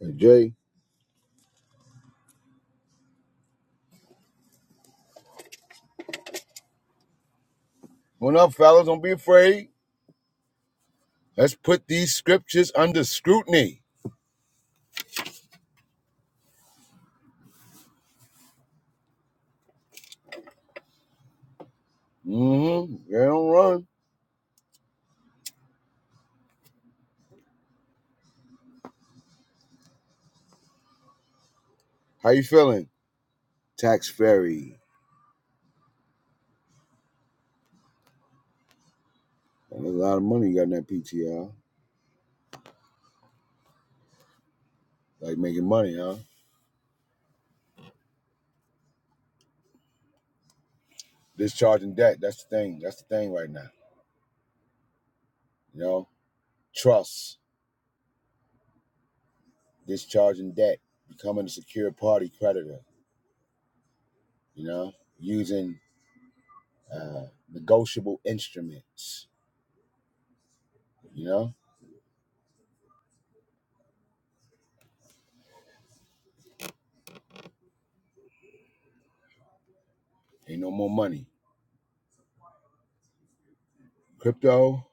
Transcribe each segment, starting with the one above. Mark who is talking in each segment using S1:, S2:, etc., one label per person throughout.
S1: Hey, Jay. What up, fellas? Don't be afraid. Let's put these scriptures under scrutiny. Mm-hmm. Yeah, don't run. How you feeling? Tax fairy. And there's a lot of money you got in that PTR. Like making money, huh? Discharging debt. That's the thing. That's the thing right now. You know? Trust. Discharging debt. Becoming a secure party creditor. You know? Using uh, negotiable instruments. You know? Ain't no more money. Crypto.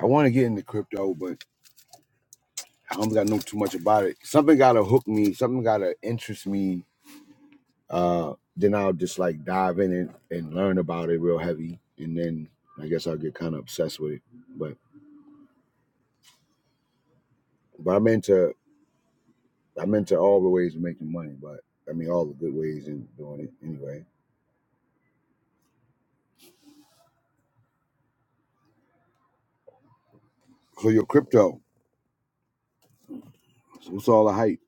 S1: I want to get into crypto, but I don't gotta know too much about it. Something gotta hook me. Something gotta interest me. Uh, then I'll just like dive in and, and learn about it real heavy, and then I guess I'll get kind of obsessed with it. But but I'm into I'm into all the ways of making money. But I mean all the good ways in doing it anyway. For your crypto, so what's all the hype?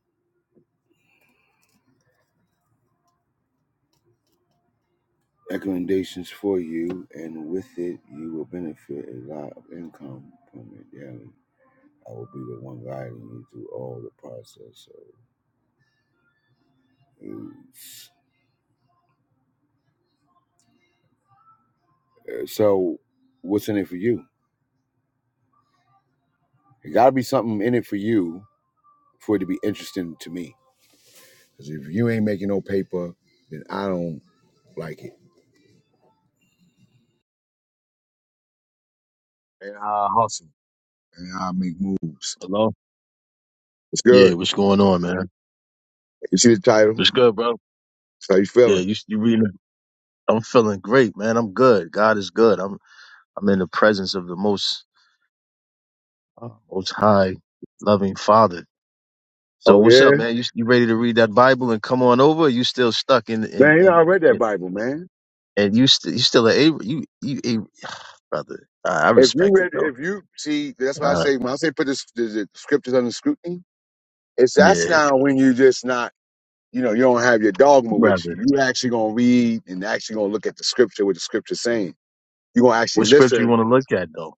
S1: Recommendations for you, and with it, you will benefit a lot of income from it daily. I will be the one guiding you through all the process. So, So, what's in it for you? It got to be something in it for you for it to be interesting to me. Because if you ain't making no paper, then I don't like it. And I hustle and I make moves.
S2: Hello.
S1: It's
S2: Yeah,
S1: good.
S2: what's going on, man?
S1: You see the title?
S2: What's good, bro?
S1: how you
S2: Yeah,
S1: feeling.
S2: you you reading? I'm feeling great, man. I'm good. God is good. I'm I'm in the presence of the most uh, most high loving Father. So
S1: Oh
S2: what's up,
S1: yeah,
S2: man? You you ready to read that Bible and come on over? Or you still stuck in in
S1: man. You know I
S2: in,
S1: read that
S2: in
S1: Bible, man.
S2: and you st- you still a Abra- you you a brother. I I
S1: If you
S2: respect it
S1: read,
S2: though.
S1: if you see, that's why I
S2: Uh,
S1: say when I say put this, the, the scriptures under scrutiny. It's that's
S2: yeah,
S1: now when you just not, you know, you don't have your dogma with
S2: brother.
S1: you. You actually gonna read and actually gonna look at the scripture, what the scripture's saying. You're gonna actually
S2: What scripture you want
S1: listen.
S2: to look at though?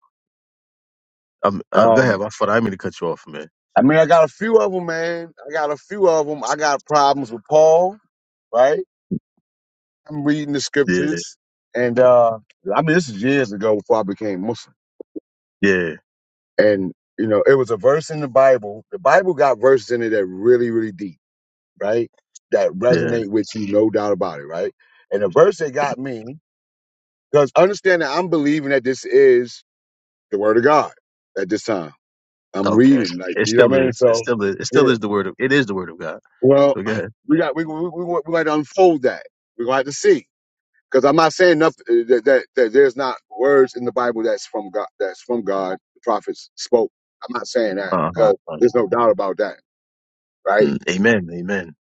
S2: Um, uh, go
S1: Um,
S2: ahead. I thought I mean to cut you off, man.
S1: I mean, I got a few of them, man. I got a few of them. I got problems with Paul, right? I'm reading the
S2: Yeah,
S1: scriptures, and uh, I mean, this is years ago before I became Muslim,
S2: yeah,
S1: and you know, it was a verse in the Bible. The Bible got verses in it that really, really deep, right? That
S2: yeah.
S1: resonate with you, no doubt about it, right? And the verse that got me, because understand that I'm believing that this is the Word of God at this time. I'm
S2: Okay.
S1: reading, like
S2: It
S1: you know
S2: still
S1: what I mean.
S2: is. It
S1: So.
S2: still is. It still
S1: yeah.
S2: is the word of. It is the word of God.
S1: Well,
S2: So go ahead.
S1: we got we we we we we got to unfold that. We're going to have to see because I'm not saying enough that, that that there's not words in the Bible that's from God that's from God. The prophets spoke. I'm not saying that
S2: Uh huh.
S1: because there's no doubt about that, right?
S2: Mm, Amen. Amen.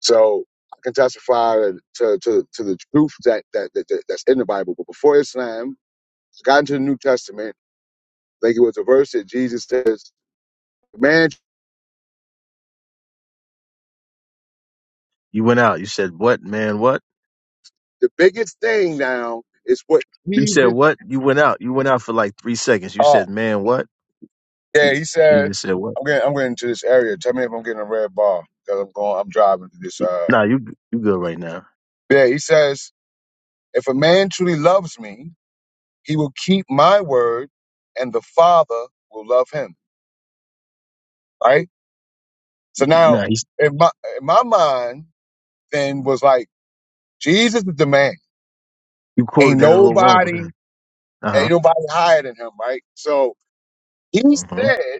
S1: So I can testify to to to the truth that that, that, that that's in the Bible. But before Islam, got into the New Testament. I think it was a verse that Jesus says, "Man,
S2: You went out. You said what, man? What?
S1: the biggest thing now is what
S2: You said
S1: Jesus."
S2: what? You went out. You went out for like three seconds. You said, man, what?
S1: Yeah,
S2: Je-
S1: he said,
S2: Jesus said what?
S1: "I'm getting, I'm getting to this area. Tell me if I'm getting a red bar because I'm going, I'm driving to this." Uh,
S2: Nah, you you good right now.
S1: yeah, he says, "If a man truly loves me, he will keep my word, and the Father will love him." Right. So now,
S2: Nah, he's,
S1: in my in my mind, then was like, Jesus is the man.
S2: you quoted
S1: Ain't
S2: that a little wrong, but
S1: nobody, ain't
S2: uh huh.
S1: nobody higher than him. Right. So he
S2: hmm
S1: said.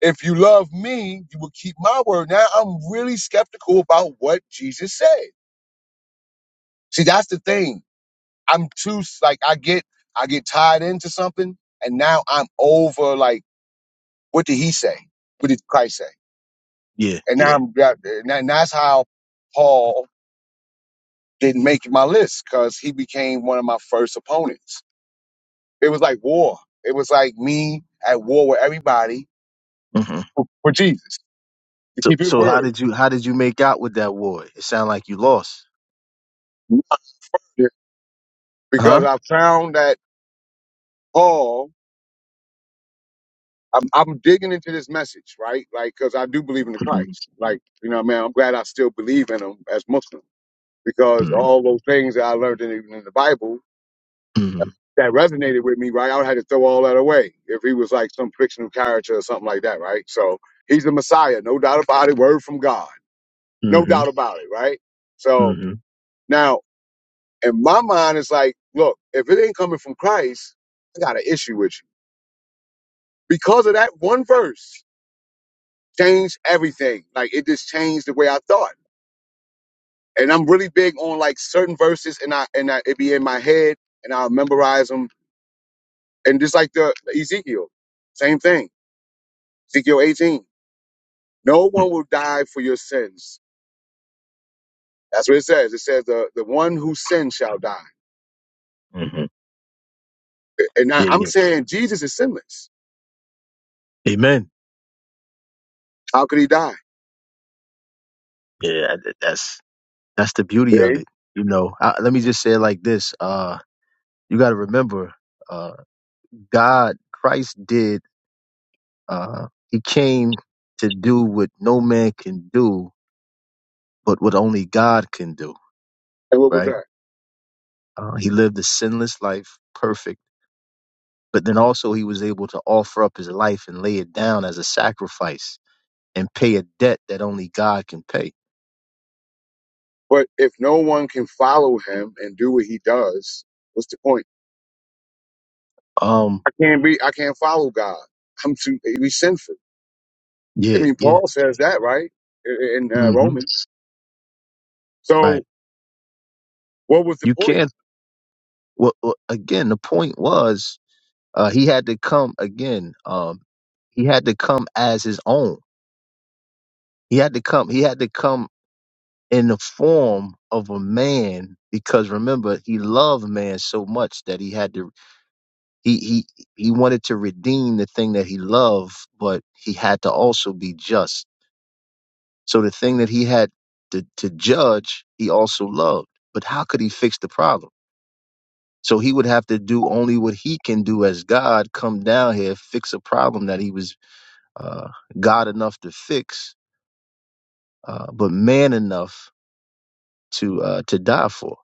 S1: If you love me, you will keep my word. Now I'm really skeptical about what Jesus said. See, that's the thing I'm too like I get I get tied into something, and now I'm over like what did he say? What did Christ say?
S2: Yeah,
S1: And now
S2: yeah.
S1: I'm got- and that- and that's how Paul didn't make my list because he became one of my first opponents. It was like war. It was like me at war with everybody
S2: hmm
S1: for Jesus to
S2: So
S1: keep His
S2: so how
S1: word
S2: did you how did you make out with that war? It sounded like you lost,
S1: because
S2: huh?
S1: I found that Paul. I'm, I'm digging into this message, right? Like, because I do believe in the
S2: hmm
S1: Christ. Like, you know, man, I'm glad I still believe in him as Muslims because
S2: hmm
S1: all those things that I learned in the, in the Bible
S2: hmm
S1: that resonated with me, right? I would have to throw all that away if he was like some fictional character or something like that, right? So he's the Messiah, no doubt about it, word from God, no
S2: hmm
S1: doubt about it, right? So
S2: hmm
S1: now in my mind, it's like, look, if it ain't coming from Christ, I got an issue with you because of that one verse. Changed everything. Like it just changed the way I thought. And I'm really big on like certain verses, and I and I, it be in my head, and I'll memorize 'em And just like the Ezekiel, same thing. Ezekiel 18. No one will die for your sins. That's what it says. It says the, the one who sins shall die.
S2: hmm
S1: And now
S2: Yeah,
S1: I'm
S2: yeah.
S1: saying Jesus is sinless.
S2: Amen.
S1: How could he die?
S2: Yeah, th- that's that's the beauty of
S1: See?
S2: it. You know, I, let me just say it like this: uh, you got to remember, uh, God, Christ did. Uh, he came to do what no man can do, but what only God can do.
S1: And what was
S2: Right?
S1: that?
S2: Uh, he lived a sinless life, perfect, but then also he was able to offer up his life and lay it down as a sacrifice and pay a debt that only God can pay.
S1: But if no one can follow him and do what he does, what's the point?
S2: Um.
S1: I can't be I can't follow God. I'm too we sinful. I
S2: Yeah.
S1: mean
S2: Yeah.
S1: Paul says that, right? In in, uh,
S2: hmm
S1: Romans.
S2: Right.
S1: So what was the
S2: You
S1: point?
S2: can't. well, well, again, the point was uh, he had to come again. Um, he had to come as his own. He had to come. He had to come in the form of a man because remember, he loved man so much that he had to. He he he wanted to redeem the thing that he loved, but he had to also be just. So the thing that he had to, to judge, he also loved. But how could he fix the problem? So he would have to do only what he can do as God, come down here, fix a problem that he was uh, God enough to fix, uh, but man enough to uh, to die for.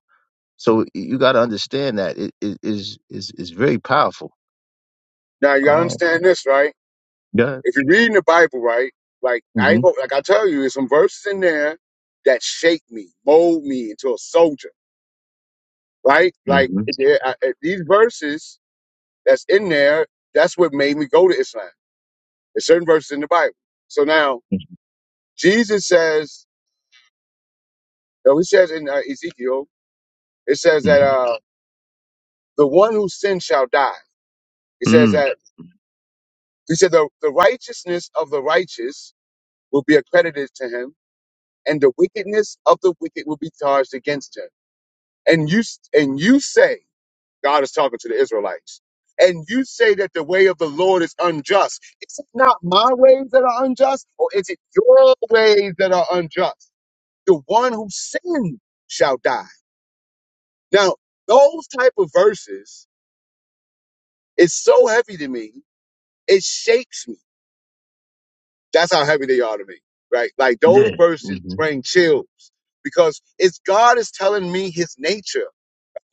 S2: So you got to understand that it it is is is very powerful.
S1: Now you gotta
S2: Um,
S1: understand this, right?
S2: yeah.
S1: If you're reading the Bible, right, like I
S2: hmm
S1: ain't go, like I tell you, there's some verses in there that shape me, mold me into a soldier, right?
S2: hmm
S1: Like if there- I- if these verses that's in there, that's what made me go to Islam. There's certain verses in the Bible. So now Jesus says, no, he says in uh, Ezekiel, it says
S2: hmm
S1: that uh, the one who sins shall die. He says
S2: Mm.
S1: that he said the, the righteousness of the righteous will be accredited to him, and the wickedness of the wicked will be charged against him. and you and you say God is talking to the Israelites, and you say that the way of the Lord is unjust. Is it not my ways that are unjust, or is it your ways that are unjust? The one who sinned shall die. Now, those type of verses is so heavy to me, it shakes me. That's how heavy they are to me, right? Like those
S2: Yeah.
S1: verses
S2: hmm
S1: bring chills because it's God is telling me His nature,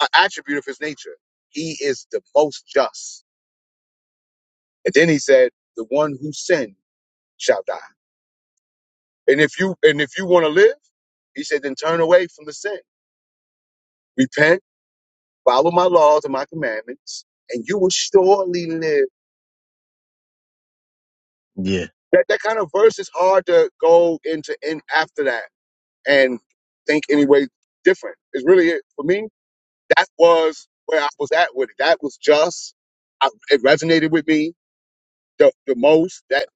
S1: an attribute of His nature. He is the most just. And then he said, the one who sinned shall die. And if you, and if you want to live, he said, then turn away from the sin. Repent, follow my laws and my commandments, and you will surely live.
S2: Yeah.
S1: That, that kind of verse is hard to go into in after that and think any way different. It's really it. For me, that was where I was at with it. That was just, I, it resonated with me the, the most, that,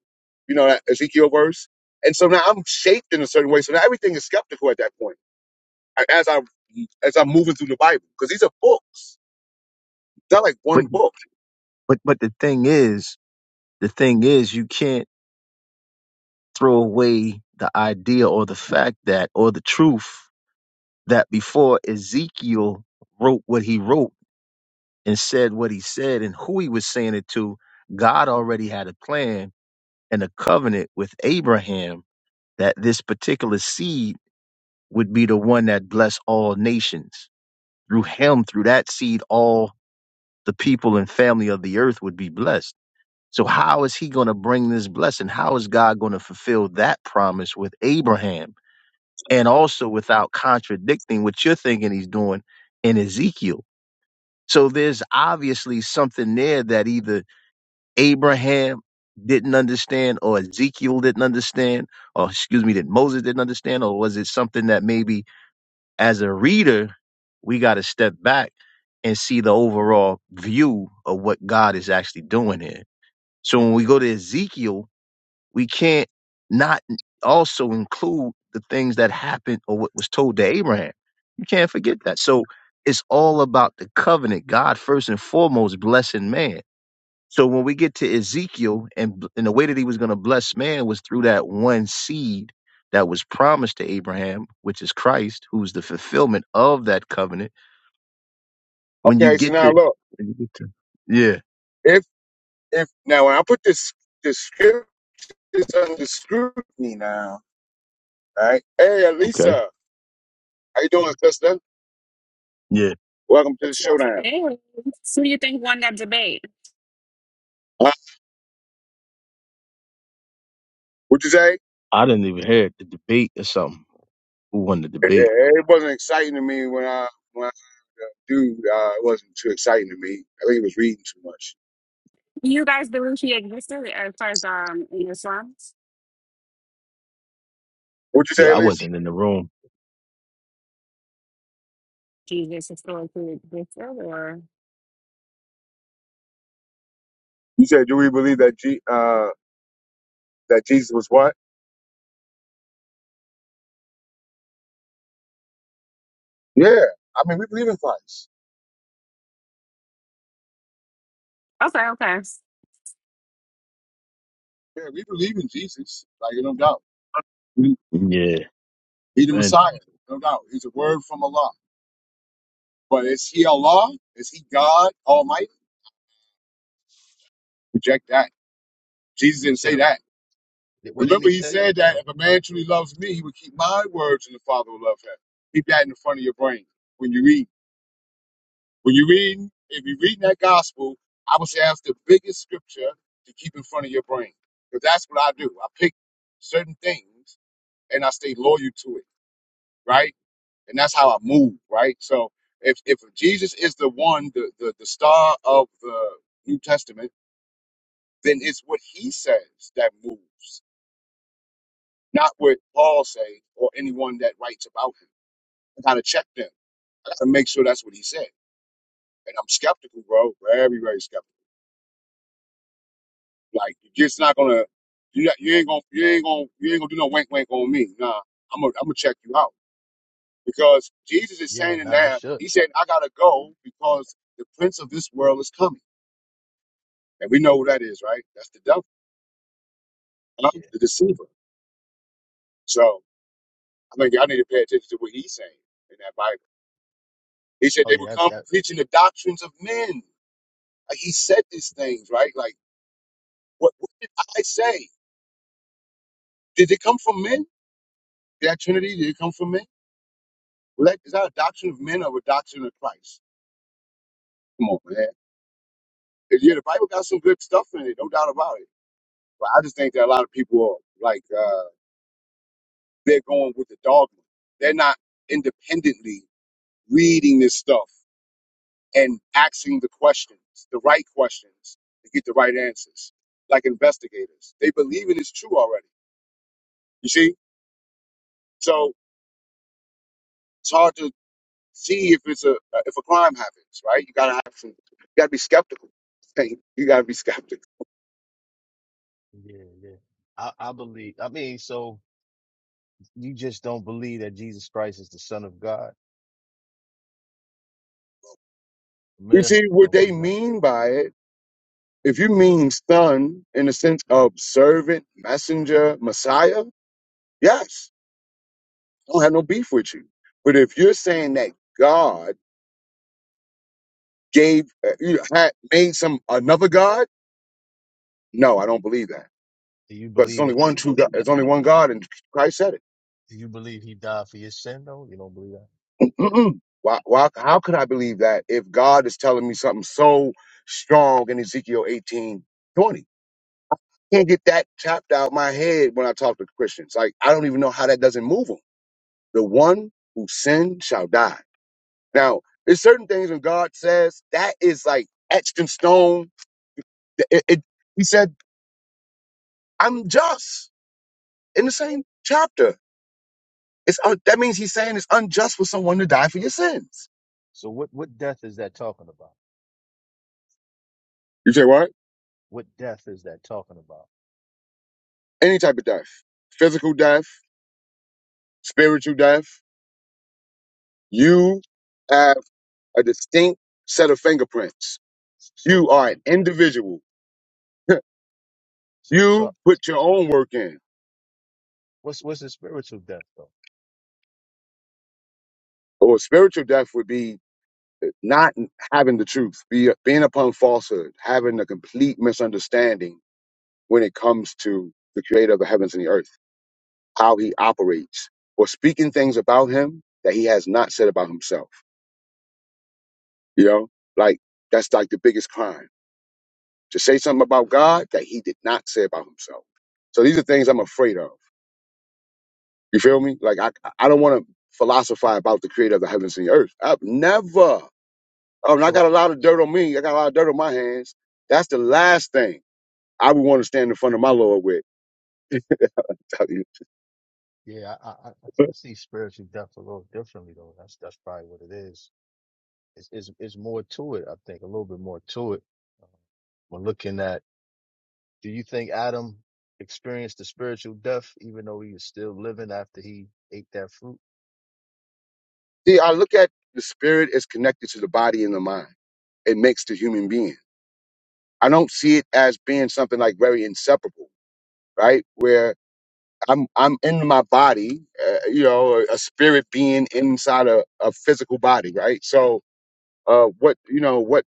S1: you know, that Ezekiel verse. And so now I'm shaped in a certain way. So now everything is skeptical at that point a- as I as I'm moving through the Bible because these are books. It's not like
S2: But
S1: one book.
S2: but but the thing is, the thing is, you can't throw away the idea or the fact that or the truth that before Ezekiel wrote what he wrote and said what he said and who he was saying it to, God already had a plan and a covenant with Abraham that this particular seed would be the one that blessed all nations. Through him, through that seed, all the people and family of the earth would be blessed. So, how is he going to bring this blessing? How is God going to fulfill that promise with Abraham? And also without contradicting what you're thinking he's doing in Ezekiel So there's obviously something there that either Abraham didn't understand or Ezekiel didn't understand, or excuse me, that Moses didn't understand, or was it something that maybe as a reader, we got to step back and see the overall view of what God is actually doing here? So when we go to Ezekiel, we can't not also include the things that happened or what was told to Abraham. You can't forget that. So it's all about the covenant. God first and foremost blessing man. So when we get to Ezekiel and and the way that he was going to bless man was through that one seed that was promised to Abraham, which is Christ, who's the fulfillment of that covenant. When you
S1: Okay, so
S2: get
S1: now
S2: to,
S1: look,
S2: when you get to yeah,
S1: if if now when I put this this script this under scrutiny now, right? Hey,
S2: okay,
S1: Elisa, how you doing, sister?
S2: yeah,
S1: Welcome to the showdown.
S3: Anyway, who you think won that debate?
S1: Uh, what you say?
S2: I didn't even hear the debate or something. Who won the
S1: Yeah,
S2: debate?
S1: it wasn't exciting to me when I when I do. Uh, it wasn't too exciting to me. I think it was reading too much.
S3: You guys believe he existed as far as um in Islam?
S1: What you say,
S2: Yeah, I
S1: Elisa?
S2: wasn't in the room.
S3: Jesus historically existed, or
S1: You said, do we believe that G, uh that Jesus was what? Yeah, I mean we believe in Christ.
S3: okay, okay.
S1: Yeah, we believe in Jesus, like no doubt. We-
S2: Yeah,
S1: He the
S2: man.
S1: Messiah, no doubt. He's a word from Allah. But is he Allah? Is he God Almighty? Reject that. Jesus
S2: You
S1: didn't say
S2: said
S1: that.
S2: what didn't
S1: Remember,
S2: he
S1: he
S2: say? I'm
S1: said that
S2: sorry.
S1: if a man truly loves me, he would keep my words, and the Father will love him. Keep that in the front of your brain when you read. When you read, if you're reading that gospel, I would say that's the biggest scripture to keep in front of your brain, because that's what I do. I pick certain things and I stay loyal to it, right? and that's how I move, right? So if if Jesus is the one, the the, the star of the New Testament, then it's what he says that moves, not what Paul says or anyone that writes about him. I gotta check them. I gotta make sure that's what he said. And I'm skeptical, bro. Very, very skeptical. Like you're just not gonna you not- you ain't gonna you ain't gonna you ain't gonna do no wink wink on me. Nah, I'm gonna I'm gonna check you out. Because Jesus is
S2: Yeah,
S1: saying in
S2: no, you
S1: there,
S2: should.
S1: he said, I gotta go because the prince of this world is coming. And we know who that is, right? That's the devil, huh?
S2: Yeah.
S1: the deceiver. So I think y'all need to pay attention to what he's saying in that Bible. He said
S2: Oh
S1: they would
S2: yeah, that
S1: come
S2: that
S1: preaching the doctrines of men. Like he said these things, right? Like, what, what did I say? Did it come from men? That Trinity, did it come from men? Well, that, is that a doctrine of men or a doctrine of Christ? Come on, man. And Yeah, the Bible got some good stuff in it, no doubt about it. But I just think that a lot of people are like, uh, they're going with the dogma. They're not independently reading this stuff and asking the questions, the right questions, to get the right answers, like investigators. They believe it is true already. You see, so it's hard to see if it's a uh, if a crime happens, right? You gotta have some, you gotta be skeptical. Hey, You gotta be skeptical.
S2: yeah, yeah. I, I believe I mean, so you just don't believe that Jesus Christ is the Son of God.
S1: You
S2: Man,
S1: see
S2: you
S1: what
S2: don't
S1: they
S2: believe that.
S1: mean by it. If you mean son in the sense of servant, messenger, Messiah, yes, I don't have no beef with you. But if you're saying that God gave, uh, you had made some another God No, I don't believe that
S2: Do you
S1: because it's
S2: believe
S1: only
S2: that
S1: one true God. There's only one God, and Christ said it.
S2: do you believe he died for your sin though? You don't believe that.
S1: why, why? How could I believe that if God is telling me something so strong in Ezekiel eighteen twenty? Can't get that chopped out my head when I talk to Christians. Like I don't even know how that doesn't move them. The one who sinned shall die. Now, there's certain things when God says that is like etched in stone. It, it, he said, "I'm just." In the same chapter, It's un- that means he's saying it's unjust for someone to die for your sins.
S2: So what what death is that talking about?
S1: You say what?
S2: What death is that talking about?
S1: Any type of death, physical death, spiritual death. You have a distinct set of fingerprints.
S2: So
S1: You
S2: so
S1: are an individual.
S2: so
S1: you
S2: so,
S1: put your own work in.
S2: what's what's the spiritual death though?
S1: Or spiritual death would be not having the truth, be, being upon falsehood, having a complete misunderstanding when it comes to the creator of the heavens and the earth, how he operates, or speaking things about him that he has not said about himself You know, like that's like the biggest crime to say something about God that he did not say about himself. So these are things I'm afraid of. You feel
S2: Hmm.
S1: me? Like I, I don't want to philosophize about the creator of the heavens and the earth. I've never. Oh, and I got
S2: So.
S1: a lot of dirt on me. I got a lot of dirt on my hands. That's the last thing I would want to stand in front of my Lord with.
S2: Yeah, I, I, I I see spiritual death a little differently though. That's that's probably what it is. It's, it's it's more to it, I think, a little bit more to it. Um, When looking at, do you think Adam experienced the spiritual death even though he was still living after he ate that fruit?
S1: See, I look at the spirit as connected to the body and the mind. It makes the human being. I don't see it as being something like very inseparable, right? Where I'm I'm in my body, uh, you know, a, spirit being inside a, a physical body, right? So, uh, what you know, what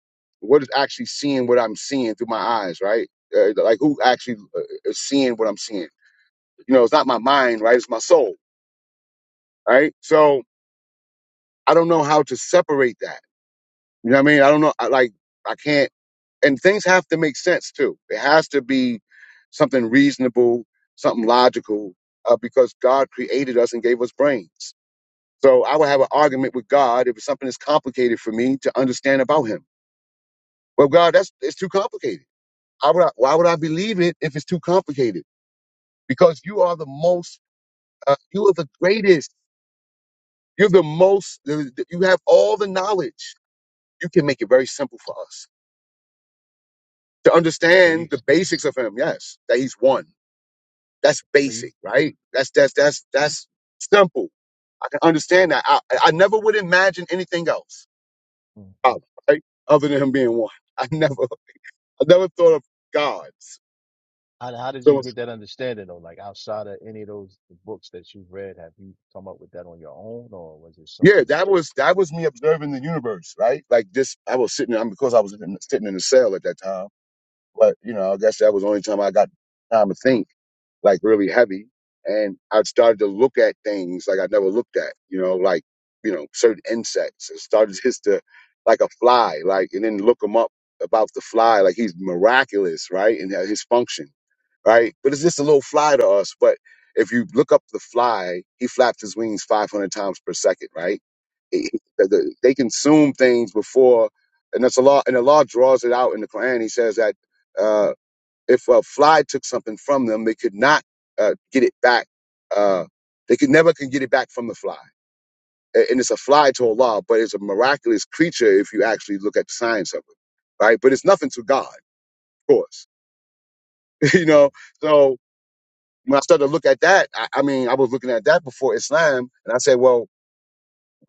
S1: what is actually seeing what I'm seeing through my eyes, right? Uh, like who actually uh, is seeing what I'm seeing? You know, it's not my mind, right? It's my soul, right? So I don't know how to separate that. You know what I mean? I don't know. I, like I can't and things have to make sense too. It has to be something reasonable, something logical, uh, because God created us and gave us brains. So I would have an argument with God if it's something that's complicated for me to understand about Him. Well, God, that's it's too complicated. I would, why would I believe it if it's too complicated? Because you are the most, uh, you are the greatest. You're the most. the- the- You have all the knowledge. You can make it very simple for us to
S2: So you,
S1: understand the basics of Him. Yes, that He's one. That's
S2: so you,
S1: basic, right? That's that's that's that's simple. I can
S2: yeah.
S1: understand that. I I never would imagine anything else,
S2: hmm
S1: uh, right? Other than Him being one. I never. I never thought of gods.
S2: How how did you
S1: So
S2: get that understanding though? Like outside of any of those books that you've read, have you come up with that on your own, or was it
S1: yeah,
S2: something that
S1: that
S2: you?
S1: was that was me observing the universe, right? Like this, I was sitting. I'm because I was in, sitting in a cell at that time. But, you know, I guess that was the only time I got time to think, like really heavy. And I started to look at things like I never looked at, you know, like, you know, certain insects. I started just to, like a fly, like, and then look him up about the fly. Like he's miraculous, right? And that his function right? But it's just a little fly to us. But if you look up the fly, he flaps his wings 500 times per second, right? He- he- the- the- They consume things before, and that's a law. And the law draws it out in the Quran. He says that uh, if a fly took something from them, they could not uh, get it back. Uh, they could never can get it back from the fly. A- And it's a fly to Allah, but it's a miraculous creature if you actually look at the science of it, right? But it's nothing to God, of course. you
S2: Yeah,
S1: know, so when I started to look at that, I, I mean, I was looking at that before Islam, and I said, well,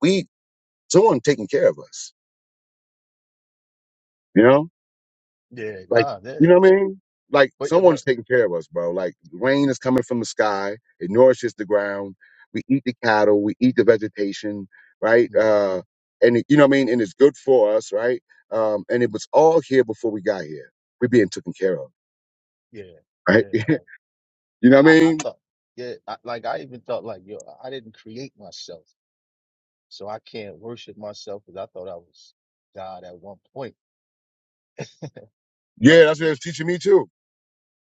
S1: we someone taking care of us, you know
S2: yeah,
S1: Like,
S2: nah,
S1: you
S2: yeah.
S1: know what I mean? Like,
S2: But yeah,
S1: someone's
S2: but.
S1: taking care of us, bro. Like, rain is coming from the sky. It nourishes the ground. We eat the cattle. We eat the vegetation, right?
S2: mm-hmm.
S1: Uh, and it, you know what I mean? And it's good for us, right? Um, and it was all here before we got here. We're being taken care of,
S2: Yeah, yeah.
S1: right? you
S2: Like I,
S1: know what I
S2: I I
S1: mean?
S2: thought, yeah, I, like I even thought, like yo, I didn't create myself, so I can't worship myself because I thought I was God at one point. But
S1: Yeah, that's what it was teaching me too.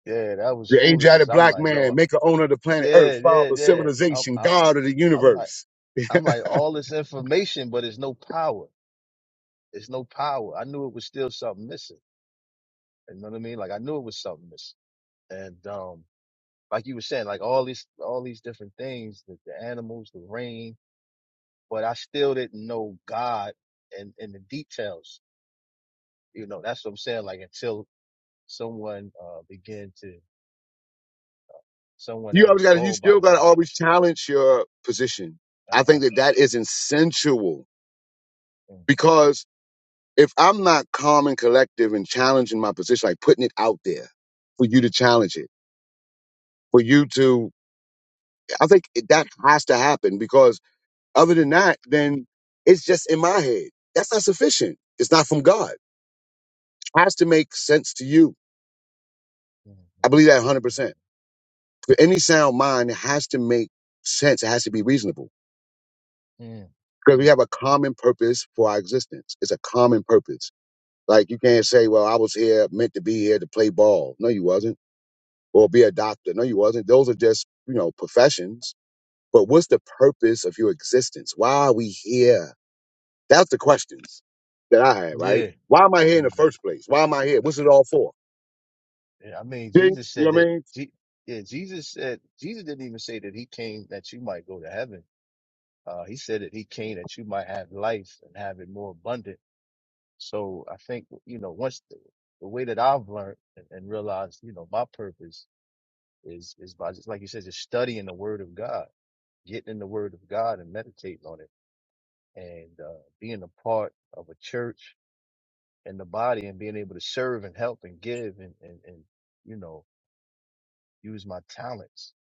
S2: yeah, that was
S1: The
S2: foolishness.
S1: age-added
S2: I'm
S1: black
S2: like, yo,
S1: man, maker owner of the planet Earth,
S2: yeah, yeah,
S1: father of
S2: yeah. I'm,
S1: civilization,
S2: I,
S1: god of the
S2: I'm like,
S1: universe.
S2: I'm like all this information, but it's no power. It's no power. I knew it was still something missing. You know what I mean? Like I knew it was something missing. And um, like you were saying, like all these, all these different things, the, the animals, the rain but I still didn't know God and, and the details. You know, that's what I'm saying. Like until someone, uh, began to, someone
S1: you
S2: that
S1: always
S2: was
S1: got to you
S2: called by
S1: still got to
S2: God,
S1: always challenge your position. I
S2: uh,
S1: think that that is essential
S2: mm,
S1: because if I'm not calm and collective and challenging my position, like putting it out there for you to challenge it, for you to, I think it- that has to happen because other than that, then it's just in my head. That's not sufficient. It's not from God. It has to make sense to you.
S2: mm,
S1: I
S2: mm,
S1: believe that 100%. For any sound mind, it has to make sense. It has to be reasonable.
S2: mm, mm.
S1: Because we
S2: mm,
S1: have a common purpose for our existence. It's a common purpose. Like you can't say, well, I was here meant to be here to play ball. No, you wasn't. Or be a doctor. No, you wasn't. Those are just, you know, professions. But what's the purpose of your existence? Why are we here? That's the questions that I had, right?
S2: yeah.
S1: Why am I here in the
S2: Mhm.
S1: first place? Why am I here? What's it all for?
S2: yeah. I mean,
S1: See?
S2: Jesus
S1: You
S2: said
S1: know what I
S2: that,
S1: mean?
S2: Je- yeah, Jesus said, Jesus didn't even say that he came that you might go to heaven. Uh, he said that he came that you might have life and have it more abundant. So I think, you know, once the, the way that I've learned and, and realized, you know, my purpose is is by just like you said, just studying the Word of God, getting in the Word of God and meditating on it, and uh, being a part of a church and the body, and being able to serve and help and give and and, and you know use my talents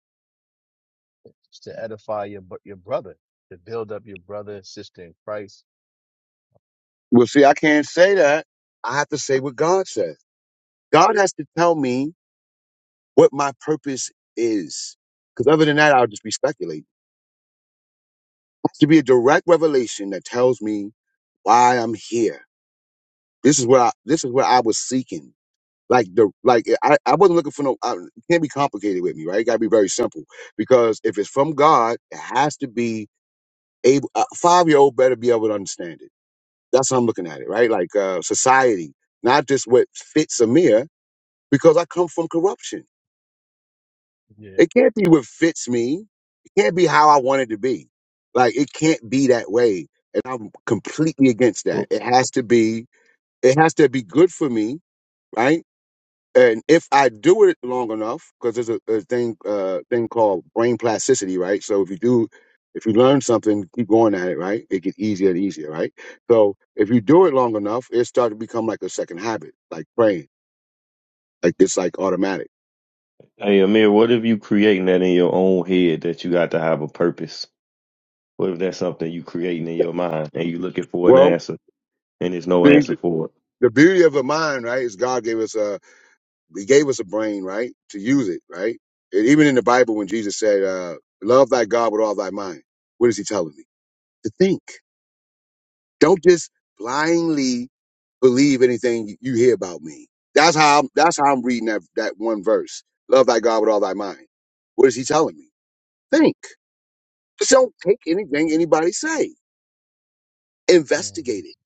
S2: to edify your br- your brother, to build up your brother and sister in Christ.
S1: Well, see, I can't say that. I have to say what God says. God has to tell me what my purpose is. Because other than that, I'll just be speculating. to be a direct revelation that tells me why I'm here. This is what I, this is what I was seeking. Like the like I, I wasn't looking for no I, it can't be complicated with me, right? It gotta be very simple. Because if it's from God, it has to be able a five year old better be able to understand it. That's how I'm looking at it, right? Like uh society, not just what fits Amir, because I come from corruption.
S2: Yeah.
S1: It can't be what fits me. It can't be how I want it to be. Like it can't be that way. And I'm completely against that. It has to be, it has to be good for me, right? And if I do it long enough, because there's a, a thing uh thing called brain plasticity, right? So if you do if you learn something, keep going at it, right? It gets easier and easier, right? So if you do it long enough, it starts to become like a second habit, like praying. Like it's like automatic.
S4: Hey Amir, what if you creating that in your own head that you got to have a purpose? What if that's something you creating in your mind and you looking for an
S1: Well,
S4: answer and there's no
S1: see,
S4: answer
S1: the
S4: for
S1: the beauty of a mind, right, is God gave us a He gave us a brain, right, to use it, right? And even in the Bible, when Jesus said, uh, "Love thy God with all thy mind," what is he telling me? To think. Don't just blindly believe anything you hear about me. That's how I'm, that's how I'm reading that that one verse. Love thy God with all thy mind. What is he telling me? Think. Just don't take anything anybody say.
S2: hmm
S1: Investigate it.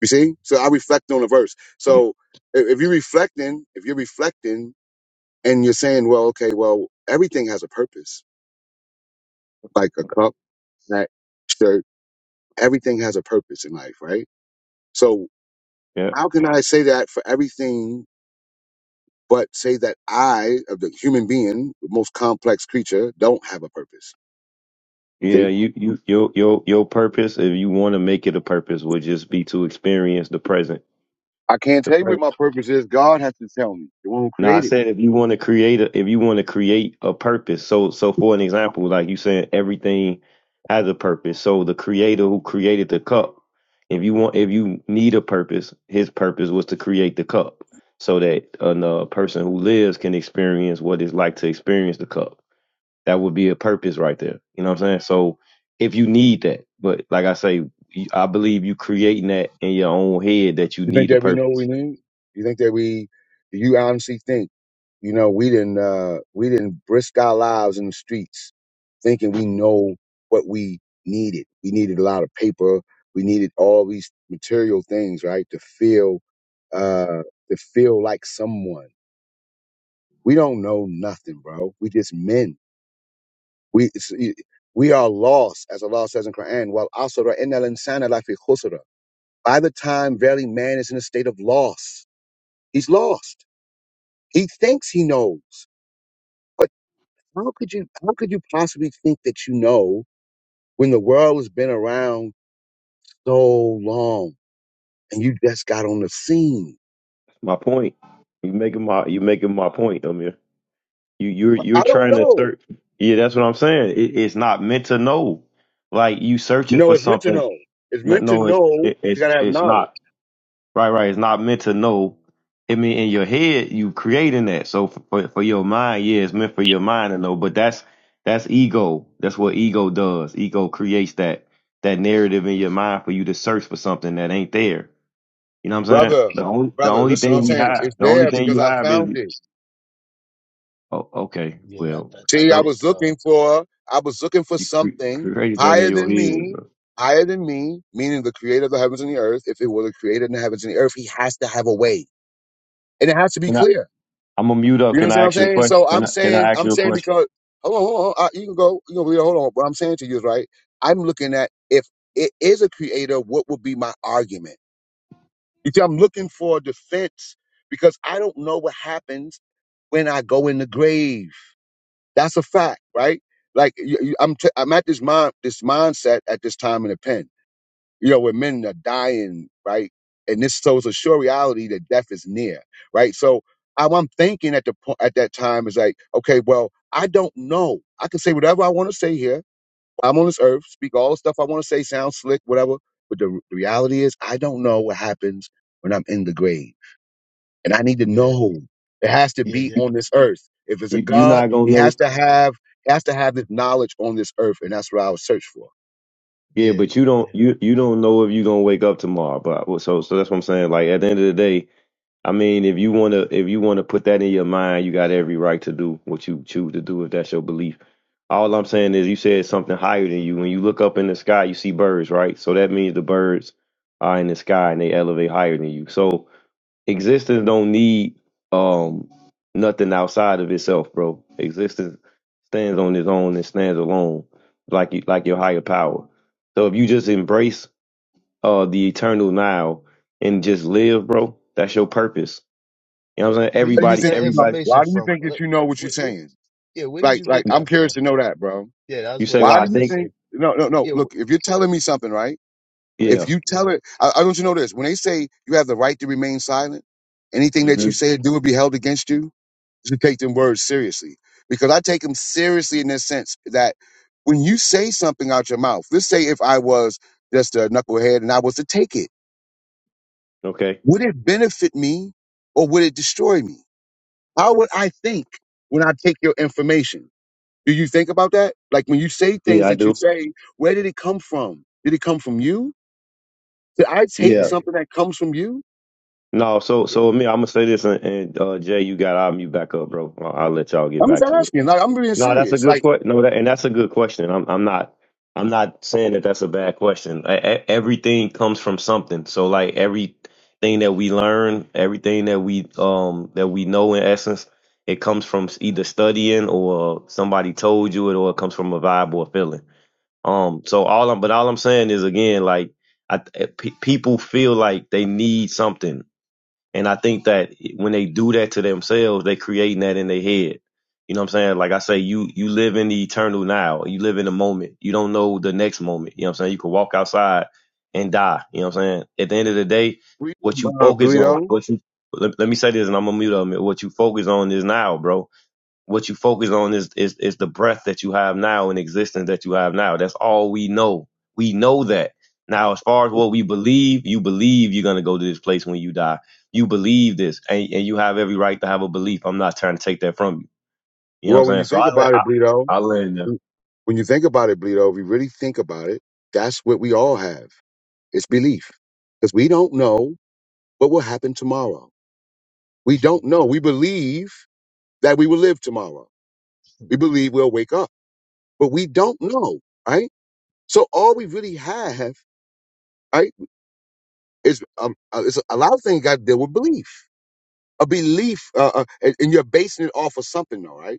S1: You see? So I reflect on the verse.
S4: it?
S1: So if, if you're reflecting, if you're reflecting and you're saying, well, okay, well, everything has a purpose, like a cup, that shirt, everything has a purpose in life, right? So
S4: Yeah.
S1: how can I say that for everything, but say that I, of the human being, the most complex creature, don't have a purpose?
S4: Yeah,
S1: See,
S4: you, you your your your purpose, if you want to make it a purpose, would just be to experience the present.
S1: I can't
S4: The
S1: tell you
S4: present.
S1: what my purpose is. God has to tell me, the one who
S4: No, I
S1: created me.
S4: said if you want to create a, if you want to create a purpose. So so for an example, like you saying everything has a purpose. So the creator who created the cup, if you want if you need a purpose, his purpose was to create the cup so that a person who lives can experience what it's like to experience the cup. That would be a purpose right there. You know what I'm saying? So if you need that, but like I say, you- I believe you creating that in your own head that you
S1: You think
S4: need a
S1: that we
S4: purpose.
S1: know what we need? You think that we? Do you honestly think? You know, we didn't uh, we didn't risk our lives in the streets thinking we know what we needed. We needed a lot of paper. We needed all these material things, right, to feel uh, to feel like someone. We don't know nothing, bro. We just men. We it's, we are lost, as Allah says in Quran. Well, asra inna al insana lafi khusra. By the time, verily, man is in a state of loss. He's lost. He thinks he knows. But how could you how could you possibly think that you know when the world has been around so long and you just got on the scene?
S4: My point. You
S2: Mm,
S4: making my you making my point, Amir. You you're you're
S1: I don't
S4: trying to
S1: know.
S4: search. Yeah, that's what I'm saying. It, it's not meant to know. Like you searching
S1: No,
S4: for
S1: it's meant to
S4: something.
S1: know. It's
S4: No,
S1: meant to
S4: no it,
S1: know
S4: it
S1: you
S4: it's
S1: gotta have
S4: it's
S1: knowledge.
S4: not right. Right, it's
S2: mm.
S4: not meant to know. I mean, in your head, you creating that. So for, for for your mind, yeah, it's meant for your mind to know. But that's that's ego. That's what ego does. Ego creates that that narrative in your mind for you to search for something that ain't there. You know what I'm saying?
S1: Brother,
S4: The only the
S1: brother,
S4: only
S1: listen what I'm
S4: thing we
S1: saying.
S4: have,
S1: It's
S4: the only
S1: there
S4: thing
S1: because
S4: you
S1: I
S4: have
S1: found
S4: is
S1: it.
S4: oh, okay.
S2: Yeah, I,
S4: Well,
S2: th- I
S1: See, I
S4: so
S2: think,
S1: was
S2: uh,
S1: looking for I was looking for
S4: You cre-
S1: something
S4: created that in
S1: higher
S4: your
S1: than
S4: head,
S1: me.
S4: bro.
S1: Higher than me, meaning the creator of the heavens and the earth. If it were the creator of the heavens and the earth, he has to have a way. And it has to be
S4: Can I?
S1: clear.
S4: I'm gonna mute up.
S1: You know
S4: Can
S1: what
S4: I
S1: I'm
S4: ask you a
S1: saying?
S4: question?
S1: So I'm
S4: Can I? Can
S1: saying,
S4: I ask
S1: I'm
S4: you a
S1: saying
S4: question?
S1: because hold on, hold on, uh, you can go, you can know, hold on. What I'm saying to you is right. I'm looking at if it is a creator, what would be my argument? You see, I'm looking for a defense because I don't know what happens when I go in the grave. That's a fact, right? Like you, you, I'm, t- I'm at this mind, this mindset at this time in the pen you know, where men are dying, right? And this so it's a sure reality that death is near, right? So I'm, I'm thinking at the point at that time is like, okay, well, I don't know. I can say whatever I want to say here. I'm on this earth, speak all the stuff I want to say, sound slick, whatever. But the, the reality is, I don't know what happens when I'm in the grave, and I need to
S2: yeah,
S1: know. It has to
S4: You,
S2: yeah,
S1: be
S2: yeah,
S1: on this earth. If it's a
S4: you you
S1: God,
S4: not gonna
S1: he
S4: know.
S1: has to have he has to have this knowledge on this earth, and that's what I would search for.
S4: Yeah,
S2: yeah,
S4: but you
S2: yeah.
S4: don't you you don't know if you gonna wake up tomorrow. But well, so so that's what I'm saying. Like at the end of the day, I mean, if you wanna if you wanna put that in your mind, you got every right to do what you choose to do if that's your belief. All I'm saying is you said something higher than you. When you look up in the sky, you see birds, right? So that means the birds are in the sky and they elevate higher than you. So existence don't need um nothing outside of itself, bro. Existence stands on its own and stands alone, like you, like your higher power. So if you just embrace uh the eternal now and just live, bro, that's your purpose. You know what I'm saying?
S2: Where you
S1: Why do you
S2: get
S4: Everybody,
S1: think
S2: that
S1: you know?
S4: everybody,
S2: information
S1: Why do you
S2: from?
S1: think
S2: Uh,
S1: that you know what
S2: wh-
S1: you're
S2: wh-
S1: saying?
S2: yeah, where did you
S1: Like, like
S2: get
S1: I'm
S2: that from?
S1: curious to know that, bro.
S2: Yeah,
S4: you
S2: that's what
S4: say,
S2: I,
S1: Why
S4: "Well, I
S1: do
S2: as
S1: you
S2: I
S4: think,
S2: say.
S1: think? No, no, no.
S2: Yeah, wh-
S1: Look, if you're telling me something, right?
S2: what
S1: If
S4: yeah,
S2: did
S1: you
S2: you,
S1: tell it, I, I want you to know this. When they say you have the right to remain silent, anything that
S4: hmm
S1: you say or do will be held against you. You should take them words seriously because I take them seriously in this sense that when you say something out your mouth, let's say if I was just a knucklehead and I was to take it,
S4: okay,
S1: would it benefit me or would it destroy me? How would I think when I take your information? Do you think about that? Like when you say things
S4: yeah, I
S1: that you
S4: do,
S1: say, where did it come from? Did it come from you? Did I
S2: yeah,
S1: take
S4: yeah."
S2: yeah,
S1: something that comes from you?
S4: No, so
S2: yeah,
S4: so me, I'm gonna say this, and, and uh, Jay, you got I'll mute back up, bro. I'll, I'll let y'all get
S1: I'm just
S4: back to it.
S1: asking. Like I'm being
S4: No, that's a
S1: serious.
S4: good
S1: Like
S4: question. No, that, and that's a good question. I'm I'm not I'm not saying that that's a bad question. E- e- everything comes from something. So like everything that we learn, everything that we um that we know in essence, it comes from either studying or somebody told you it, or it comes from a vibe or a feeling. Um. So all I'm but all I'm saying is again like I, eh, pe- people feel like they need something and I think that when they do that to themselves, they're creating that in their head. You know what I'm saying? Like I say, you you live in the eternal now. You live in the moment. You don't know the next moment. You know what I'm saying? You could walk outside and die. You know what I'm saying? At the end of the day,
S1: Bre-
S4: what you
S1: uh,
S4: focus on,
S1: Bleedo.
S4: what you let, let me say this and I'm gonna mute up. What you focus on is now, bro what you focus on is, is is the breath that you have now and existence that you have now. That's all we know. We know that. Now, as far as what we believe, you believe you're gonna go to this place when you die. You believe this, and, and you have every right to have a belief. I'm not trying to take that from you. You know what I'm
S1: Well, when
S4: saying?
S1: you
S4: So
S1: think
S4: I let
S1: about
S4: I,
S1: it, Bleedo.
S4: I land there.
S1: When you think about it, Bleedo. If you really think about it, that's what we all have. It's belief because we don't know what will happen tomorrow. We don't know. We believe that we will live tomorrow. We believe we'll wake up, but we don't know, right? So all we really have, right? It's, um, uh, it's a lot of things got to deal with belief. A belief, uh, uh, and, and you're basing it off of something, though, right?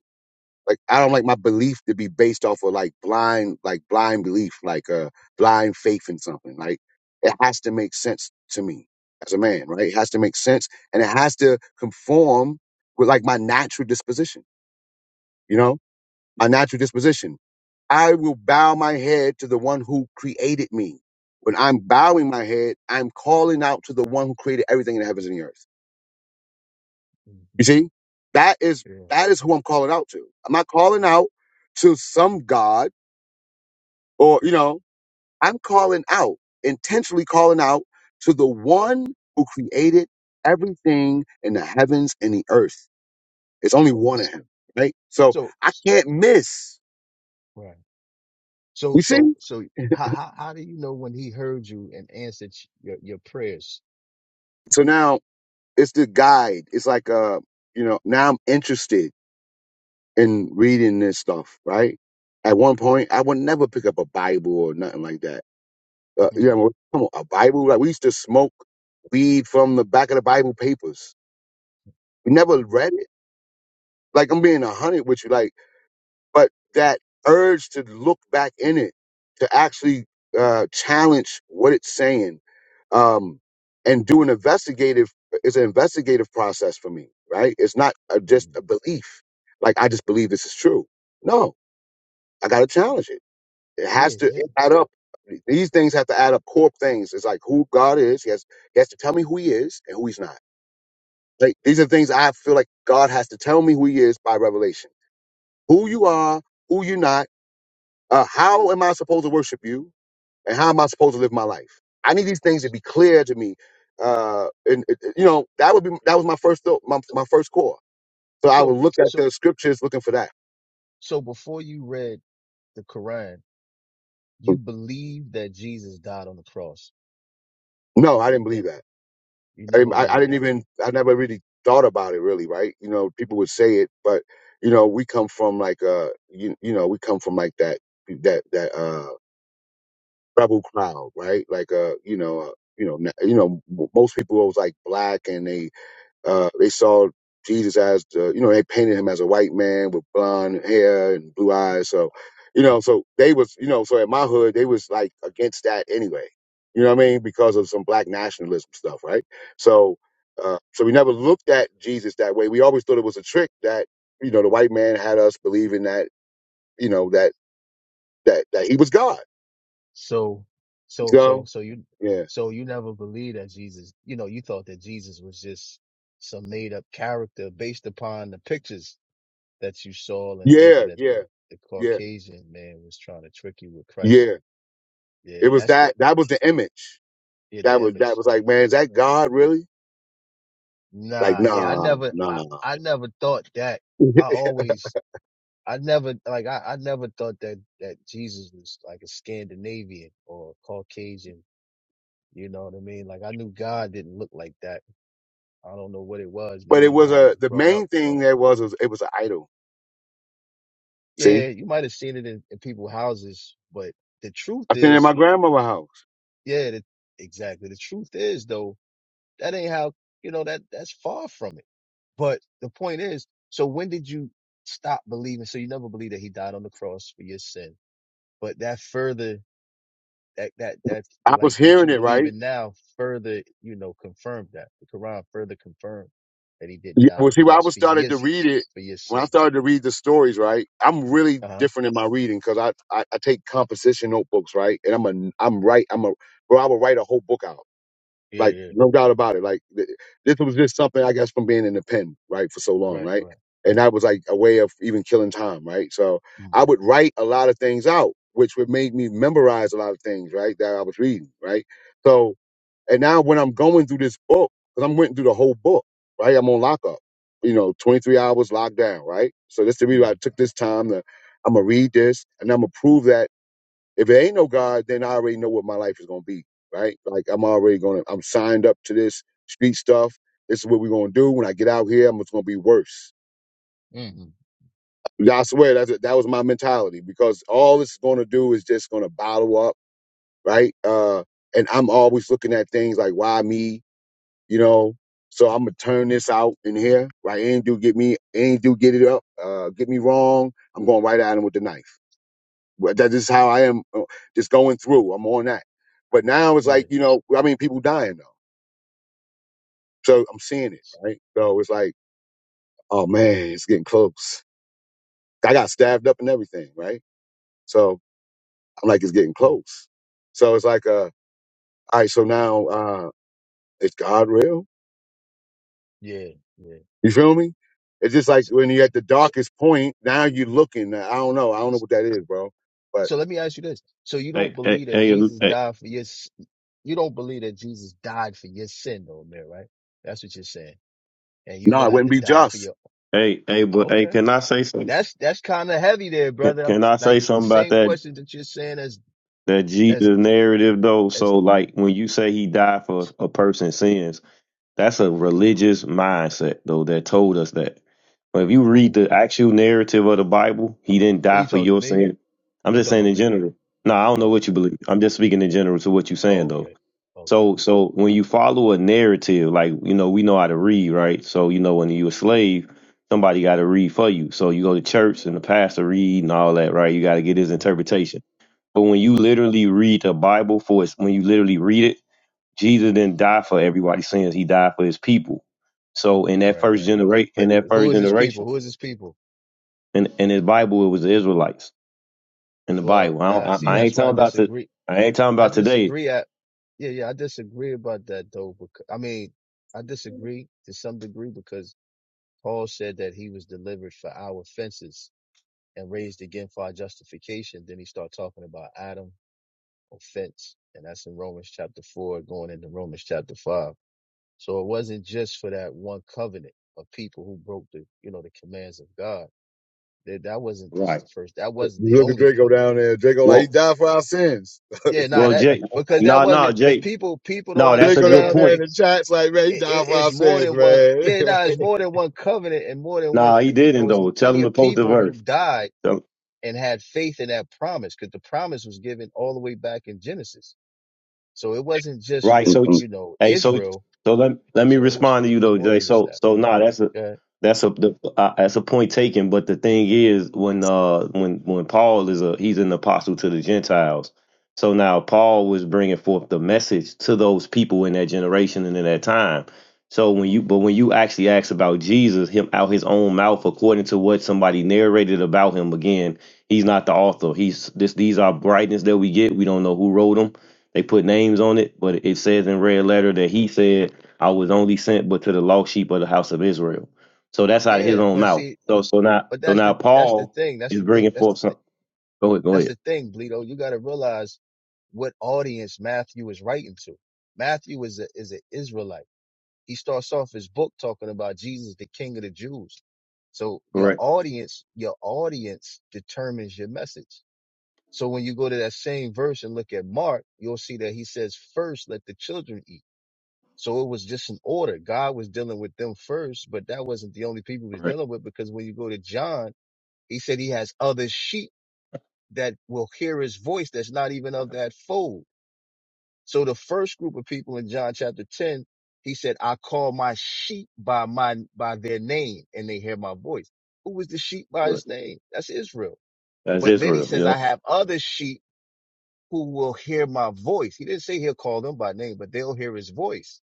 S1: Like I don't like my belief to be based off of like blind, like blind belief, like uh, blind faith in something. Like it has to make sense to me as a man, right? It has to make sense, and it has to conform with like my natural disposition. You know, my natural disposition. I will bow my head to the one who created me. When I'm bowing my head, I'm calling out to the one who created everything in the heavens and the earth.
S2: mhm,
S1: You see, that is
S2: yeah.
S1: that is who I'm calling out to. I'm not calling out to some god or you know. I'm calling out intentionally calling out to the one who created everything in the heavens and the earth. It's only
S2: So,
S1: one of him, right? So
S2: so,
S1: I
S2: s-
S1: can't miss.
S2: right. So,
S1: You see?
S2: so, so, how, how, how do you know when he heard you and answered sh- your, your prayers?
S1: So now it's the guide. It's like uh, you know, now I'm interested in reading this stuff, right? At one point, I would never pick up a Bible or nothing like that. Uh, you
S2: Mm,
S1: know, come on, a Bible? Like we used to smoke weed from the back of the Bible papers. We
S2: yeah,
S1: never read it. Like I'm being a hundred with you. Like but that urge to look back in it to actually uh, challenge what it's saying um, and do an investigative is an investigative process for me right it's not a, just
S2: mm.
S1: a belief like i just believe this is true no i gotta challenge it it
S2: yeah,
S1: has to
S2: yeah.
S1: add up these things have to add up core things it's like who god is he has, he has to tell me who he is and who he's not like these are things i feel like god has to tell me who he is by revelation who you are who you're not uh, how am I supposed to worship you? And how am I supposed to live my life? I need these things to be clear to me. Uh, and it- it- you know, that would be that was my first
S2: So,
S1: thought, my, my first core. So I would
S2: so,
S1: look at
S2: so,
S1: the scriptures looking for that.
S2: so before you read the Quran, you believed that Jesus died on the cross,
S1: No, I
S2: but
S1: didn't believe
S2: then
S1: that.
S2: you
S1: I
S2: never
S1: didn't, I, I
S2: believed
S1: didn't
S2: that.
S1: even I never really thought about it really, right? You know, people would say it, but you know, we come from like uh you, you know, we come from like that that that uh rebel crowd, right? Like uh, you know, uh, you know, na- you know, m- most people was like black and they Uh, they saw Jesus as, uh, you know, they painted him as a white man with blonde hair and blue eyes. So, you know, so they was, you know, so at my hood, they was like against that anyway. You know what I mean? Because of some black nationalism stuff, right? So, uh, so we never looked at Jesus that way. We always thought it was a trick that, you know, the white man had us believing that, you know, that, that, that he was God.
S2: So, so, so,
S1: So,
S2: so you,
S1: yeah,
S2: so you never believed that Jesus, you know, you thought that Jesus was just some made up character based upon the pictures that you saw and
S1: yeah,
S2: thinking that
S1: yeah,
S2: the, the
S1: yeah,
S2: Caucasian man was trying to trick you with Christ.
S1: yeah. It
S2: Yeah,
S1: was
S2: that's the,
S1: that,
S2: the-
S1: that was the image.
S2: yeah,
S1: That
S2: the
S1: was, that
S2: image.
S1: was like, man, is that God really? Like,
S2: Nah, yeah, I
S1: nah,
S2: never, I,
S1: nah.
S2: I never thought that. I always, I never, like, I, I never thought that, that Jesus was like a Scandinavian or Caucasian. You know what I mean? Like, I knew God didn't look like that I don't know what it was,
S1: but it
S2: maybe how
S1: was
S2: I
S1: a,
S2: was
S1: the
S2: brought up,
S1: main
S2: but
S1: thing that was, was it was an idol. See,
S2: yeah, you might have seen it in, in people's houses. But the truth
S1: I seen it in
S2: is,
S1: my grandmother's house.
S2: yeah, the, exactly. The truth is though, that ain't how, you know, that, that's far from it. But the point is, so when did you stop believing? So you never believed that he died on the cross for your sin, but that further, that, that, that, you're
S1: I
S2: like
S1: was
S2: what you
S1: hearing it,
S2: believe
S1: right?
S2: in now further, you know, confirmed that the Quran further confirmed that he didn't
S1: Yeah,
S2: die on
S1: Well,
S2: the
S1: see, when I
S2: cross
S1: was
S2: for
S1: started
S2: your,
S1: to read it,
S2: for your
S1: when I
S2: sin.
S1: started to read the stories, right? I'm really
S2: Uh huh.
S1: different in my reading because I, I, I take composition notebooks, right? And I'm a, I'm right, I'm a, bro, I would write a whole book out.
S2: Yeah.
S1: Like
S2: Yeah.
S1: no doubt about it. Like th- this was just something I guess from being in the pen, right, for so long,
S2: Right,
S1: right?
S2: right.
S1: And that was like a way of even killing time, right? So I would
S2: Mm-hmm.
S1: write a lot of things out, which would make me memorize a lot of things, right, that I was reading, right? So and now when I'm going through this book, because I'm going through the whole book, right? I'm on lockup, you know, 23 hours locked down, right? So this is the reason
S2: Mm.
S1: why I took this time to I'm gonna read this and I'm gonna prove that if it ain't no God, then I already know what my life is gonna be, right? Like I'm already gonna, I'm signed up to this street stuff. This is what we're gonna do. When I get out here, I'm just gonna be worse.
S2: Mm-hmm.
S1: I swear that's that was my mentality because all this is gonna do is just gonna bottle up, right? Uh, and I'm always looking at things like why me, you know. So I'm gonna turn this out in here, right? Ain't do get me, ain't do get it up, uh, get me wrong. I'm going right at him with the knife. Well, That is how I am, uh, just going through. I'm on that. But now it's
S2: Yeah,
S1: like you know, I mean, people dying though, so I'm seeing it, right? So it's like, oh man, it's getting close. I got stabbed up and everything, right? So I'm like, it's getting
S2: mm,
S1: close. So it's like, uh, all right, so now uh, is God real?
S2: yeah, yeah.
S1: You feel me? It's just like
S2: So,
S1: when you're at the
S2: so,
S1: darkest point, now you're looking. I don't know. I don't know what that is, bro. But
S2: so let me ask you this. So you don't
S4: Hey, hey,
S2: believe that
S4: hey,
S2: Jesus
S4: hey,
S2: died for your, s- you don't believe that Jesus died for your sin though, man, right? That's what you're saying. And you're
S1: no,
S2: going
S1: it
S2: to have
S1: wouldn't
S2: to
S1: be
S2: die for
S1: just.
S2: your,
S4: hey, hey, but hey,
S2: okay.
S4: can I say something?
S2: That's, that's kind of heavy there,
S4: Can,
S2: brother. I'm,
S4: can I
S2: like
S4: say
S2: the
S4: something about
S2: same
S4: that
S2: question that you're saying as,
S4: that Jesus
S2: as,
S4: narrative though?
S2: as
S4: So like when you say he died for a person's sins, That's a religious mindset, though, that told us that. But if you read
S2: who?
S4: the actual narrative of the Bible, he didn't
S2: Who
S4: die
S2: you
S4: for
S2: talking to
S4: your
S2: me?
S4: sin. I'm
S2: You
S4: just
S2: talking
S4: saying
S2: about
S4: in
S2: me?
S4: general. No, I don't know
S2: Oh,
S4: what you
S2: okay.
S4: believe. I'm just speaking in general to what you're
S2: Oh,
S4: saying, though.
S2: okay. Okay.
S4: So, so when you follow a narrative, like you know, we know how to read, right? So you know, when you're a slave, somebody got to read for you. So you go to church and the pastor read and all that, right? You got to get his
S2: Right.
S4: interpretation. But when you literally read the Bible for its, when you literally read it Jesus didn't
S2: Mm.
S4: die for everybody's sins. He died for his people. So in that
S2: Right,
S4: first
S2: right.
S4: generation, in
S2: But
S4: that
S2: who
S4: first
S2: is his people?
S4: generation,
S2: Who is his people?
S4: in in his Bible, it was the Israelites in the
S2: Well,
S4: Bible. I, don't,
S2: nah,
S4: I,
S2: see,
S4: I ain't
S2: that's why
S4: talking
S2: I
S4: about the,
S2: disagree.
S4: I ain't talking
S2: I
S4: about today.
S2: disagree at, yeah, yeah, I disagree about that though. Because, I mean, I disagree to some degree because Paul said that he was delivered for our offenses and raised again for our justification. Then he started talking about Adam offense, and that's in Romans chapter four, going into Romans chapter five. So it wasn't just for that one covenant of people who broke the, you know, the commands of God. That that wasn't just
S4: Right.
S2: the first. That wasn't
S1: You
S2: the
S1: look at
S2: only
S1: Draco
S2: covenant
S1: down there. Draco, like, he
S4: Well,
S1: died for our sins.
S2: Yeah, nah,
S4: well,
S2: that
S4: Jake.
S2: because that
S4: No, no,
S2: wasn't because
S4: Jake.
S2: people people don't
S4: No,
S1: They
S4: that's a
S1: go
S4: good
S1: down
S2: understand when
S1: there
S2: they
S1: in
S4: point.
S1: the chats like, man, he
S2: it, it,
S1: died for
S2: it's
S1: our
S2: more
S1: sins,
S2: than one.
S1: man.
S2: Yeah, nah, it's more than one covenant and more than one.
S4: No,
S2: pr-
S4: he
S2: You
S4: didn't
S2: know, it's
S4: though. Tell
S2: plenty
S4: him to
S2: of
S4: post the
S2: people
S4: verse.
S2: who died
S4: Tell,
S2: and had faith in that promise because the promise was given all the way back in Genesis. So it wasn't just
S4: Right.
S2: for
S4: So
S1: Mm-mm.
S4: it's
S2: you know
S4: hey, so it's-
S2: Israel.
S4: so let let me
S2: So it was for
S4: respond to
S2: it
S4: you
S2: was
S4: though,
S2: more
S4: Jay.
S2: than just
S4: So
S2: that.
S4: so nah, that's a
S2: Yeah,
S4: that's a the, uh, that's a point taken. But the thing is, when uh when when Paul is a he's an apostle to the Gentiles. So now Paul was bringing forth the message to those people in that generation and in that time. So when you but when you actually ask about Jesus, him out his own mouth, according to what somebody narrated about him, again, he's not the author. He's this. These are writings that we get. We don't know who wrote them they put names on it, but it says in red letter that he said, I was only sent but to the lost sheep of the house of Israel. So that's out of his
S2: yeah,
S4: own
S2: but
S4: mouth.
S2: see,
S4: So
S2: but
S4: so now
S2: but
S4: so
S2: that's
S4: now
S2: the that's the
S4: Paul
S2: thing. That's
S4: is
S2: the thing.
S4: bringing
S2: That's the
S4: forth
S2: thing.
S4: some. Go ahead, go
S2: That's
S4: ahead.
S2: the thing, Bleedo. You got to realize what audience Matthew is writing to. Matthew is a is an Israelite. He starts off his book talking about Jesus, the King of the Jews. So your
S4: Correct,
S2: audience, your audience determines your message. So when you go to that same verse and look at Mark, you'll see that he says, first let the children eat. So it was just an order. God was dealing with them first, but that wasn't the only people he was
S4: correct,
S2: dealing with because when you go to John, he said he has other sheep that will hear his voice that's not even of that fold. So the first group of people in John chapter 10, he said, I call my sheep by my, by their name and they hear my voice. Who was the sheep by
S4: correct.
S2: his name? That's Israel.
S4: That's
S2: But then he
S4: Israel.
S2: says,
S4: Yeah.
S2: I have other sheep who will hear my voice. He didn't say he'll call them by name, but they'll hear his voice.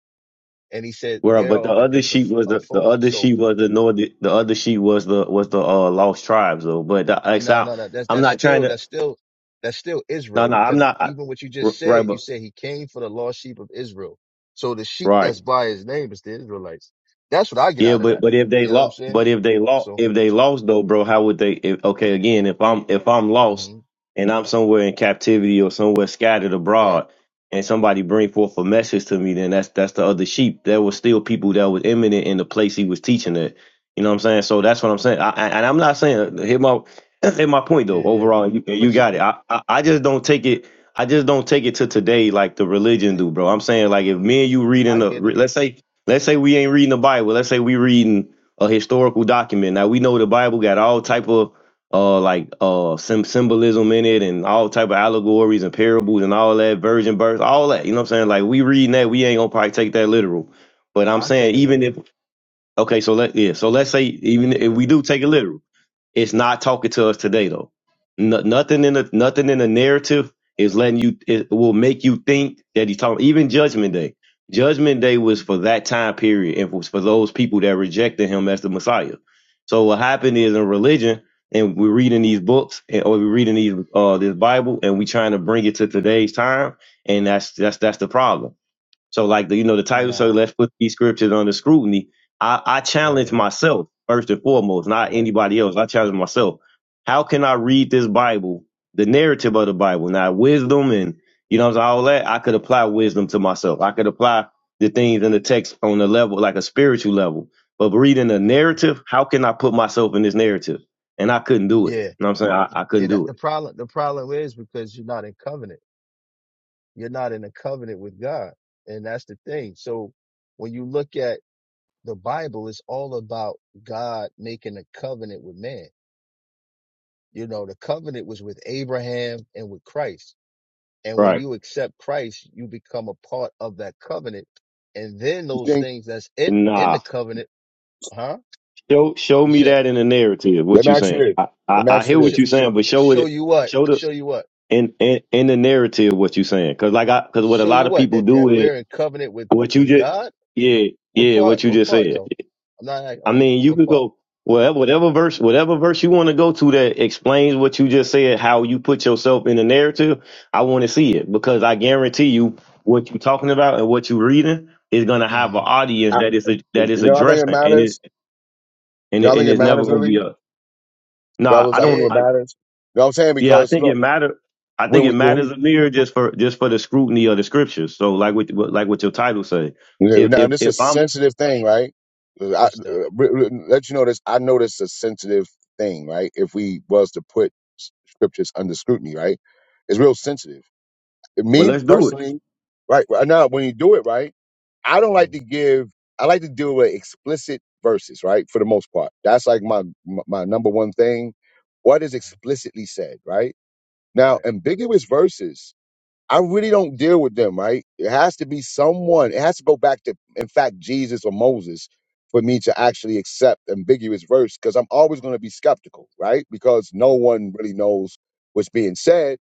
S2: And he said,
S4: Where
S2: they're
S4: but the
S2: of a
S4: other
S2: different
S4: sheep
S2: f-
S4: was
S2: a
S4: the, the
S2: fold.
S4: other
S2: So
S4: sheep was the north the other sheep was the was the uh, lost tribes though. But the, it's
S2: No, no, no. That's
S4: I'm
S2: that's
S4: not trying
S2: still
S4: to.
S2: that's still that's still
S4: No,
S2: Israel
S4: no, I'm
S2: because
S4: not. I,
S2: even what you just
S4: right,
S2: said, you
S4: but
S2: said he came for the lost sheep of Israel. So the sheep
S4: right.
S2: that's by his name is the Israelites. That's what I get
S4: Yeah,
S2: out of
S4: but
S2: that.
S4: but if they
S2: You know what I'm
S4: lost,
S2: saying?
S4: but if they lost,
S2: So,
S4: if they lost though, bro, how would they? If, okay, again, if I'm if I'm lost
S2: hmm
S4: and I'm somewhere in captivity or somewhere scattered
S2: right,
S4: abroad, and somebody bring forth a message to me, then that's that's the other sheep. There was still people that was imminent in the place he was teaching at. You know what I'm saying? So that's what I'm saying. I, I- and I'm not saying hit my hit my point though.
S2: yeah, yeah.
S4: Overall, you, you
S2: But you,
S4: got
S2: you,
S4: it. I, I I just don't take it. I just don't take it to today like the religion do, bro. I'm saying like if me and you reading
S2: I
S4: the
S2: get it.
S4: let's say Let's say we ain't reading the Bible. Let's say we reading a historical document. Now we know the Bible got all type of uh like uh sym symbolism in it and all type of allegories and parables and all that virgin birth, all that. You know what I'm saying? Like we reading that, we ain't gonna probably take that literal. But I'm
S2: I take
S4: saying
S2: a
S4: even
S2: little.
S4: if okay, so let yeah,
S2: Ta-
S4: so let's say
S2: Yeah, I
S4: even
S2: take
S4: if
S2: that
S4: we do
S2: little.
S4: take it literal. It's not talking to us today though. No, nothing in the nothing in the narrative is letting you. It will make you think that he's talking. Even Judgment Day. Judgment Day was for that time period and was for those people that rejected him as the Messiah. So what happened is in religion, and we're reading these books and, or we're reading these uh this Bible, and we trying to bring it to today's time, and that's that's that's the problem. So like the you know the title, so
S2: Nah,
S4: let's put these scriptures under scrutiny. I, I
S2: right,
S4: challenge
S2: right,
S4: myself first and foremost, not
S2: right.
S4: anybody else. I challenge myself. How can I read
S2: hmm
S4: this Bible, the narrative of the Bible, now wisdom and you know I'm saying, all that? I could apply wisdom to myself. I could apply the things in the text on the level, like a spiritual level. But reading the
S2: hmm
S4: narrative, how can I put myself in this narrative? And I couldn't do it. You
S2: Yeah,
S4: know what I'm saying? I, I
S2: yeah.
S4: couldn't
S2: That,
S4: do
S2: the
S4: it.
S2: problem, the problem is because you're not in covenant. You're not in a covenant with God. And that's the thing. So when you look at the Bible, it's all about God making a covenant with man. You know, the covenant was with Abraham and with Christ. And when
S4: Right.
S2: you accept Christ, you become a part of that covenant. And then
S1: you
S2: those
S1: think?
S2: things that's in, in the
S4: Nah.
S2: covenant, huh?
S4: Show show
S2: You
S4: me
S2: said,
S4: that in the narrative.
S1: Let
S4: What
S1: me
S4: you
S1: ask you
S4: saying?
S1: this.
S4: I,
S1: Let
S4: I
S1: me
S4: I
S1: ask you
S4: hear
S2: sh-
S4: what
S1: this.
S4: you
S2: sh-
S4: saying, but show
S2: show
S4: it.
S2: you what?
S4: Show
S2: Show
S4: us
S2: you what?
S4: in in in the narrative what you saying. Cause like I cause what a
S2: Show
S4: lot
S2: you
S4: of
S2: what?
S4: people
S2: That,
S4: do
S2: that
S4: is
S2: we're in covenant with,
S4: what you
S2: with
S4: just
S2: God?
S4: yeah
S2: What
S4: yeah
S2: part?
S4: what you
S2: What
S4: just
S2: part
S4: said.
S2: though? I'm not,
S4: I mean you
S2: what
S4: could
S2: part?
S4: go whatever whatever verse whatever verse you want to go to that explains what you just said. How you put yourself in the narrative. I want to see it because I guarantee you what you're talking about and what you're reading is gonna have
S2: hmm
S4: an audience
S1: I,
S4: that is a, that
S1: you
S4: is
S1: know, I think it
S4: addressing and it
S1: matters.
S4: and
S1: You know,
S4: it,
S1: I
S4: and
S1: think it
S4: it's never
S1: matters
S4: gonna
S1: really,
S4: be a Nah,
S1: fellas.
S4: I
S1: I think
S4: don't.
S2: Yeah,
S1: it
S4: I,
S1: matters. You know what I'm saying?
S4: yeah, I
S1: Because
S4: think it
S1: look,
S4: matter. I think
S1: when
S4: it
S1: we, when we
S4: matters a mirror just for just for the scrutiny of the scriptures. So, like with like what your title say,
S1: you know,
S4: if
S1: now
S4: if
S1: this is
S4: if
S1: a
S4: I'm
S1: sensitive thing, right? I, uh,
S2: What's that?
S1: re- re- let you know this. I know this is a sensitive thing, right? If we was to put s- scriptures under scrutiny, right? It's real sensitive.
S4: well,
S1: me
S4: let's do it.
S1: personally, right, right now, when you do it right, I don't like
S2: Mm,
S1: to give. I like to deal with explicit verses, right? For the most part, that's like my my my number one thing. What is
S2: uh
S1: explicitly said, right? Now,
S2: Right.
S1: ambiguous verses, I
S2: hmm
S1: really don't deal with them, right? It has to be someone. It has to go back to, in fact, Jesus or Moses for me to actually accept ambiguous verse because I'm always going to be skeptical, right? Because no one really knows what's being said,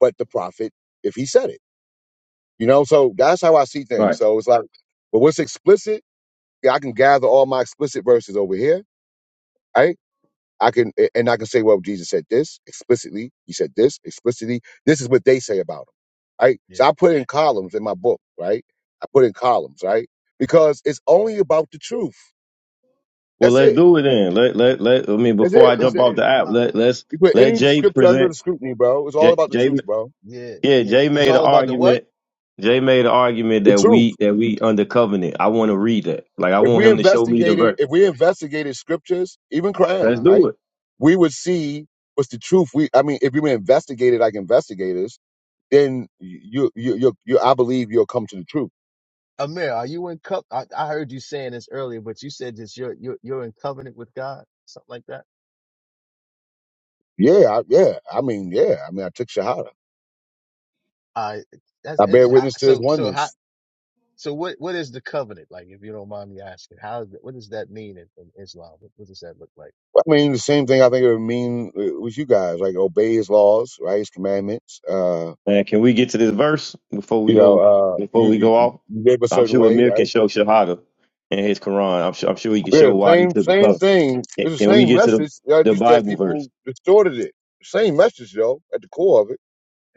S1: but the prophet if he said it. You know, so that's how I see things.
S4: Right.
S1: So it's like, but what's explicit, yeah, I can gather all my explicit verses over here, right? I can, a- and I can say, well, Jesus said this explicitly. He said this explicitly. This is what they say about him, right?
S2: Yeah.
S1: So I put in columns in my book, right? I put in columns, right? Because it's only about the truth.
S4: Well,
S1: That's
S4: let's
S1: it.
S4: do it then. Let let let. I mean,
S1: That's
S4: before
S1: it.
S4: I
S2: I,
S1: It's
S4: jump
S1: it.
S4: off the app,
S2: I,
S4: let let's
S1: You put
S4: let
S1: any
S4: Jay
S1: scripture under the
S4: present.
S1: scrutiny, bro. It's all
S4: Jay,
S1: about the
S4: Jay
S1: truth, bro.
S2: yeah.
S4: yeah,
S2: Yeah.
S4: Jay
S2: It's
S4: made an
S2: all about the what?
S4: argument. Jay made an argument
S1: The
S4: that
S1: truth.
S4: we that we under covenant. I
S2: hmm
S4: want to read that. Like I
S1: If
S4: want
S1: we
S4: him to show me the
S1: investigated,
S4: verse.
S1: if we investigated scriptures, even crime,
S4: Let's
S2: Uh,
S4: do
S1: right,
S4: it.
S1: we would see what's the truth. We, I mean, if you were investigated like investigators, then you, you, you, you I believe you'll come to the truth.
S2: Amir, are you in cup? I, I heard you saying this earlier, but you said this. You're you're you're in covenant with God, something like that.
S1: Yeah, I, yeah. I mean, yeah. I mean, I took Shahada.
S2: Uh, that's
S1: I bear
S2: interesting. How,
S1: witness to His
S2: so so how
S1: oneness.
S2: so what what is the covenant like? If you don't mind me asking, how is it, what does that mean in, in Islam? What, what does that look like?
S1: I mean, the same thing I think it would mean uh, with you guys, like obey His laws, right, His commandments. Uh,
S4: Man, can we get to this verse before we
S1: you know,
S4: go
S1: uh,
S4: before
S1: you,
S4: we
S1: you
S4: go off?
S1: you live a
S4: I'm
S1: certain
S4: sure
S1: way,
S4: Amir can
S1: right?
S4: show Shahada in his Quran. I'm sure I'm sure he can
S1: Yeah,
S4: show why he
S1: same
S4: took the
S1: same
S4: cover.
S1: thing.
S4: Can
S1: It's the
S4: can we
S1: same
S4: get to the,
S1: message. I
S4: the
S1: just that
S4: Bible verse?
S1: people distorted it. Same message though, at the core of it.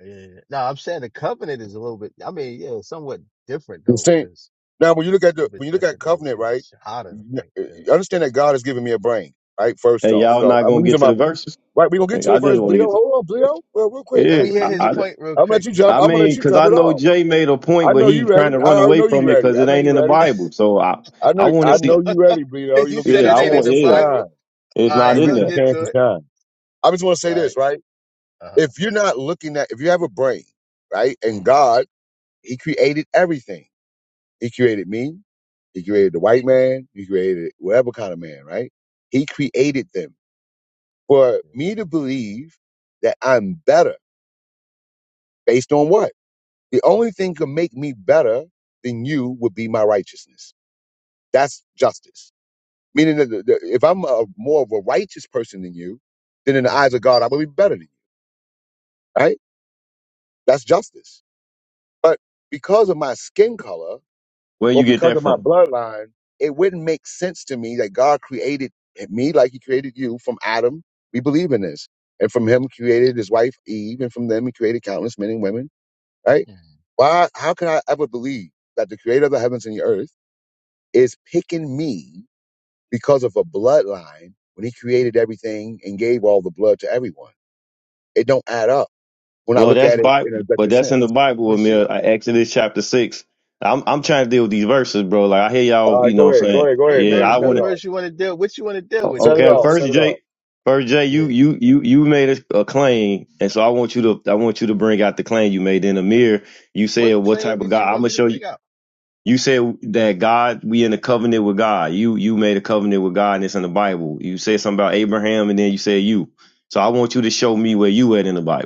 S2: Yeah. No, I'm saying the covenant is a little bit. I mean, yeah, somewhat different
S1: The
S2: though,
S1: same.
S2: because
S1: Now, when you look
S2: it's
S1: at
S2: a little
S1: the when
S2: bit
S1: you look at
S2: different than what
S1: covenant,
S2: you
S1: right?
S2: Shahada, I
S1: n-
S2: think.
S1: uh, Understand that God has given me a brain, right? First
S4: Hey,
S1: off,
S4: y'all
S1: so
S4: not
S1: I'm
S4: gonna get
S1: using
S4: to
S1: my
S4: the verses?
S1: right. We gonna get
S4: Hey,
S1: to the
S4: I just
S1: verse,
S4: want to
S1: Bleo.
S4: get to
S1: Hold on, Bleo. Well, real quick,
S2: Let
S1: I'm
S2: me
S4: it.
S1: gonna,
S2: hear
S4: I,
S2: his
S4: I
S2: point real
S1: I'm gonna let
S2: quick.
S1: you
S2: We
S1: jump.
S2: don't
S4: I
S1: I'm
S2: let
S1: gonna
S2: me.
S1: let
S4: mean,
S1: you
S4: cause
S1: jump
S4: I
S1: it
S4: know
S1: off.
S4: Jay made a point,
S1: I
S4: but
S1: know
S4: he
S1: you ready.
S4: trying to
S1: I
S4: run
S1: already
S4: away
S1: know
S4: from
S1: you
S4: it
S1: ready.
S4: because
S1: I
S4: it
S1: know
S4: ain't
S1: you
S4: in the
S1: ready.
S4: Bible. So I
S1: I
S4: I
S1: know
S4: want to
S1: I
S4: see.
S1: know you ready, Bleo. You
S2: You
S1: gonna get
S2: said
S4: Yeah,
S1: your
S2: it
S4: I
S2: ain't in
S1: chance
S4: want.
S2: the
S1: to
S4: Yeah,
S2: Bible.
S1: shine.
S4: it's
S2: All right,
S1: You
S4: not
S1: gonna
S4: in
S2: we'll
S1: get your
S4: there.
S2: get
S1: chance
S2: to
S1: to
S2: it.
S1: shine. I just want to say
S2: All right.
S1: this, right?
S2: Uh huh.
S1: if you're not looking at if you have a brain right and
S2: Mm-hmm,
S1: god he created everything he created me he created the white man he created whatever kind of man right he created them for
S2: yeah,
S1: me to believe that i'm better based on what the only thing could make me better than you would be my righteousness that's justice meaning that the, the, if i'm a, more of a righteous person than you then in the eyes of
S2: mm-hmm,
S1: god i will be better than you right that's justice but because of my skin color
S4: Where
S1: or
S4: you get
S1: because
S4: that
S1: of my
S4: from?
S1: bloodline, it wouldn't make sense to me that God created me like he created you from Adam. We believe in this. And from him created his wife Eve, and from them he created countless men and women, right?
S2: mm-hmm, hmm
S1: Why how can I ever believe that the creator of the heavens and the earth is picking me because of a bloodline when he created everything and gave all the blood to everyone? It don't add up when I
S4: Well,
S1: look
S4: that's
S1: at it in an
S4: Bible, but
S1: objective
S4: that's
S1: sense.
S4: in the Bible,
S2: But
S4: Amir.
S2: see,
S4: Uh, Exodus chapter six. I'm I'm trying to deal with these verses, bro. Like I hear
S1: All
S4: y'all,
S1: right,
S4: you know
S1: go
S4: what I'm
S1: ahead, go
S4: saying?
S1: ahead, go
S2: what
S1: ahead,
S4: Yeah,
S1: man.
S2: verse?
S4: I
S1: Set
S4: want
S2: What
S1: it
S4: to.
S1: off.
S2: verse you want to deal? What you want to deal with,
S1: Set
S2: though,
S1: it
S4: Okay,
S2: bro?
S1: off.
S2: What
S1: Set
S4: first
S2: you?
S1: it off.
S4: Jay, first Jay, you
S2: Yeah.
S4: you you you made a, a claim, and so I want you to I want you to bring out the claim you made. Then Amir, you
S2: What
S4: said what
S2: claim
S4: type of
S2: did you
S4: God? I'm
S2: want
S4: gonna
S2: me to
S4: show you.
S2: bring out?
S4: You said that God, we in a covenant with God. You you made a covenant with God, and it's in the Bible. You said something about Abraham, and then you said you. So I want you to show me where you at in the Bible.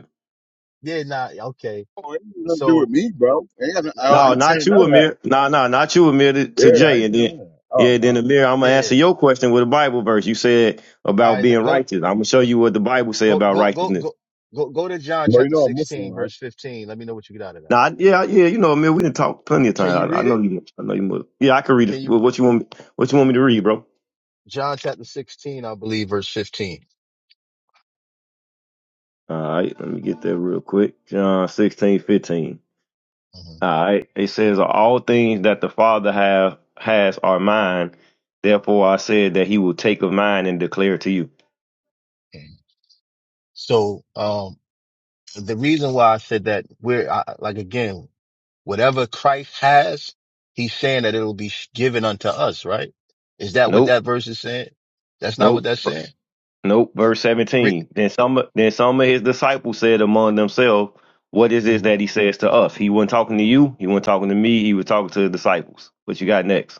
S2: Yeah. Nah. Okay.
S1: Oh, it ain't nothing to do with
S2: So.
S1: me, bro. Ain't got
S2: Nah,
S1: no- oh,
S2: nah,
S1: I
S2: nah,
S4: No,
S2: nah,
S1: ain't saying
S4: not
S1: none
S4: you,
S1: of that.
S4: Amir. No, no, not you, Amir. To, to
S1: Yeah, I
S4: Jay,
S1: ain't
S4: and
S1: saying
S4: then
S1: none of that. Oh,
S4: yeah, then
S1: all right.
S4: Amir, I'm gonna
S2: yeah.
S4: answer your question with a Bible verse. You said
S2: All
S4: about
S2: right.
S4: being
S2: Let go.
S4: righteous. I'm gonna show you what the Bible say
S2: Go.
S4: about
S2: Go. Go.
S4: righteousness.
S2: Go. Go. Go to John
S1: Well, you
S2: chapter
S1: know I'm Muslim,
S2: sixteen,
S1: right?
S2: verse fifteen. Let me know what you get out of that.
S4: Now, I- yeah, yeah, you know, Amir, we didn't talk plenty of
S2: Can you
S4: times. I, I
S2: read
S4: know
S2: it?
S4: you. I know you. must- Yeah, I can read it.
S2: Can you?
S4: What you want? Me, what you want me to read, bro?
S2: John chapter sixteen, I believe, verse 15
S4: All right, let me get that real quick. John 16:15.
S2: Mm-hmm. mm-hmm.
S4: All right, it says, "All things that the Father have has are mine. Therefore, I said that He will take of mine and declare it to you."
S2: So, um, the reason why I said that we're I, like, again, whatever Christ has, he's saying that it'll be given unto us, right? Is that what
S4: Nope,
S2: that verse is saying? That's not what
S4: nope.
S2: that's saying.
S4: Nope. Verse
S2: Re-
S4: 17. Then some then some of his disciples said among themselves, What is this
S2: Mhm.
S4: that he says to us? He wasn't talking to you, he wasn't talking to me, he was talking to the disciples. What you got next?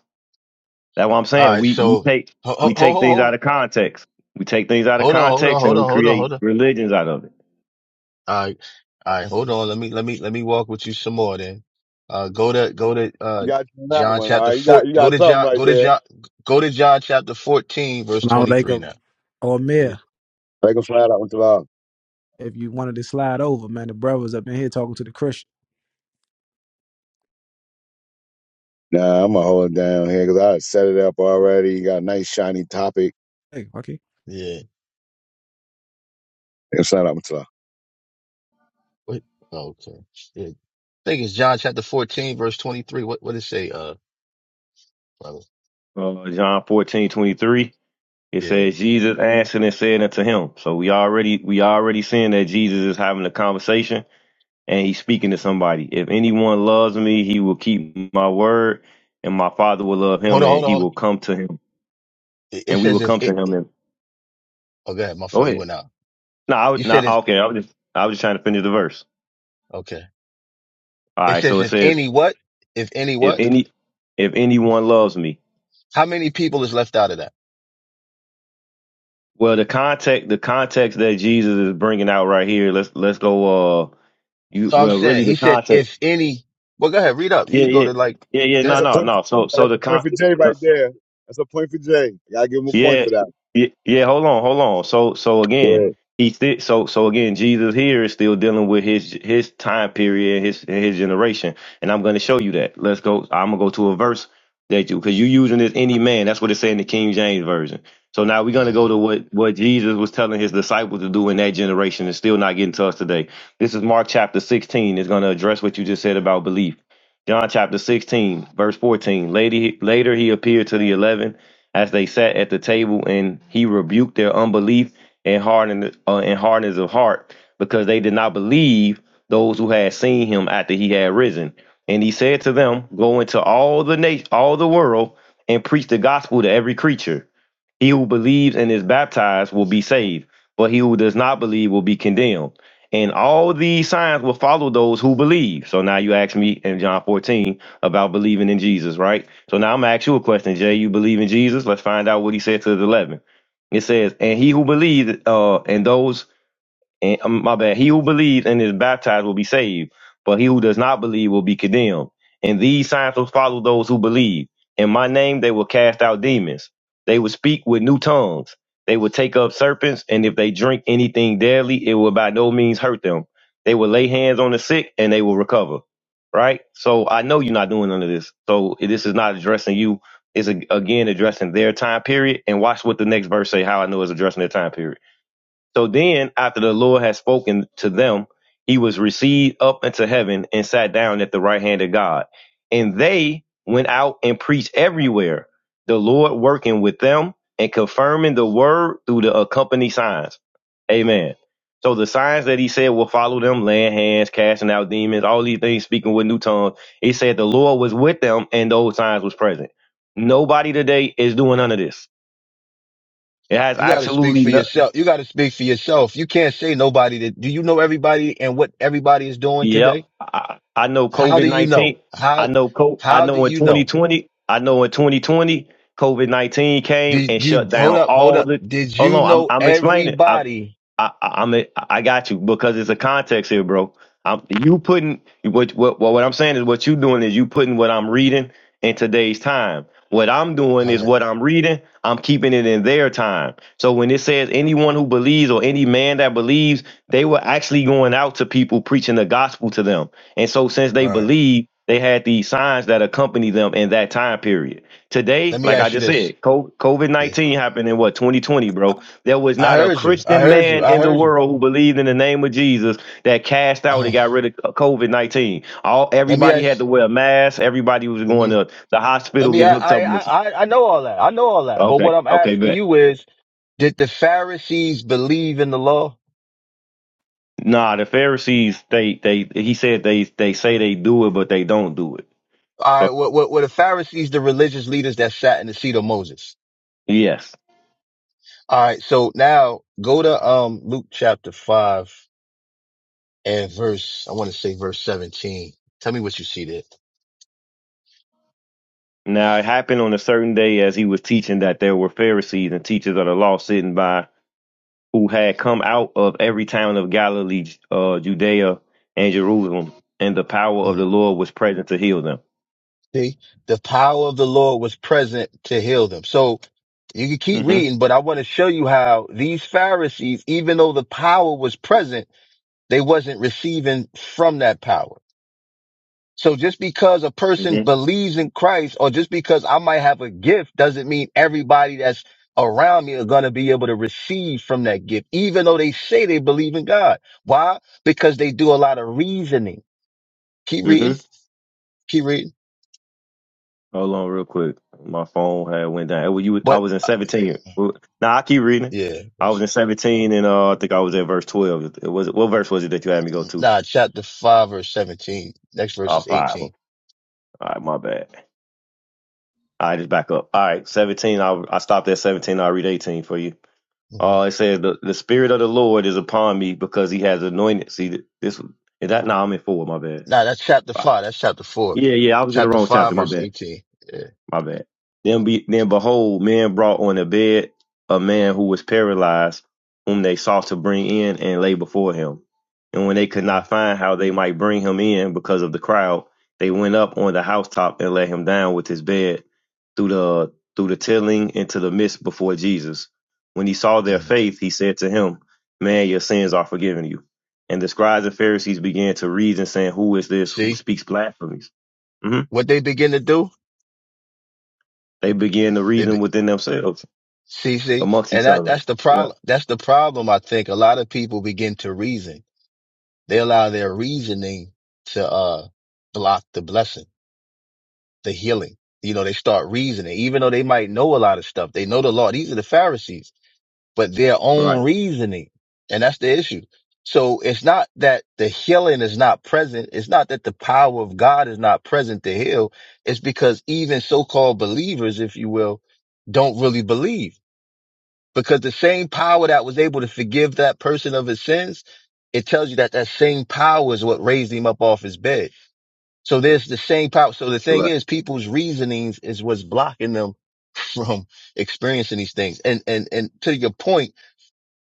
S4: That's what I'm
S2: All
S4: saying.
S2: right.
S4: We we
S2: So,
S4: take
S2: ho, ho,
S4: we
S2: ho,
S4: take
S2: ho,
S4: things
S2: ho.
S4: out of context. We take things out of
S2: hold on, hold on,
S4: context
S2: hold
S4: and we
S2: on, hold on,
S4: create
S2: hold on.
S4: religions out of it.
S2: All right. All right. Hold on. Let me, let me, let me walk with you some more then. Uh, go to, go to,
S1: You
S2: uh,
S1: got you on that
S2: John
S1: one. All
S2: chapter
S1: right, you
S2: four,
S1: got you
S2: go
S1: got
S2: to
S1: something
S2: John,
S1: right
S2: go to
S1: there.
S2: John, go to John chapter 14, verse
S5: Salam
S2: 23
S5: alaikum.
S2: now.
S5: Or Amir,
S1: Like a flat out with the law.
S5: if you wanted to slide over, man, the brothers up in here talking to the Christian.
S1: Nah, I'm gonna hold it down here because I set it up already. You got a nice shiny topic.
S5: Hey, Joaquin.
S2: Yeah.
S1: It's not up to law.
S2: What? Oh, okay. Yeah. I think it's John chapter 14, verse 23. What, what it say, uh, brother?
S4: Uh, John 14 23. it
S2: Yeah.
S4: says Jesus answered and said unto him. So we already we already seeing that Jesus is having a conversation and he's speaking to somebody. If anyone loves me, he will keep my word, and my father will love
S2: Hold
S4: him,
S2: on,
S4: and
S2: hold on.
S4: he
S2: hold on.
S4: will come to him,
S2: It, it
S4: and we will
S2: says if
S4: come to
S2: it,
S4: him. And
S2: oh, go ahead. My
S4: go
S2: fault. You
S4: ahead.
S2: went out.
S4: No, I
S2: You
S4: would
S2: said
S4: not.
S2: if,
S4: Okay, I was just I was just trying to finish the verse.
S2: okay.
S4: All
S2: It
S4: right, so
S2: says
S4: it
S2: if
S4: says,
S2: any what? If any
S4: if
S2: what?
S4: any if anyone loves me.
S2: How many people is left out of that?
S4: Well, the context the context that Jesus is bringing out right here. Let's let's go. Uh, you
S2: No, I'm
S4: well, really
S2: saying he
S4: the
S2: said
S4: context.
S2: if any, well, go ahead. Read up. You
S4: Yeah,
S2: can go
S4: yeah,
S2: to like,
S4: yeah, yeah.
S1: That's
S2: yeah.
S4: No,
S1: a
S4: no,
S1: point.
S4: no.
S1: For,
S4: So so
S1: that's
S4: the
S1: a point
S4: con.
S1: for Jay right there. That's a point for Jay. I gotta give him a point
S4: Yeah,
S1: for that.
S4: yeah, yeah. Hold on, hold on. So, so again,
S1: Yeah,
S4: he still. So, so again, Jesus here is still dealing with his his time period, his his generation, and I'm going to show you that. Let's go. I'm gonna go to a verse that you because you using this any man. That's what it said in the King James version. So now we're gonna go
S2: You
S4: to what what Jesus was telling his disciples to do in that generation, and still not getting to us today. This is Mark chapter 16. It's gonna address what you just said about belief. John chapter 16, verse 14. Lady, later he appeared to the eleven as they sat at the table, and he rebuked their unbelief and hardened uh, and hardness of heart because they did not believe those who had seen him after he had risen. And he said to them, Go into all the nation, all the world, and preach the gospel to every creature. He who believes and is baptized will be saved, but he who does not believe will be condemned. And all these signs will follow those who believe. So now you ask me in John 14 about believing in Jesus, right? So now I'm gonna ask you a question, Jay. You believe in Jesus? Let's find out what he said to the 11. It says, "And he who believes, uh, and those and um, my bad, he who believes and is baptized will be saved, but he who does not believe will be condemned. And these signs will follow those who believe. In my name they will cast out demons. They will speak with new tongues. They will take up serpents, and if they drink anything deadly, it will by no means hurt them. They will lay hands on the sick and they will recover. Right? So I know you're not doing none of this. So this is not addressing you. It's a, again addressing their time period. And watch what the next verse say, how I know it's addressing their time period. So then, after the Lord had spoken to them, he was received up into heaven and sat down at the right hand of God. And they went out and preached everywhere, the Lord working with them and confirming the word through the accompanying signs. Amen. So the signs that he said will follow them, laying hands, casting out demons, all these things, speaking with new tongues. He said the Lord was with them and those signs was present. Nobody today is doing none of this. It has
S2: got to speak
S4: absolutely
S2: for
S4: no,
S2: yourself. You got to speak for yourself. You can't say nobody that, do you know everybody and what everybody is doing
S4: Yep.
S2: today?
S4: I, I know
S2: How
S4: COVID
S2: do you know?
S4: nineteen.
S2: How,
S4: I know co- I
S2: how do
S4: know in
S2: you know?
S4: twenty twenty. I know in twenty twenty, COVID nineteen came and
S2: Did you
S4: shut
S2: hold
S4: down
S2: up? Hold
S4: all
S2: up.
S4: the.
S2: Did
S4: Hold
S2: you
S4: on, I'm
S2: know
S4: I'm explaining. I'm
S2: everybody?
S4: I, I- I'm a, I got you because it's a context here, bro. I'm you putting what what what I'm saying is what you doing is you putting what I'm reading in today's time. What I'm doing
S2: All
S4: is
S2: right.
S4: what I'm reading. I'm keeping it in their time. So when it says anyone who believes or any man that believes they were actually going out to people preaching the gospel to them. And so since they
S2: All right.
S4: believed, they had these signs that accompany them in that time period.
S2: Let
S4: Today,
S2: me
S4: like I
S2: ask you
S4: just
S2: this.
S4: said, co- COVID
S2: Yeah.
S4: 19 happened in what, 2020, bro? There was
S2: I
S4: not a
S2: heard you. I
S4: Christian
S2: heard you.
S4: man
S2: I
S4: in the
S2: heard you.
S4: world who believed in the name of Jesus that cast out
S2: Uh,
S4: and got rid of COVID 19. All
S2: let me
S4: Everybody had
S2: ask.
S4: to wear a mask. Everybody was
S2: Let
S4: going
S2: me.
S4: to the
S2: Let
S4: hospital
S2: me.
S4: getting
S2: I,
S4: hooked
S2: I.
S4: up with.
S2: I. I know all that. I know all that. But what
S4: Okay,
S2: I'm
S4: okay,
S2: asking
S4: bet.
S2: you is, did the Pharisees believe in the law?
S4: Nah, the Pharisees, they, they, he said they, they say they do it, but they don't do it.
S2: All
S4: So
S2: right. What? What? Were the Pharisees the religious leaders that sat in the seat of Moses?
S4: yes.
S2: All right. So now go to um Luke chapter five and verse. I want to say verse seventeen. Tell me what you see there.
S4: Now it happened on a certain day as he was teaching that there were Pharisees and teachers of the law sitting by who had come out of every town of Galilee, uh, Judea, and Jerusalem, and the power of the
S2: Mhm.
S4: Lord was present to heal them.
S2: See, the power of the Lord was present to heal them. So you can keep
S4: Mm-hmm.
S2: reading, but I want to show you how these Pharisees, even though the power was present, they wasn't receiving from that power. So just because a person
S4: Mm-hmm.
S2: believes in Christ or just because I might have a gift doesn't mean everybody that's around me are going to be able to receive from that gift, even though they say they believe in God. Why? Because they do a lot of reasoning. Keep reading,
S4: Mm-hmm.
S2: keep reading.
S4: Hold on, real quick. My phone had went down. It was- you was- I
S2: But
S4: was in seventeen. Well, Now I keep reading.
S2: yeah,
S4: I was
S2: that's-
S4: in
S2: uh,
S4: seventeen, and uh, I think I was at verse twelve. It was what verse was it that you had me go to?
S2: nah, chapter five, verse 17. Next verse
S4: Uh,
S2: is
S4: five. All
S2: 18.
S4: right, my bad. All right, just back up. All right, 17. I I stopped at 17. I'll read 18 for you.
S2: hmm
S4: Oh, it says the, the spirit of the Lord is upon me because he has anointed. See, th- this is that. No, I'm in four. My bad.
S2: Nah, that's chapter
S4: Wow.
S2: five. That's chapter four.
S4: Yeah, yeah. I was in the
S2: Chapter
S4: wrong chapter.
S2: five,
S4: My
S2: verse
S4: bad.
S2: 18. Yeah.
S4: My bad. Then be then behold, men brought on a bed a man who was paralyzed, whom they sought to bring in and lay before him. And when they could
S2: hmm
S4: not find how they might bring him in because of the crowd, they went up on the housetop and let him down with his bed through the through the tilling into the midst before Jesus. When he saw their
S2: hmm
S4: faith, he said to him, Man, your sins are forgiven you. And the scribes and Pharisees began to reason, saying, Who is this who
S2: See
S4: speaks blasphemies? hmm
S2: what they begin to do?
S4: They began to reason within themselves
S2: See, see,
S4: amongst
S2: and
S4: each
S2: that,
S4: other.
S2: that's the
S4: Yeah.
S2: problem. That's the problem. I think a lot of people begin to reason. They allow their reasoning to, uh, block the blessing, the healing. You know, they start reasoning, even though they might know a lot of stuff. They know the law. These are the Pharisees, but their
S4: Right.
S2: own reasoning. And that's the issue. So it's not that the healing is not present. It's not that the power of God is not present to heal. It's because even so-called believers, if you will, don't really believe because the same power that was able to forgive that person of his sins, it tells you that that same power is what raised him up off his bed. So there's the same power. So the thing
S4: right,
S2: is, people's reasonings is what's blocking them from experiencing these things. And and and to your point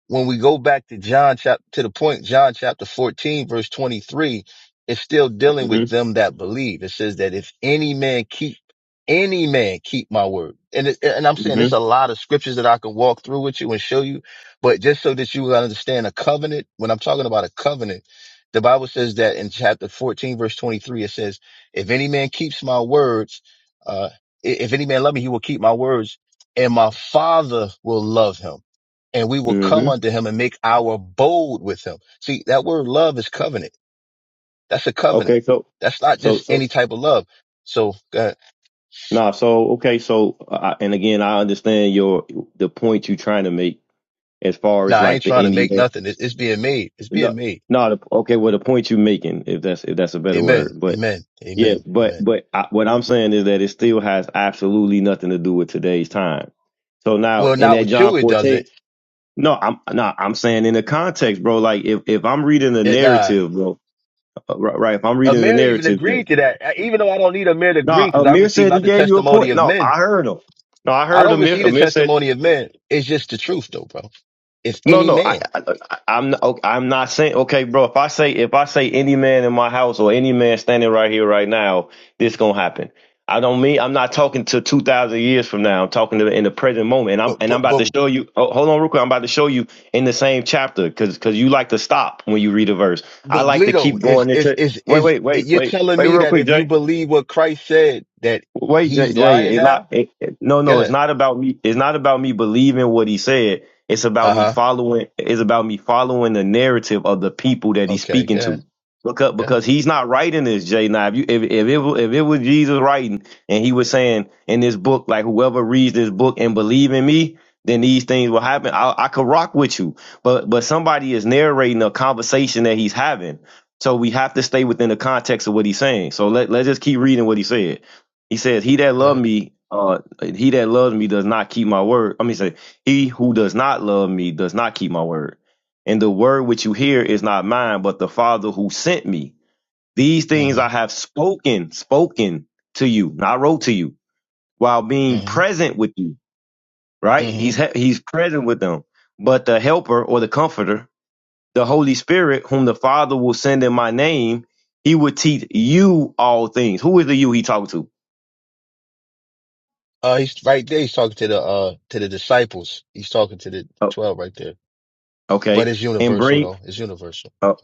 S2: when we go back to John chapter to the point, John chapter 14, verse 23, it's still dealing
S4: mm
S2: with
S4: Mhm.
S2: them that believe. It says that if any man keep any man keep my word. And it, and I'm
S4: mm
S2: saying there's
S4: Mhm.
S2: a lot of scriptures that I can walk through with you and show you, but just so that you will understand a covenant, when I'm talking about a covenant, the Bible says that in chapter 14, verse 23, it says, if any man keeps my words, uh, i- if any man love me, he will keep my words and my father will love him and we will
S4: mm
S2: come
S4: Mhm.
S2: unto him and make our abode with him. See, that word love is covenant. That's a covenant.
S4: Okay. So,
S2: That's not
S4: so,
S2: just
S4: so,
S2: any type of love. So, uh,
S4: nah. So, okay. So, uh, and again, I understand your the point you're trying to make as far
S2: nah,
S4: as
S2: I ain't
S4: like the
S2: trying to make
S4: Indian.
S2: nothing. It's, it's being made. It's being
S4: No,
S2: made.
S4: no. The, okay. Well, the point you're making, if that's if that's a better
S2: Amen.
S4: word, but
S2: Amen.
S4: yeah,
S2: Amen.
S4: but
S2: Amen.
S4: but I, what I'm saying is that it still has absolutely nothing to do with today's time. So now
S2: Well,
S4: in
S2: not
S4: that
S2: with you.
S4: John
S2: It doesn't.
S4: 14, no, I'm not. I'm saying in the context, bro. Like if if I'm reading the
S2: It, nah.
S4: narrative, bro. Uh, right, right. If I'm reading the
S2: Amir even
S4: narrative, that
S2: agreed to that. Uh, Even though I don't need Amir to
S4: no,
S2: agree because I
S4: Amir
S2: receive
S4: said
S2: not
S4: he
S2: the
S4: gave you a
S2: testimony
S4: point.
S2: of
S4: No,
S2: men.
S4: I heard him. No, I
S2: I
S4: heard
S2: don't
S4: Amir.
S2: receive the
S4: Amir said,
S2: testimony of men. It's just the truth though, bro. It's
S4: no,
S2: any
S4: no. I,
S2: man.
S4: I I'm not, okay, I'm not saying okay, bro. If I say if I say any man in my house or any man standing right here right now, this gonna happen. I don't mean I'm not talking to two thousand years from now. I'm talking to in the present moment. And I'm
S2: but
S4: and
S2: but
S4: I'm about
S2: but.
S4: to show you. Oh, hold on, real quick. I'm about to show you in the same chapter because because you like to stop when you read a verse. I
S2: But
S4: like to
S2: Bleedo
S4: keep
S2: is
S4: going
S2: is
S4: into.
S2: is
S4: Wait,
S2: is
S4: wait, wait,
S2: you're
S4: wait,
S2: telling
S4: wait,
S2: me
S4: real
S2: that
S4: quick,
S2: if you
S4: Jay.
S2: believe what Christ said that
S4: Wait, Jay,
S2: he's
S4: Jay,
S2: lying
S4: it's
S2: now?
S4: not. It, it- no, no, it's
S2: Good.
S4: not about me. It's not about me believing what he said. It's
S2: Uh
S4: about me
S2: huh.
S4: following. It's about me following the narrative of the people that he's
S2: Okay.
S4: speaking
S2: Good.
S4: to. Because
S2: Good.
S4: because he's not writing this, Jay. Now, if you if if it, wa- if it was Jesus writing and he was saying in this book, like whoever reads this book and believe in me, then these things will happen. I, I could rock with you, but but somebody is narrating a conversation that he's having. So we have to stay within the context of what he's saying. So let, let's just keep reading what he said. He says, "He that loved
S2: Good.
S4: me, uh, he that loves me does not keep my word." I mean, say, "He who does not love me does not keep my word, and the word which you hear is not mine, but the Father who sent me. These things I
S2: Mhm.
S4: have spoken, spoken to you, not wrote to you, while being
S2: Mhm.
S4: present with you." Right? He's
S2: Mhm.
S4: ha- he's present with them, but the Helper or the Comforter, the Holy Spirit, whom the Father will send in my name, he will teach you all things. Who is the you he talking to?
S2: Uh, he's right there. He's talking to the uh to the disciples. He's talking to the
S4: Oh,
S2: twelve right there. But
S4: okay
S2: it's
S4: and
S2: universal
S4: bring
S2: though. It's universal.
S4: Oh,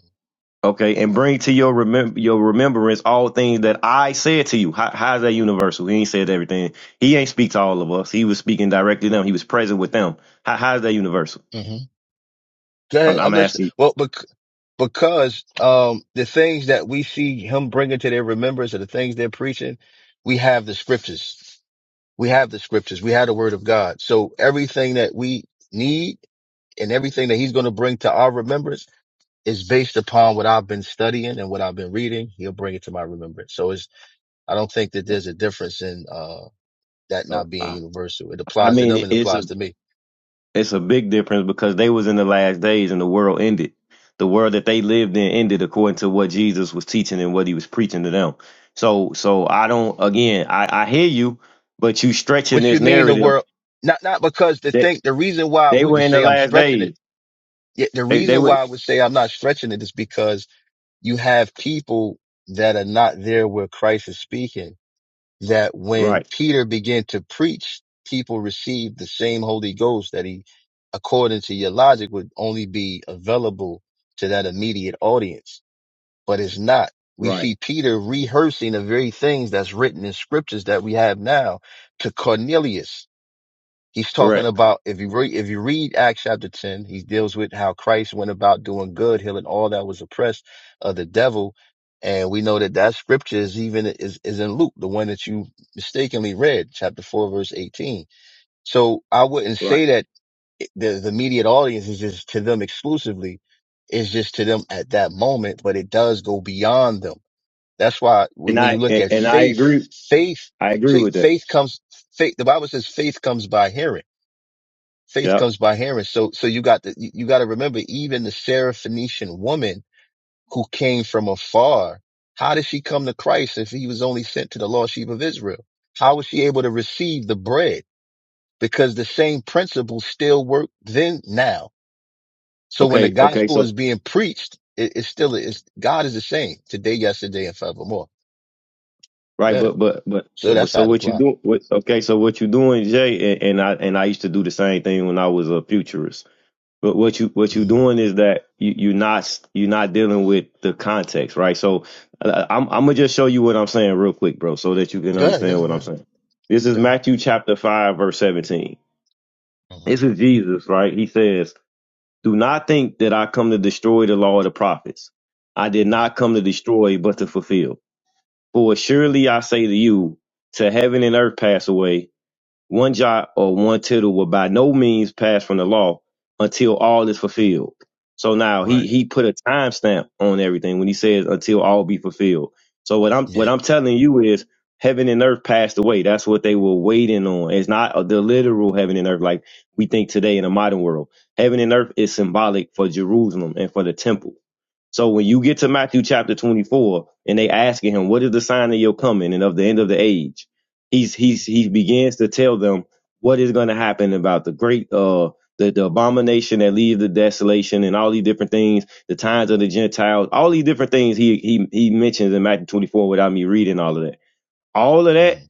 S4: okay, and bring to your remember your remembrance all things that I said to you. How, how's that universal? He ain't said everything. He ain't speak to all of us. He was speaking directly to them. He was present with them. How, how's that universal?
S2: Mhm. Go
S4: I'm,
S2: ahead. I'm
S4: I'm
S2: listening.
S4: asking.
S2: Well, bec- because um the things that we see him bringing to their remembrance or the things they're preaching, we have the scriptures. We have the scriptures. We have the word of God. So everything that we need and everything that he's going to bring to our remembrance is based upon what I've been studying and what I've been reading. He'll bring it to my remembrance. So it's, I don't think that there's a difference in, uh, that
S4: Uh,
S2: not being
S4: I,
S2: universal. It
S4: I
S2: applies to
S4: mean,
S2: them
S4: it,
S2: and it
S4: it's
S2: applies
S4: a
S2: to me.
S4: it's a big difference because they was in the last days and the world ended. The world that they lived in ended according to what Jesus was teaching and what he was preaching to them. So so I don't again. I I hear you, but you stretching
S2: What you
S4: this
S2: mean the
S4: narrative
S2: world, not, not because the
S4: that
S2: thing, the reason why I
S4: they were
S2: wouldn't
S4: in the
S2: say I'm
S4: last
S2: stretching
S4: days.
S2: it, yet the
S4: They they
S2: reason why
S4: would
S2: I would say I'm not stretching it is because you have people that are not there where Christ is speaking that when
S4: right,
S2: Peter began to preach, people received the same Holy Ghost that he, according to your logic, would only be available to that immediate audience. But it's not. We
S4: right,
S2: see Peter rehearsing the very things that's written in scriptures that we have now to Cornelius He's talking
S4: correct,
S2: about if you read if you read Acts chapter ten, he deals with how Christ went about doing good, healing all that was oppressed of the devil, and we know that that scripture is even is is in Luke, the one that you mistakenly read, chapter four, verse eighteen. So I wouldn't
S4: right.
S2: say that the the immediate audience is just to them exclusively. It's just to them at that moment, but it does go beyond them. That's why when
S4: And
S2: when you
S4: I
S2: look
S4: and,
S2: at
S4: and I
S2: faith,
S4: agree.
S2: faith,
S4: I agree
S2: see,
S4: with that.
S2: faith comes. Faith, the Bible says faith comes by hearing faith
S4: Yep.
S2: comes by hearing. So, so you got the, you, you got to remember, even the Syrophoenician woman who came from afar, how did she come to Christ if he was only sent to the lost sheep of Israel? How was she able to receive the bread? Because the same principles still work then now. So when the
S4: Okay. Okay.
S2: gospel
S4: So
S2: is being preached, it, it's still, it's, God is the same today, yesterday, and forevermore.
S4: right,
S2: Yeah.
S4: but but but
S2: So
S4: but
S2: that's how
S4: so
S2: it
S4: what you
S2: applies.
S4: do? What, okay. So what you doing, Jay? And, and I and I used to do the same thing when I was a futurist. But what you what you
S2: Mm-hmm.
S4: doing is that you you're not you're not dealing with the context, right? So uh, I'm I'm gonna just show you what I'm saying real quick, bro, so that you can
S2: Go ahead, go
S4: understand
S2: ahead,
S4: what
S2: go
S4: I'm
S2: ahead.
S4: saying. This is
S2: go ahead.
S4: Matthew chapter five, verse seventeen. This
S2: Mhm.
S4: is Jesus, right? He says. Do not think that I come to destroy the law of the prophets. I did
S2: Right.
S4: not come to destroy, but to fulfill. For surely I say to you, till heaven and earth pass away, one jot or one tittle will by no means pass from the law until all is fulfilled. So now
S2: Right.
S4: he he put a timestamp on everything when he says until all be fulfilled. So what I'm
S2: Yeah.
S4: what I'm telling you is heaven and earth passed away. That's what they were waiting on. It's not uh, the literal heaven and earth like we think today in the modern world. Heaven and earth is symbolic for Jerusalem and for the temple. So when you get to Matthew chapter 24 and they asking him, what is the sign of your coming and of the end of the age? he's he's he begins to tell them what is going to happen about the great uh the, the abomination that leaves the desolation and all these different things, the times of the Gentiles, all these different things he he he mentions in Matthew 24 without me reading all of that. All of that
S2: Mhm.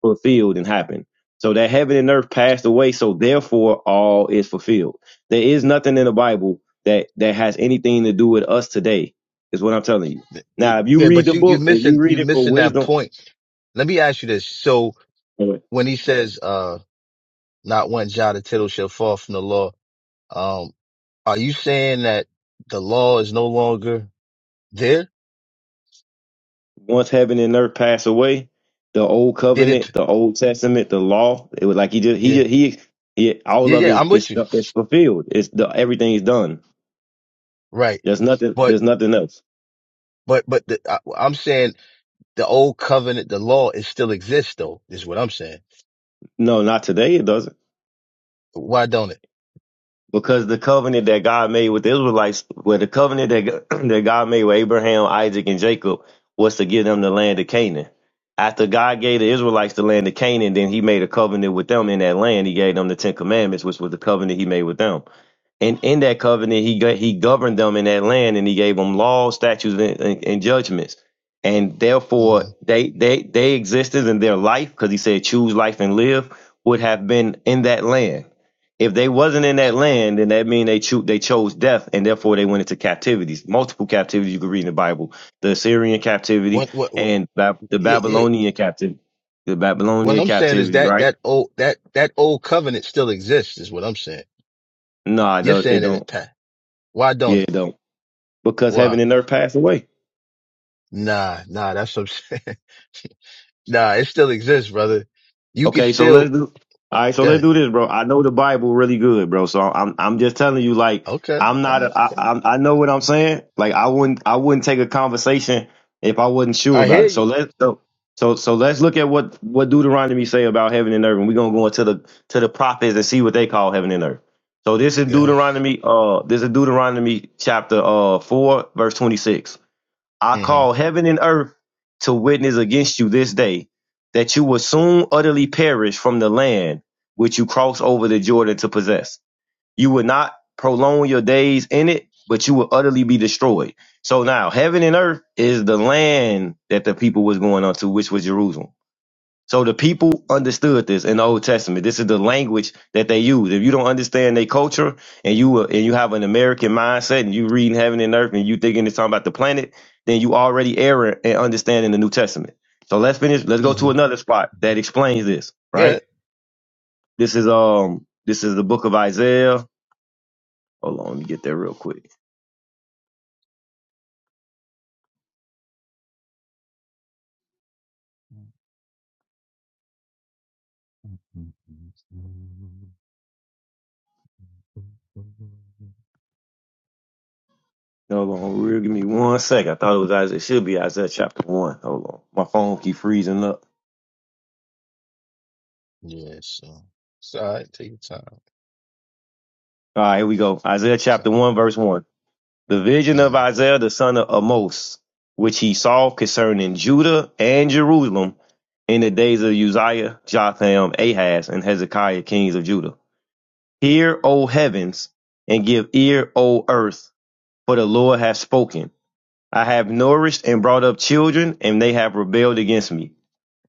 S4: fulfilled and happened. So that heaven and earth passed away, so therefore all is fulfilled. There is nothing in the Bible that that has anything to do with us today, is what I'm telling you.
S2: it-
S4: Now, if you
S2: yeah,
S4: read
S2: but
S4: the
S2: you you
S4: book, if
S2: missing
S4: you
S2: you
S4: read it for
S2: missing that
S4: wisdom,
S2: point. Let me ask you this. So when he says uh not one jot or tittle shall fall from the law, um, are you saying that the law is no longer there?
S4: once heaven and earth pass away, the old
S2: Did it
S4: covenant, the old testament, the law, it was like he just
S2: yeah,
S4: he he, he all
S2: yeah,
S4: of
S2: yeah,
S4: it
S2: I'm with
S4: is
S2: you.
S4: it's fulfilled. It's the everything is done.
S2: Right.
S4: There's nothing
S2: But
S4: there's nothing else.
S2: but but the, I, I'm saying the old covenant, the law it still exists though, is what I'm saying.
S4: No, not today it doesn't.
S2: Why don't it?
S4: Because the covenant that God made with the Israelites, where the covenant that God- that God made with Abraham, Isaac, and Jacob was to give them the land of Canaan. After God gave the Israelites the land of Canaan, then He made a covenant with them in that land. He gave them the Ten Commandments, which was the covenant He made with them. And in that covenant, he go- he governed them in that land, and he gave them laws, statutes, and, and, and judgments. And
S2: hmm
S4: therefore, they they they existed in their life because he said, "Choose life and live." Would have been in that land. If they wasn't in
S2: So
S4: that land, then that mean they cho- they chose death, and therefore they went into captivities, multiple captivities you can read in the Bible: the Assyrian captivity
S2: what, what what
S4: and Bab- the
S2: yeah, yeah.
S4: Babylonian captivity, the
S2: What
S4: Babylonian
S2: I'm saying is
S4: captivity,
S2: that
S4: right?
S2: that old that that old covenant still exists is what I'm saying.
S4: No, it
S2: You're
S4: don't. It
S2: saying that it,
S4: don't.
S2: Pat. Why
S4: Yeah,
S2: don't it?
S4: it don't. Because
S2: Why?
S4: heaven and earth pass away.
S2: Nah, nah, that's what I'm saying. Nah, it still exists, brother. You can
S4: Okay, so
S2: still,
S4: let's do. All right, so let's
S2: yeah,
S4: do this, bro. I know the Bible really good, bro. So I'm I'm just telling you, like
S2: okay.
S4: I'm
S2: All
S4: not
S2: right,
S4: a, I,
S2: yeah.
S4: I'm, I know what I'm saying. Like I wouldn't I wouldn't take a conversation if I wasn't sure
S2: I
S4: about
S2: hear
S4: it. So
S2: you.
S4: let's so so, so let's look at what what Deuteronomy say about heaven and earth, and we're gonna go into the to the prophets and see what they call heaven and earth. So this is
S2: Good.
S4: Deuteronomy uh this is Deuteronomy chapter uh four verse twenty six. I call
S2: Mm-hmm.
S4: heaven and earth to witness against you this day that you will soon utterly perish from the land which you cross over the Jordan to possess. You will not prolong your days in it, but you will utterly be destroyed. So now heaven and earth is the land that the people was going unto, which was Jerusalem. So the people understood this in the Old Testament. This is the language that they use. If you don't understand their culture and you uh, and you have an American mindset and you reading heaven and earth and you thinking it's talking about the planet, then you already error in understanding the New Testament. So let's finish. Let's go
S2: Mm-hmm.
S4: to another spot that explains this. Right.
S2: Good.
S4: This is um. This is the book of Isaiah. Hold on, let me get there real quick. Hold on, real. Give me one second. I thought it was Isaiah. It should be Isaiah chapter one. Hold on, my phone keep freezing up.
S2: Yeah, so it's all right. Take your time.
S4: All right, here we go. Isaiah
S2: Take your
S4: chapter
S2: time.
S4: one, verse one. The vision of
S2: Mm.
S4: Isaiah the son of Amos, which he saw concerning Judah and Jerusalem in the days of Uzziah, Jotham, Ahaz, and Hezekiah, kings of Judah. Hear, O heavens, and give ear, O earth, for the Lord hath spoken. I have nourished and brought up children, and they have rebelled against me.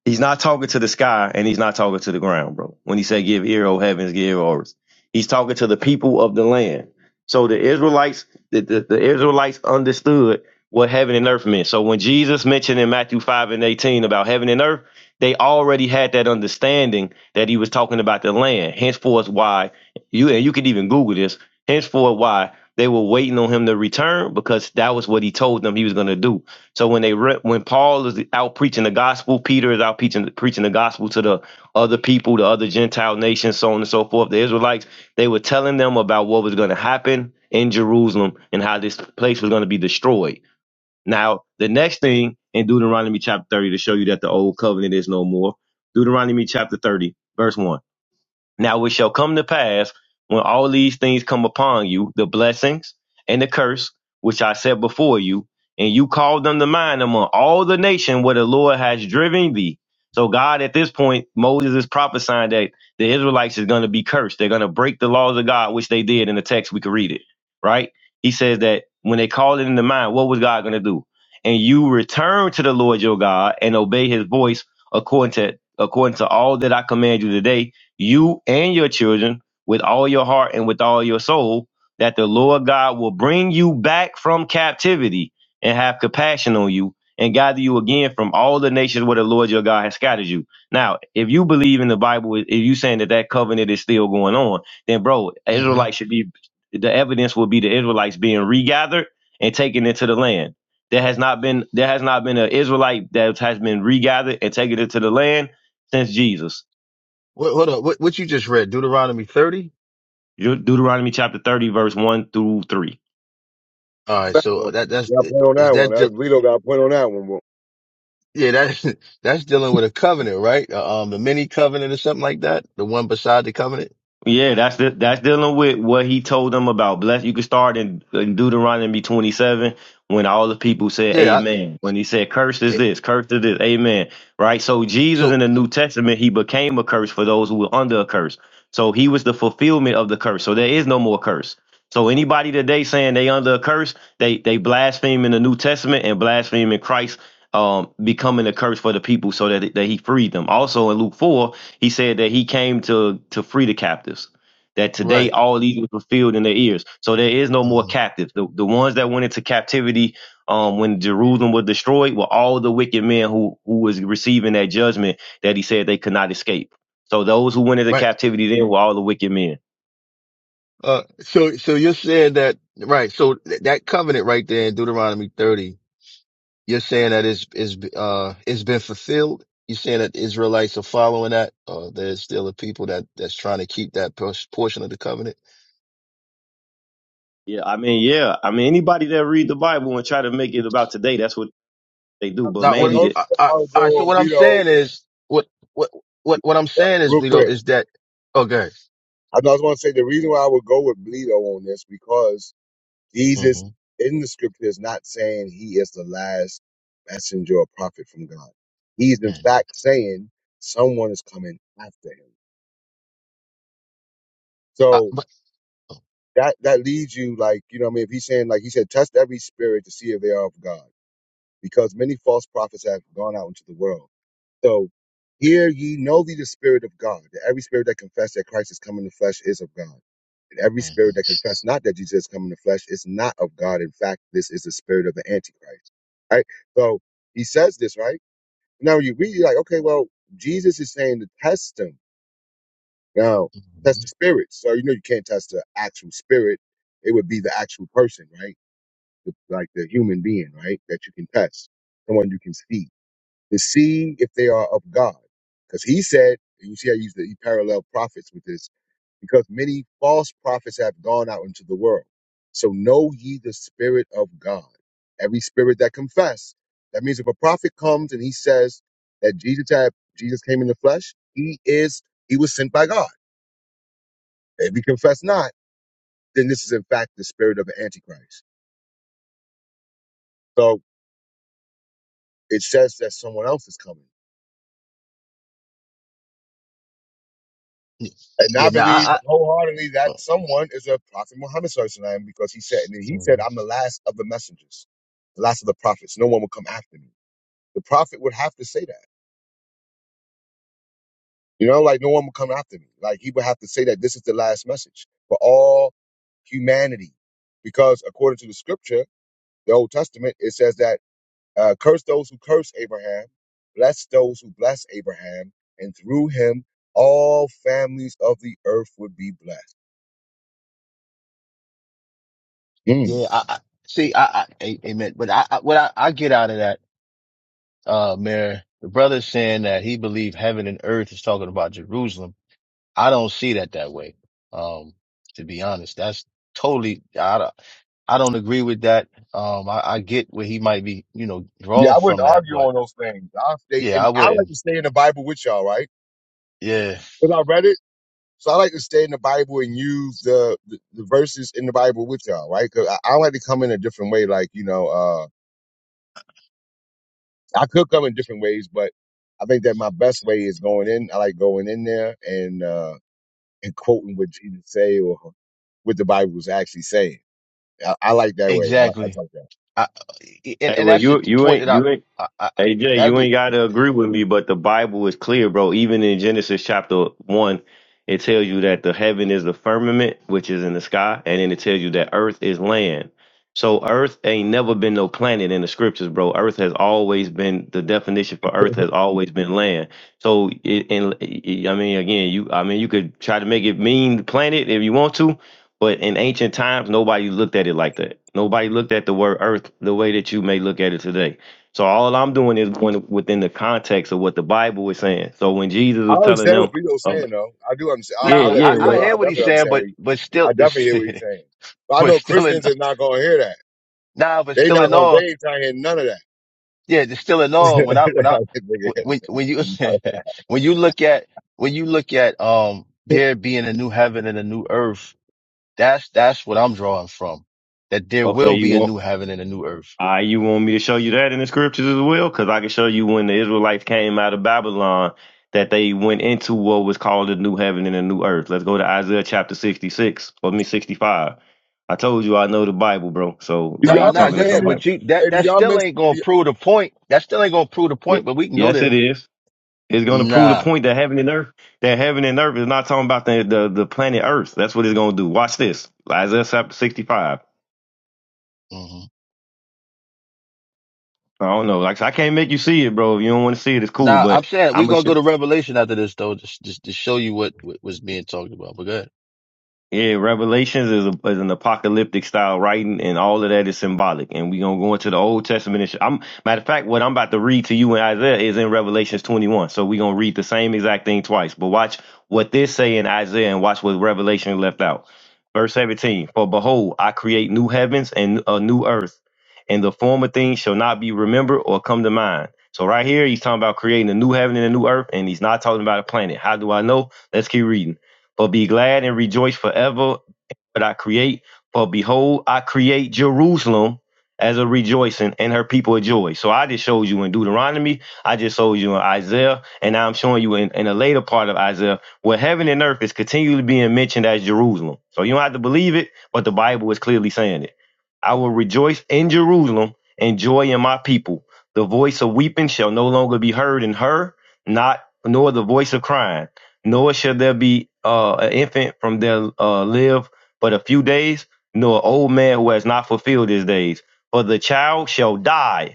S4: He's not talking to the sky and he's not talking to the ground, bro. When he said, Give ear, O heavens, give ear, O earth. He's talking to the people of the land. So the Israelites, the, the, the Israelites understood what heaven and earth meant. So when Jesus mentioned in Matthew 5 and 18 about heaven and earth, they already had that understanding that he was talking about the land. Henceforth, why you and you could even Google this, henceforth why they were waiting on him to return because that was what he told them he was gonna do so when they re- when Paul is out preaching the gospel, Peter is out preaching preaching the gospel to the other people, the other Gentile nations, so on and so forth. The Israelites they were telling them about what was going to happen in Jerusalem and how this place was going to be destroyed. Now the next thing in Deuteronomy chapter thirty to show you that the old covenant is no more. Deuteronomy chapter thirty, verse one. Now it shall come to pass when all these things come upon you, the blessings and the curse which I set before you, and you call them to mind among all the nation where the Lord has driven thee. So God, at this point, Moses is prophesying that the Israelites is going to be cursed. They're going to break the laws of God, which they did in the text. We could read it, right? He says that when they called it into mind, what was God going to do? And you return to the Lord your God and obey His voice according to according to all that I command you today, you and your children with all your heart and with all your soul, that the Lord God will bring you back from captivity and have compassion on you and gather you again from all the nations where the Lord your God has scattered you. Now, if you believe in the Bible, if you saying that that covenant is still going on, then bro,
S2: Mm-hmm.
S4: Israelites should be the evidence will be the Israelites being regathered and taken into the land. There has not been there has not been an Israelite that has been regathered and taken into the land since Jesus.
S2: What, hold up. What, what you just read? Deuteronomy 30?
S4: De- Deuteronomy chapter 30, verse 1 through 3.
S2: All right.
S1: that
S2: So
S1: one.
S2: that, that's,
S1: You got a point on
S2: is
S1: that one. Uh,
S2: that,
S1: Bleedo got a point on that one. bro.
S2: Yeah, that that's dealing with a covenant, right? Uh, Um, the mini covenant or something like that, the one beside the covenant.
S4: Yeah, that's the, that's dealing with what he told them about bless. You can start in, in Deuteronomy 27 when all the people said
S2: Yeah.
S4: amen. When he said cursed
S2: I,
S4: is
S2: it,
S4: this, cursed is this, amen. Right? So Jesus
S2: so
S4: in the New Testament, he became a curse for those who were under a curse. So he was the fulfillment of the curse. So there is no more curse. So anybody today saying they under a curse, they they blaspheme in the New Testament and blaspheme in Christ um, becoming a curse for the people so that, that he freed them. Also in Luke 4, he said that he came to, to free the captives, that today
S2: right,
S4: all these were fulfilled in their ears. So there is no more
S2: hmm
S4: captive. The, the ones that went into captivity um, when Jerusalem was destroyed were all the wicked men who, who was receiving that judgment that he said they could not escape. So those who went into
S2: right.
S4: captivity then were all the wicked men.
S2: Uh, so so you're saying that right? So th- that covenant right there in Deuteronomy 30, you're saying that it's is uh it's been fulfilled. You're saying that the Israelites are following that, or there's still a people that that's trying to keep that por- portion of the covenant.
S4: Yeah, I mean, yeah, I mean, anybody that read the Bible and try to make it about today, that's what they do. But
S1: I
S2: Now,
S1: I
S2: what?
S4: mainly,
S2: I'm-
S1: don't.
S4: that.
S2: I, I,
S1: I'll go
S2: all right. So
S1: on
S2: what I'm
S1: Bleedo
S2: saying is what what what what I'm
S1: uh,
S2: saying is,
S1: real
S2: Vito,
S1: quick.
S2: is that okay?
S1: I was going to say the reason why I would go with Bleedo on this because Jesus
S2: hmm
S1: in the scripture is not saying he is the last messenger or prophet from God. He's
S2: hmm
S1: in fact saying someone is coming after him.
S2: Uh,
S1: So
S2: but
S1: that that leads you like you know what I mean if he's saying like he said test every spirit to see if they are of God because many false prophets have gone out into the world. So here ye know thee the spirit of God that every spirit that confess that Christ is come in the flesh is of God. every spirit
S2: hmm
S1: that confesses not that Jesus has come in the flesh is not of God. In fact, this is the spirit of the Antichrist. Right? So he says this, right? Now you read, you're like, okay, well, Jesus is saying to test him. Now, test
S2: hmm
S1: the spirits. So you know you can't test the actual spirit. It would be the actual person, right? The, like the human being, right? That you can test. Someone you can see to see if they are of God. Because he said, and you see, I use the he parallel prophets with this, because many false prophets have gone out into the world. So know ye the spirit of God. Every spirit that confess. That means if a prophet comes and he says that Jesus had Jesus came in the flesh, he is he was sent by God. If he confess not, then this is in fact the spirit of the Antichrist. So it says that someone else is coming. And I
S2: yeah, no,
S1: believe
S2: I,
S1: wholeheartedly
S2: I
S1: that someone is a prophet Muhammad Sallallahu alaihi wasallam, because he said, and he said, I'm
S2: mhm.
S1: the last of the messengers, the last of the prophets. No one will come after me. The prophet would have to say that. You know, like no one will come after me. Like he would have to say that this is the last message for all humanity. Because according to the scripture, the Old Testament, it says that uh, curse those who curse Abraham, bless those who bless Abraham, and through him all families of the earth would be blessed. Hmm.
S2: yeah, I, I see. I, I a- amen. But I, I what I, I get out of that, uh, Mayor, the brother saying that he believed heaven and earth is talking about Jerusalem. I don't see that that way. Um, to be honest, that's totally. I, don't- I don't agree with that. Um, I, I get where he might be, you know,
S1: Yeah,
S2: drawing
S1: I wouldn't
S2: from that,
S1: argue
S2: but
S1: on those things. I'll stay
S2: yeah,
S1: and
S2: I
S1: I like
S2: wouldn't.
S1: to stay in the Bible with y'all, right?
S2: Yeah,
S1: Because I read it. So I like to stay in the Bible and use the, the, the verses in the Bible with y'all, right? Because I, I like to come in a different way. Like, you know, uh, I could come in different ways, but I think that my best way is going in. I like going in there and, uh, and quoting what Jesus say or what the Bible was actually saying. I, I like that way. I like, I
S2: exactly.
S1: like that.
S2: I, and
S4: hey,
S2: and
S4: well,
S2: that's the
S4: you
S2: the
S4: you
S2: point
S4: ain't
S2: that I,
S4: you ain't
S2: I, I
S4: Hey Jay,
S2: that'd
S4: you
S2: be
S4: ain't gotta agree with me, but the Bible is clear, bro. Even in Genesis chapter one, it tells you that the heaven is the firmament, which is in the sky, and then it tells you that earth is land. So earth ain't never been no planet in the scriptures, bro. Earth has always been the definition for earth has always been land. So it, and it- I mean, again, you I mean, you could try to make it mean planet if you want to, but in ancient times, nobody looked at it like that. Nobody looked at the word earth the way that you may look at it today. So all I'm doing is going within the context of what the Bible is saying. So when Jesus
S1: I
S4: was telling
S1: understand
S4: them,
S1: what Bleedo's
S4: uh,
S1: saying, though. I do understand. I,
S4: yeah,
S2: nah.
S1: I'll let
S2: I,
S4: yeah,
S1: Bleedo
S2: I
S1: know.
S4: wait,
S2: hear
S1: I
S2: what he's
S1: definitely
S2: saying,
S1: understand what
S2: but
S1: he,
S2: but
S1: I
S2: still,
S1: definitely
S2: it's,
S1: hear what he's saying. But I
S2: but
S1: know
S2: still in
S1: Christians is not going to hear that.
S2: nah, but
S1: They
S2: still
S1: not
S2: in
S1: going to, they
S2: all,
S1: ain't trying to hear none of that.
S2: yeah, just still in all. When I when I when when you when you look at when you look at um
S1: do
S2: there being a new heaven and a new earth, that's that's what I'm drawing from. That there
S4: okay,
S2: will
S4: you
S2: be a
S4: want,
S2: new heaven and a new earth.
S4: I, you want me to show you that in the scriptures as well, because I can show you when the Israelites came out of Babylon that they went into what was called the new heaven and the new earth. Let's go to Isaiah chapter 66, or me 65. I told you I know the Bible, bro. So like
S2: Nah,
S1: y'all
S4: you
S1: be
S2: nah,
S4: talking
S2: go
S4: to
S2: ahead.
S1: missing,
S4: somebody.
S2: But you that
S1: hey, do
S2: that
S1: y'all
S2: still
S1: miss,
S2: ain't gonna
S1: do
S2: prove the point. That still ain't gonna prove the
S4: Yeah.
S2: point. But we can go
S4: Yes,
S2: there.
S4: it is. It's going to prove the
S2: Nah.
S4: point that heaven and earth, that heaven and earth is not talking about the the, the planet Earth. That's what it's going to do. Watch this, Isaiah chapter sixty five.
S2: mm-hmm.
S4: I don't know. Like I I can't make you see it, bro. If you don't want to see it, it's cool.
S2: Now I'm
S4: But
S2: saying
S4: I'm
S2: we
S4: gonna.
S2: gonna
S4: sh-
S2: go to Revelation after this though, just just to show you what, what was being talked about. But go ahead.
S4: Yeah, Revelations is, a, is an apocalyptic style writing, and all of that is symbolic. And we're gonna go into the Old Testament. And sh- I'm matter of fact, what I'm about to read to you in Isaiah is in Revelations 21. So we're gonna read the same exact thing twice. But watch what this say in Isaiah, and watch what Revelation left out. Verse 17: For behold, I create new heavens and a new earth, and the former things shall not be remembered or come to mind. So right here, he's talking about creating a new heaven and a new earth, and he's not talking about a planet. How do I know? Let's keep reading. But be glad and rejoice forever that I create. For behold, I create Jerusalem as a rejoicing and her people a joy. So I just showed you in Deuteronomy, I just showed you in Isaiah, and now I'm showing you in, in a later part of Isaiah where heaven and earth is continually being mentioned as Jerusalem. So you don't have to believe it, but the Bible is clearly saying it. I will rejoice in Jerusalem and joy in my people. The voice of weeping shall no longer be heard in her, not nor the voice of crying nor shall there be uh, an infant from their uh, live but a few days, nor an old man who has not fulfilled his days. For the child shall die,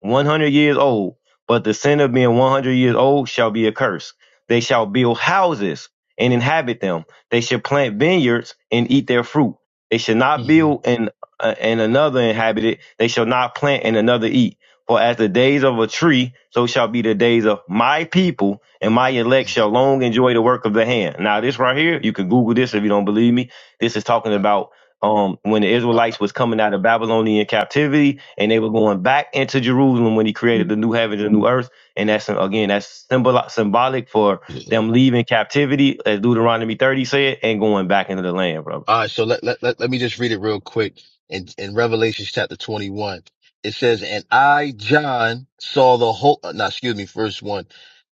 S4: 100 years old, but the sin of being 100 years old shall be a curse. They shall build houses and inhabit them. They shall plant vineyards and eat their fruit. They shall not
S2: hmm
S4: build and, uh, and another inhabit it. They shall not plant and another eat. For as the days of a tree, so shall be the days of my people, and my elect
S2: hmm
S4: shall long enjoy the work of the hand. Now, this right here, you can Google this if you don't believe me. This is talking
S2: Uh,
S4: about um, when the
S2: uh,
S4: Israelites was coming out of Babylonian captivity and they were going back into Jerusalem when he created the new heaven and the new earth. And that's again, that's symbol symbolic for
S2: mhm.
S4: them leaving captivity, as Deuteronomy 30 said, and going back into the land, brother.
S2: All right, so let, let let let me just read it real quick. In in Revelation chapter 21, it says, "And I, John, saw the whole." uh, No, excuse me, verse one,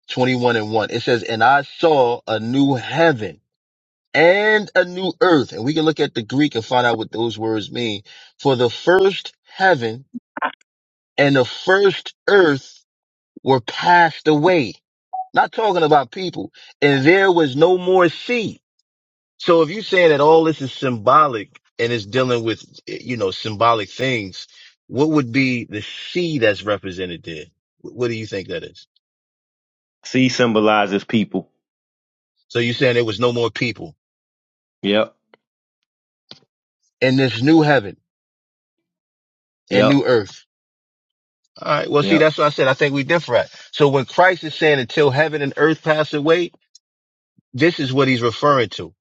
S2: 21 and one. It says, "And I saw a new heaven." And a new earth, and we can look at the Greek and find out what those words mean. For the first heaven and the first earth were passed away Not talking about people. And there was no more sea. So if you're saying that all this is symbolic and it's dealing with, you know, symbolic things, what would be the sea that's represented there? Wh- What do you think that is?
S4: Sea symbolizes people.
S2: So you're saying there was no more people
S4: Yep.
S2: in this new heaven and
S4: Yep.
S2: new earth. All right. Well, see,
S4: Yep.
S2: that's what I said. I think we differ at. So when Christ is saying until heaven and earth pass away, this is what he's referring to.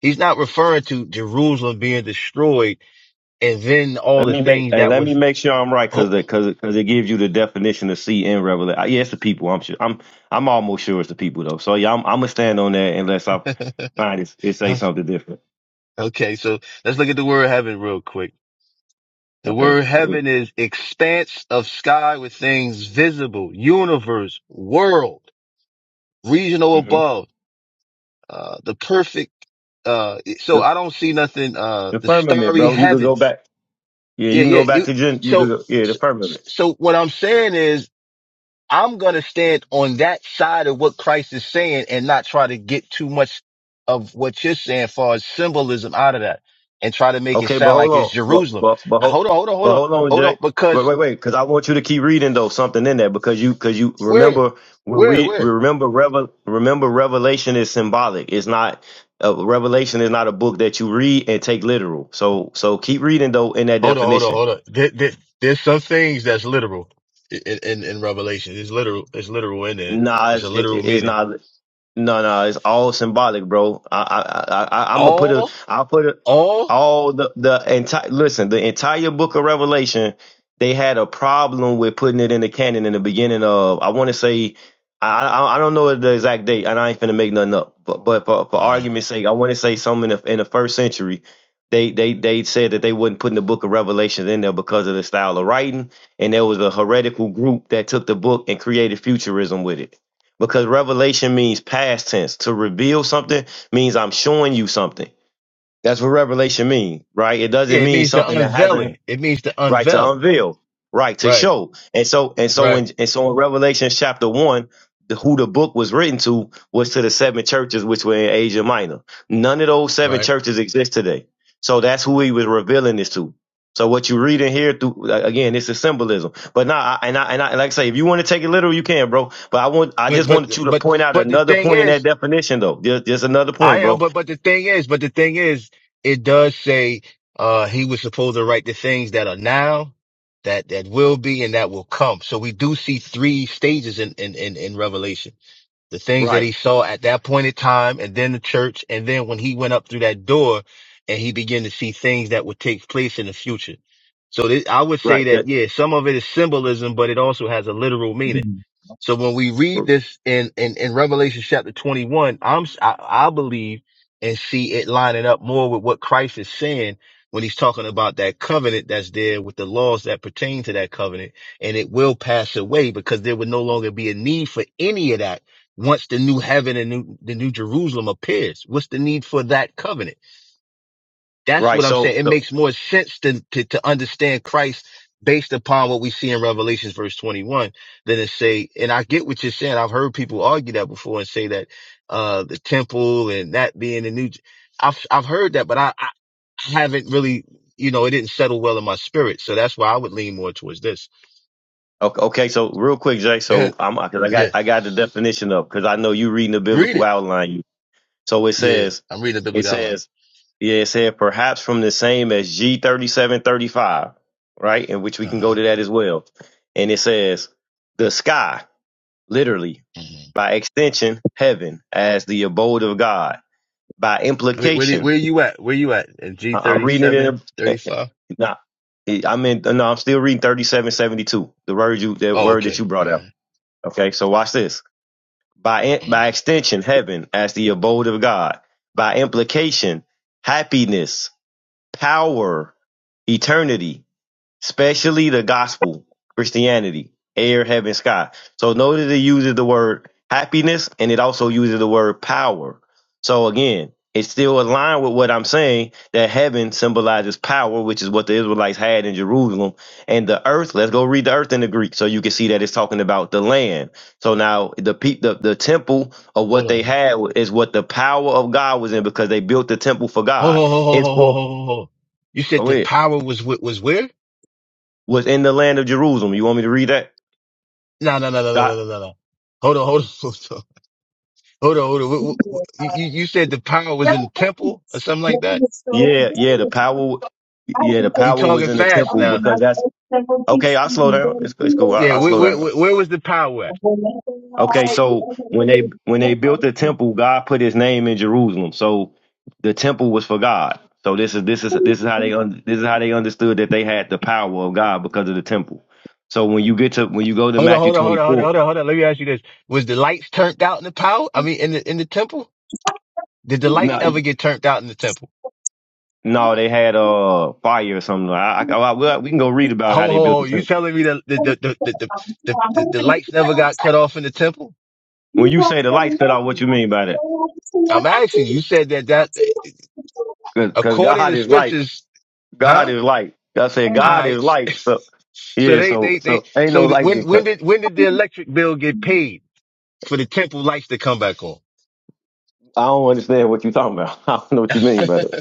S2: He's not referring to Jerusalem being destroyed and then all
S4: Let
S2: the
S4: me make
S2: things
S4: hey,
S2: that
S4: let me
S2: was
S4: make sure I'm right because because because it gives you the definition of sea in Revelation. Yeah, it's the people. I'm sure. I'm I'm almost sure it's the people though. So yeah, I'm I'm gonna stand on that unless I find it's it say something different.
S2: okay, so let's look at the word heaven real quick. The
S4: Okay.
S2: word heaven is expanse of sky with things visible, universe, world, regional
S4: hmm
S2: above, uh, the perfect, uh, so
S4: The,
S2: I don't see nothing, uh,
S4: the
S2: the
S4: firmament,
S2: starry
S4: bro. You could go
S2: heavens.
S4: back. Yeah,
S2: Yeah,
S4: you can
S2: yeah.
S4: go back
S2: you-
S4: to Gen. You could
S2: So,
S4: go, yeah, the
S2: so,
S4: firmament.
S2: so what I'm saying is I'm going to stand on that side of what Christ is saying and not try to get too much of what you're saying far as symbolism out of that and try to make it
S4: Okay, but
S2: sound
S4: hold
S2: like it's
S4: on. But
S2: Jerusalem.
S4: but but
S2: Uh,
S4: hold
S2: Hold on, hold on, hold
S4: but
S2: on,
S4: hold on,
S2: hold on,
S4: Jay. Wait
S2: because
S4: wait wait, because I want you to keep reading though something in there because you because you
S2: where,
S4: remember we
S2: where,
S4: read
S2: where?
S4: remember revel remember Revelation is symbolic. It's not uh, Revelation is not a book that you read and take literal. So so keep reading though in that
S2: Hold on, hold on,
S4: definition.
S2: hold on. There, there- there's some things that's literal in, in, in Revelation. It's literal, it's literal in there.
S4: Nah,
S2: It's a
S4: it's, it,
S2: literal
S4: it's
S2: meaning.
S4: not No, no, it's all symbolic, bro. I, I, I, I I'm gonna put a,
S2: All,
S4: I'll put a,
S2: all,
S4: all the the entire. Listen, the entire book of Revelation, they had a problem with putting it in the canon in the beginning of. I want to say, I, I, I don't know the exact date, and I ain't finna make nothing up. But, but for for
S2: uh,
S4: argument's sake, I want to say something in the, in the first century. They, they they said that they wouldn't put the book of Revelations in there because of the style of writing, and there was a heretical group that took the book and created futurism with it because revelation means past tense. To reveal something means I'm showing you something. That's what revelation means, right? It
S2: yeah,
S4: doesn't
S2: it
S4: mean
S2: means the
S4: something that hasn't
S2: unveiling. It means to
S4: right to
S2: unveil.
S4: unveil, right to
S2: Right,
S4: show. And so and so
S2: right,
S4: in and so in Revelation chapter one, the, who the book was written to was to the seven churches which were in Asia Minor. None of those seven
S2: right.
S4: churches exist today. So that's who he was revealing this to. So what you read in here through again, this is symbolism. But now, I, and I and I and like I say, if you want to take it literal, you can, bro. But I want I
S2: But
S4: just
S2: but
S4: wanted you to
S2: but
S4: point out
S2: but the
S4: another
S2: thing
S4: point in that
S2: is,
S4: definition, though. There's, there's another
S2: I
S4: point,
S2: am.
S4: bro.
S2: But but the thing is, but the thing is, it does say uh he was supposed to write the things that are now, that that will be, and that will come. So we do see three stages in in in, in Revelation the things that
S4: Right,
S2: he saw at that point in time and then the church. And then when he went up through that door and he began to see things that would take place in the future. So this, I would say
S4: right,
S2: that,
S4: that,
S2: yeah, some of it is symbolism, but it also has a literal meaning. So when we read this in, in, in Revelation chapter 21, I'm, s- I, I believe and see it lining up more with what Christ is saying when he's talking about that covenant that's there with the laws that pertain to that covenant and it will pass away because there would no longer be a need for any of that once the new heaven and new, the new Jerusalem appears? What's the need for that covenant? That's
S4: right.
S2: what I'm
S4: So
S2: saying. It
S4: so
S2: makes more sense to, to, to understand Christ based upon what we see in Revelations verse 21 than to say, and I get what you're saying. I've heard people argue that before and say that, uh, the temple and that being the new, I've, I've heard that, but I, I haven't really, you know, it didn't settle well in my spirit. So that's why I would lean more towards this.
S4: Okay, okay. So real quick, Jay.
S2: Go
S4: So
S2: ahead.
S4: I'm because I got
S2: Yeah.
S4: I got the definition up because I know you reading the
S2: Read
S4: biblical
S2: it.
S4: outline. You so it
S2: Yeah.
S4: says
S2: I'm reading the
S4: it
S2: biblical outline.
S4: says yeah it said perhaps from the same as G thirty seven thirty five right in which we can go
S2: Uh
S4: to that as well, and it says the sky literally
S2: huh.
S4: by extension heaven as the abode of God by
S2: Where, where, did-
S4: implication.
S2: where you at? Where you at? At g
S4: I- I'm
S2: thirty
S4: reading it in
S2: seven
S4: a, eh,
S2: thirty five?
S4: nah, I'm in no I'm still reading thirty seven seventy two the word you the
S2: Oh,
S4: word that
S2: okay.
S4: you brought
S2: Go
S4: up.
S2: ahead.
S4: Okay, so watch this. by by
S2: Mhm.
S4: extension heaven as the abode of God by implication happiness power eternity especially the gospel, Christianity, air, heaven, sky. So notice it uses the word happiness and it also uses the word power. So again, it's still aligned with what I'm saying that heaven symbolizes power, which is what the Israelites had in Jerusalem, and the earth. Let's go read the earth in the Greek so you can see that it's talking about the land. So now the pe- the, the temple of
S2: Hold
S4: what they
S2: on.
S4: had is what the power of God was in because they built the temple for
S2: Ho,
S4: God.
S2: ho, ho, ho,
S4: It's
S2: ho, ho, ho,
S4: for
S2: ho. ho. You said
S4: go
S2: the
S4: ahead.
S2: power was, wh- was where?
S4: was in the land of Jerusalem. You want me to read that?
S2: No, no, no, no, no,
S4: I,
S2: no, no, no. no. Hold on, hold on, hold on. Hold on, hold on. Wh- wh- wh- You, you you said the power was in the temple or something like that?
S4: yeah, yeah, the
S1: y-
S4: power, yeah, the
S2: You
S4: power was
S2: talking
S4: in the
S2: fast
S4: temple
S2: now.
S4: because that's okay. I'll slow down. It's, it's cool. I,
S2: Yeah,
S4: I'll
S2: where,
S4: slow
S2: where,
S4: down.
S2: where where was the power at?
S4: Okay, so when they when they built the temple, God put His name in Jerusalem. So the temple was for God. So this is this is this is how they un, this is how they understood that they had the power of God because of the temple. So when you get to when you go to
S2: Hold on,
S4: Matthew
S2: hold on, hold
S4: twenty
S2: on, hold on,
S4: four,
S2: hold on, hold on. Let me ask you this. Was the lights turned out in the power? I mean, in the, in the temple? Did the lights ever
S4: no,
S2: get turned out in the temple?
S1: No,
S4: no, they had uh, fire or something. I, I, I, we can go read about
S2: Ho
S4: how
S2: ho
S4: they built
S2: ho!
S4: the
S2: You
S4: temple.
S2: telling me that the the the the, the, the, the, the lights never got cut off in the temple?
S4: When you say the lights cut out, what you mean by that?
S2: I'm asking you. You said that that
S4: Cause,
S2: according
S4: God
S2: to
S4: is light.
S2: scriptures,
S4: God
S2: huh?
S4: is light. I said
S2: All
S4: God is
S2: right.
S4: light. So
S2: So
S4: yeah,
S2: they
S4: so
S2: they they.
S4: so ain't no
S2: So th-
S4: light to
S2: when
S4: get
S2: when
S4: cut.
S2: did when did the electric bill get paid for the temple lights to come back on?
S4: I don't understand what you talking about. I don't know what you mean by that.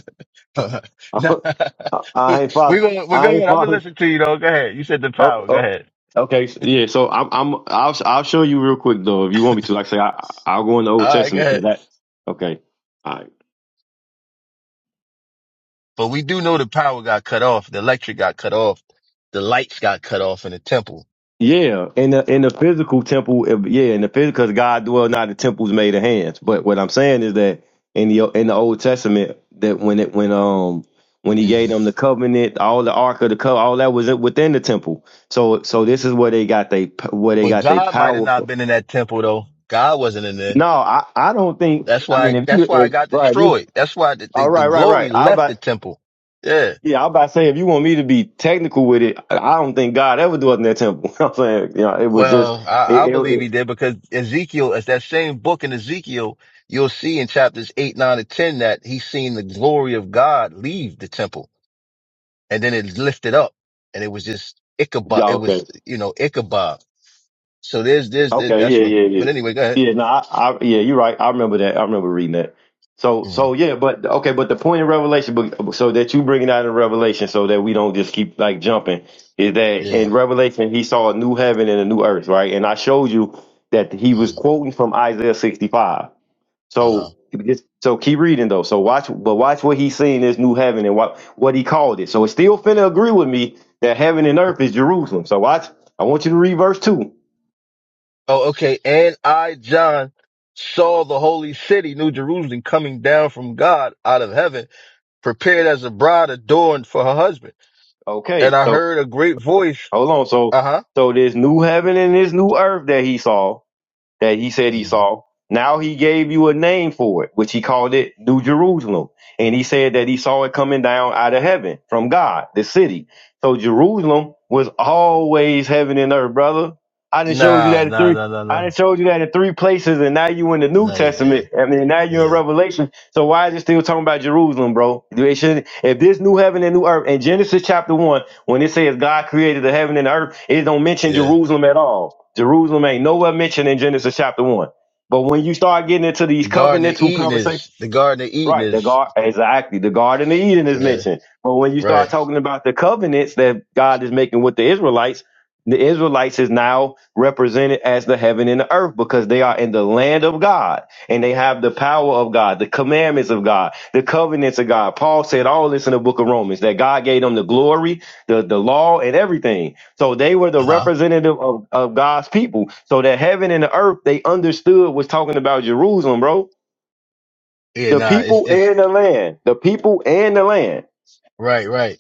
S2: nah,
S4: I, I ain't
S2: we're
S4: follow.
S2: going. We're
S4: I ain't
S2: going. I'm gonna
S4: follow.
S2: listen to you though. Go ahead. You said the
S4: Oh,
S2: power. Go
S4: oh.
S2: ahead.
S4: Okay, so, yeah. So I'm, I'm, I'll, I'll show you real quick though, if you want me to. Like I say, I, I'll go in the Old
S2: All right. Go
S4: Testament because
S2: ahead.
S4: that. Okay, All right.
S2: But we do know the power got cut off. The electric got cut off. The lights got cut off in the temple.
S4: Yeah, in the in the physical temple, if- yeah, in the physical, because God dwell not in temples made of hands. But what I'm saying is that in the in the Old Testament, that when it when um when He
S2: Mm-hmm.
S4: gave them the covenant, all the Ark of the Covenant, all that was within the temple. So so this is where they got they where they
S2: But
S4: got they
S2: God might have
S4: power
S2: not
S4: from.
S2: been in that temple though. God wasn't in there.
S4: No, I I don't think.
S2: That's
S4: I mean,
S2: why.
S4: if you
S2: That's why I
S4: if,
S2: got
S4: right, you
S2: destroyed. That's why the, the,
S4: all
S2: the
S4: right, right,
S2: glory
S4: right. I
S2: left the
S4: about
S2: temple. Yeah.
S4: yeah, I about to say if you want me to be technical with it, I I don't think God ever dwelt in that temple. You know what I'm saying, you know, it was just
S2: Well, I, I
S4: it, it,
S2: believe he
S4: it
S2: did because Ezekiel, as that same book in Ezekiel, you'll see in chapters eight, nine, and ten that he's seen the glory of God leave the temple, and then it lifted up, and it was just Ichabod.
S4: yeah,
S2: It
S4: okay.
S2: was you know Ichabod. So there's there's
S4: Okay,
S2: that's
S4: yeah,
S2: what. I'm,
S4: yeah,
S2: but
S4: yeah,
S2: anyway, go ahead.
S4: yeah. No, I, I, yeah, you're right. I remember that. I remember reading that. So,
S2: Mhm.
S4: so yeah, but okay, but the point in Revelation, but so that you bring it out in Revelation, so that we don't just keep like jumping, is that
S2: Yeah.
S4: in Revelation he saw a new heaven and a new earth, right? And I showed you that he was quoting from Isaiah 65.
S2: Uh
S4: So,
S2: huh.
S4: just- so keep reading though. So watch, but watch what he's seeing this new heaven and what what he called it. So it's still finna agree with me that heaven and earth is Jerusalem. So watch. I want you to read verse two.
S2: Oh, okay. And I, John, saw the holy city, New Jerusalem, coming down from God out of heaven, prepared as a bride adorned for her husband.
S4: Okay,
S2: And I
S4: so
S2: heard a great voice.
S4: Hold on. So
S2: Uh huh.
S4: so this new heaven and this new earth that he saw, that he said he
S2: hmm
S4: saw, now he gave you a name for it, which he called it New Jerusalem. And he said that he saw it coming down out of heaven from God, the city. So Jerusalem was always heaven and earth, brother. I done showed you
S2: Nah,
S4: that in
S2: nah,
S4: three
S2: nah, nah,
S4: I
S2: nah.
S4: done showed you that in three places and now you in the New
S2: Nah, you
S4: Testament.
S2: did.
S4: I mean now you in
S2: Yeah,
S4: Revelation. So why is it still talking about Jerusalem, bro? They shouldn't if this new heaven and new earth in Genesis chapter one when it says God created the heaven and the earth, it don't mention
S2: yeah.
S4: Jerusalem at all. Jerusalem ain't nowhere mentioned in Genesis chapter one. But when you start getting into
S2: The
S4: these
S2: Garden of
S4: covenantal
S2: Eden
S4: conversations,
S2: is, the Garden of Eden
S4: Right, the
S2: is,
S4: gar exactly the Garden of Eden is
S2: yeah,
S4: mentioned, but when you
S2: right.
S4: start talking about the covenants that God is making with the Israelites, the Israelites is now represented as the heaven and the earth because they are in the land of God and they have the power of God, the commandments of God, the covenants of God. Paul said all this in the book of Romans that God gave them the glory, the, the law, and everything. So they were the
S2: Uh huh.
S4: representative of, of God's people. So that heaven and the earth they understood was talking about Jerusalem, bro.
S2: Yeah,
S4: The
S2: nah, it's,
S4: people
S2: it's,
S4: and the land. The people and the land.
S2: right, right.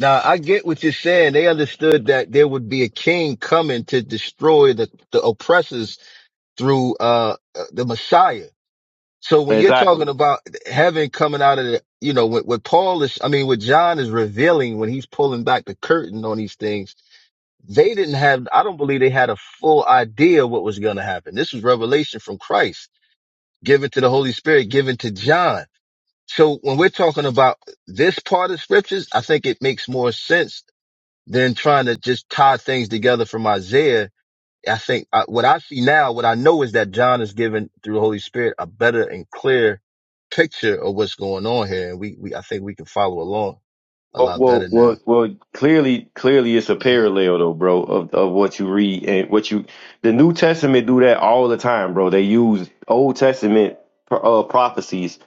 S2: Now I get what you're saying. They understood that there would be a king coming to destroy the, the oppressors through uh uh, the Messiah. So when you're
S4: Exactly.
S2: talking about heaven coming out of the, you know, what, what Paul is, I mean, what John is revealing when he's pulling back the curtain on these things, they didn't have, I don't believe they had a full idea what was going to happen. This was revelation from Christ given to the Holy Spirit, given to John. So when we're talking about this part of scriptures, I think it makes more sense than trying to just tie things together from Isaiah I think I, what I see now, what I know is that John is given through the Holy Spirit a better and clear picture of what's going on here, and we, we I think we can follow along a
S4: Well,
S2: lot
S4: well,
S2: better now.
S4: well, well. Clearly, clearly, it's a
S2: Mhm,
S4: parallel, though, bro, of of what you read and what you. The New Testament do that all the time, bro. They use Old Testament uh, prophecies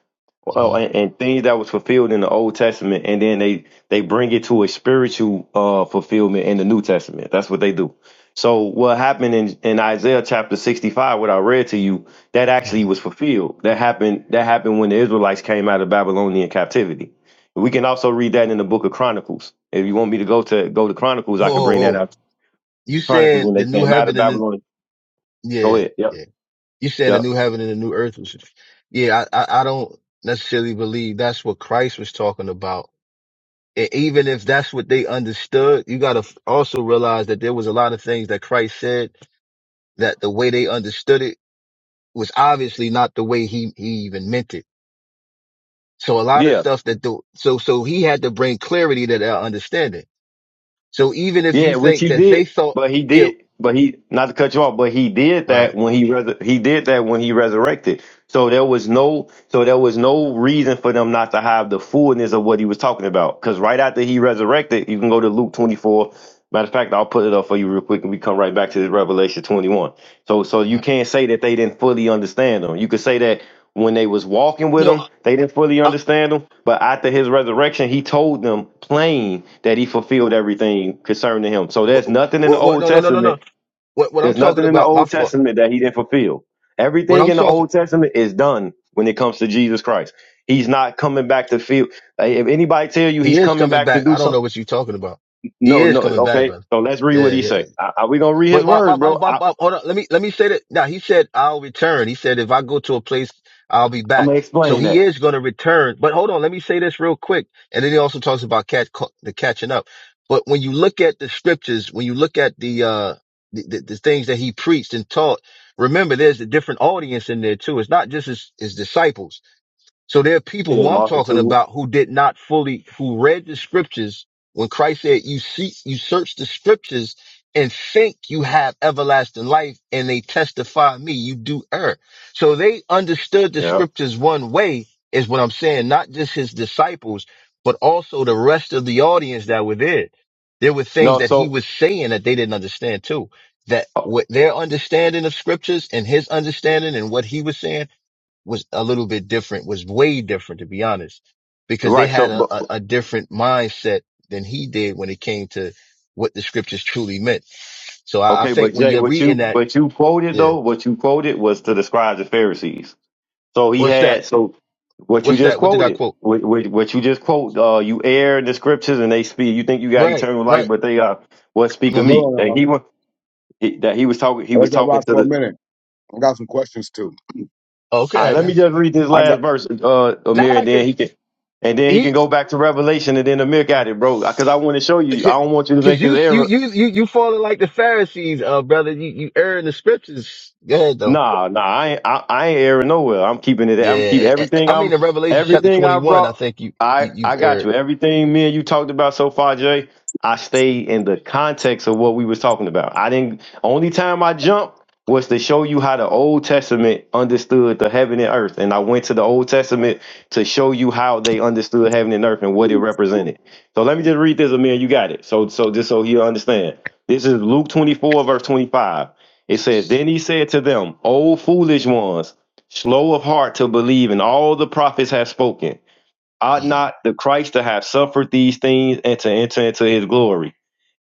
S4: uh,
S2: mhm,
S4: and, and things that was fulfilled in the Old Testament, and then they they bring it to a spiritual uh fulfillment in the New Testament. That's what they do. So what happened in in Isaiah chapter sixty five, what I read to you, that
S2: mhm.
S4: actually was fulfilled. That happened. That happened when the Israelites came out of Babylonian captivity. We can also read that in the book of Chronicles. If you want me to go to go to Chronicles, I could
S2: Oh, oh,
S4: bring that
S2: oh.
S4: up.
S2: you
S4: Chronicles
S2: saying
S4: when they
S2: the new
S4: came out of
S2: heaven and the
S4: Babylon. Go
S2: yeah,
S4: ahead. Yep.
S2: yeah. You saying the
S4: Yep.
S2: new heaven and the new earth was yeah. I, I I don't necessarily believe that's what Christ was talking about. And even if that's what they understood, you got to also realize that there was a lot of things that Christ said that the way they understood it was obviously not the way he, he even meant it. So a lot of
S4: Yeah.
S2: stuff that the, so, so he had to bring clarity to their understanding. So even if you
S4: Yeah, which
S2: think
S4: he
S2: that they
S4: did.
S2: thought,
S4: But he
S2: yeah,
S4: did but he not to cut you off, but he did
S2: right.
S4: that when he res- he did that when he resurrected. So there was no so there was no reason for them not to have the fullness of what he was talking about. Because right after he resurrected, you can go to Luke 24. Matter of fact, I'll put it up for you real quick and we come right back to the Revelation 21. So so you
S2: right.
S4: can't say that they didn't fully understand him. You could say that when they was walking with
S2: No,
S4: him, they didn't fully
S2: I,
S4: understand him. But after his resurrection, he told them plain that he
S2: I,
S4: fulfilled everything concerning him. So
S2: what,
S4: there's nothing in the
S2: what, what,
S4: Old
S2: no, no, no, no,
S4: Testament
S2: no. What, what I'm
S4: there's
S2: talking
S4: nothing in the
S2: about, my
S4: Old
S2: fault.
S4: Testament that he didn't fulfill.
S2: What
S4: Everything
S2: I'm
S4: in the
S2: talking,
S4: Old Testament is done when it comes to Jesus Christ. He's not coming back to feel. like, if anybody tell you
S2: he
S4: he's
S2: is
S4: coming
S2: coming
S4: back to
S2: back.
S4: do
S2: I don't know
S4: something,
S2: what you're talking about. He
S4: no,
S2: is
S4: no.
S2: coming back,
S4: Okay,
S2: brother.
S4: so let's read what
S2: Yeah,
S4: he
S2: yeah.
S4: say. I, I, we gonna read his
S2: But my, my,
S4: words,
S2: my,
S4: bro.
S2: my,
S4: I,
S2: my- hold on. Let me, let me say that. Now he said, I'll return. He said, if I go to a place, I'll be
S4: I'm
S2: back.
S4: gonna
S2: So
S4: explain
S2: he
S4: that.
S2: is going to return. But hold on. Let me say this real quick. And then he also talks about catch, ca- the catching up. But when you look at the scriptures, when you look at the, uh, the, the, the things that he preached and taught, remember there's a different audience in there too. It's not just his, his disciples. So there are people who
S4: Yeah,
S2: I'm talking
S4: multitude.
S2: about who did not fully, who read the scriptures when Christ said, you seek, you search the scriptures and think you have everlasting life and they testify me. You do err. So they understood the
S4: Yeah.
S2: scriptures one way is what I'm saying. Not just his disciples, but also the rest of the audience that were there. There were things
S4: No,
S2: that he
S4: so
S2: was saying that they didn't understand too. That
S4: oh,
S2: what their understanding of scriptures and his understanding and what he was saying was a little bit different, was way different to be honest, because they
S4: right. So,
S2: had a,
S4: but,
S2: a,
S4: but-
S2: a different mindset than he did when it came to what the scriptures truly meant. So I, I
S4: okay,
S2: think
S4: but
S2: when
S4: Jay,
S2: you're
S4: what
S2: reading
S4: you
S2: that,
S4: what you quoted
S2: yeah,
S4: though, what you quoted was to the scribes and Pharisees. So he
S2: what's that?
S4: had so what you
S2: What's
S4: just
S2: that? What did I
S4: quoted,
S2: quote?
S4: what, what, what you just quote, uh, you air the scriptures and they speak. You think you got
S2: Right,
S4: eternal life,
S2: right.
S4: but they are what speak of
S2: hmm
S4: me.
S1: no,
S4: That
S1: no.
S4: he wa- he- that he was talking, he
S1: I
S4: was
S1: let that
S4: talking
S1: rock
S4: to
S1: for a
S4: the.
S1: minute. I got some questions too.
S4: All
S2: Okay,
S4: right,
S2: I
S4: let me
S2: guess.
S4: just read this
S1: I got
S4: last verse, uh, Amir,
S2: Nah,
S4: and then
S2: cause
S4: he can, and then he can
S2: he,
S4: go back to Revelation, and then Amir got it, bro. Because I want to show you. I
S2: cause
S4: don't want you to
S2: 'cause
S4: make this
S2: you, you,
S4: error
S2: you, you, you falling like the Pharisees, uh, brother. You, you err in the scriptures. Go ahead though.
S4: Nah, nah, I ain't, I, I ain't airing nowhere. I'm keeping it. I'm keep
S2: Yeah, I
S4: everything.
S2: I- I mean
S4: I'm
S2: in Revelation chapter
S4: everything I
S2: 21, I
S4: brought.
S2: think you,
S4: I
S2: you you've
S4: I got
S2: erred.
S4: you. Everything me and you talked about so far, Jay. I stay in the context of what we was talking about. I didn't. Only time I jumped was to show you how the Old Testament understood the heaven and earth, and I went to the Old Testament to show you how they understood heaven and earth and what it represented. So let me just read this, and me and you got it. So so just so you understand, this is Luke twenty four verse twenty five. It says, Then he said to them, O foolish ones, slow of heart to believe in all the prophets have spoken. Ought not the Christ to have suffered these things and to enter into his glory?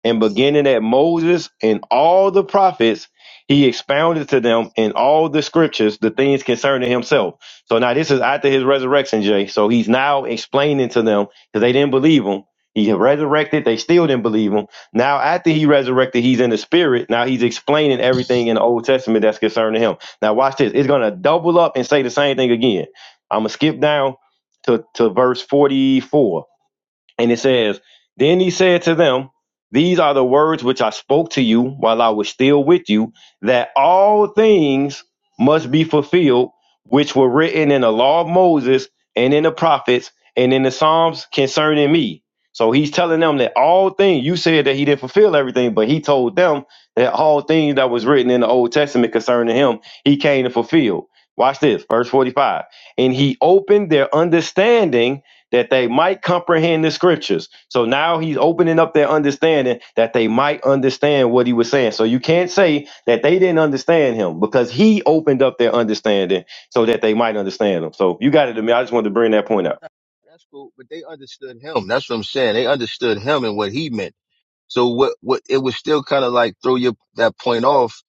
S4: and beginning at Moses and all the prophets, he expounded to them in all the scriptures the things concerning himself. So now this is after his resurrection, Jay. So he's now explaining to them because they didn't believe him. He resurrected, they still didn't believe him. Now, after he resurrected, he's in the spirit. Now he's explaining everything in the Old Testament that's concerning him. Now, watch this. It's gonna double up and say the same thing again. I'm gonna skip down to, to verse 44. And it says, Then he said to them, These are the words which I spoke to you while I was still with you, that all things must be fulfilled, which were written in the law of Moses and in the prophets and in the Psalms concerning me. So he's telling them that all things, you said that he didn't fulfill everything, but he told them that all things that was written in the Old Testament concerning him, he came to fulfill. Watch this, verse 45. And he opened their understanding that they might comprehend the scriptures. So now he's opening up their understanding that they might understand what he was saying. So you can't say that they didn't understand him because he opened up their understanding so that they might understand him. So you got it to me. I just wanted to bring that point out.
S2: That's cool, but they understood him. That's what I'm saying. They understood him and what he meant. So what, what, it was still kind of like throw your, that point off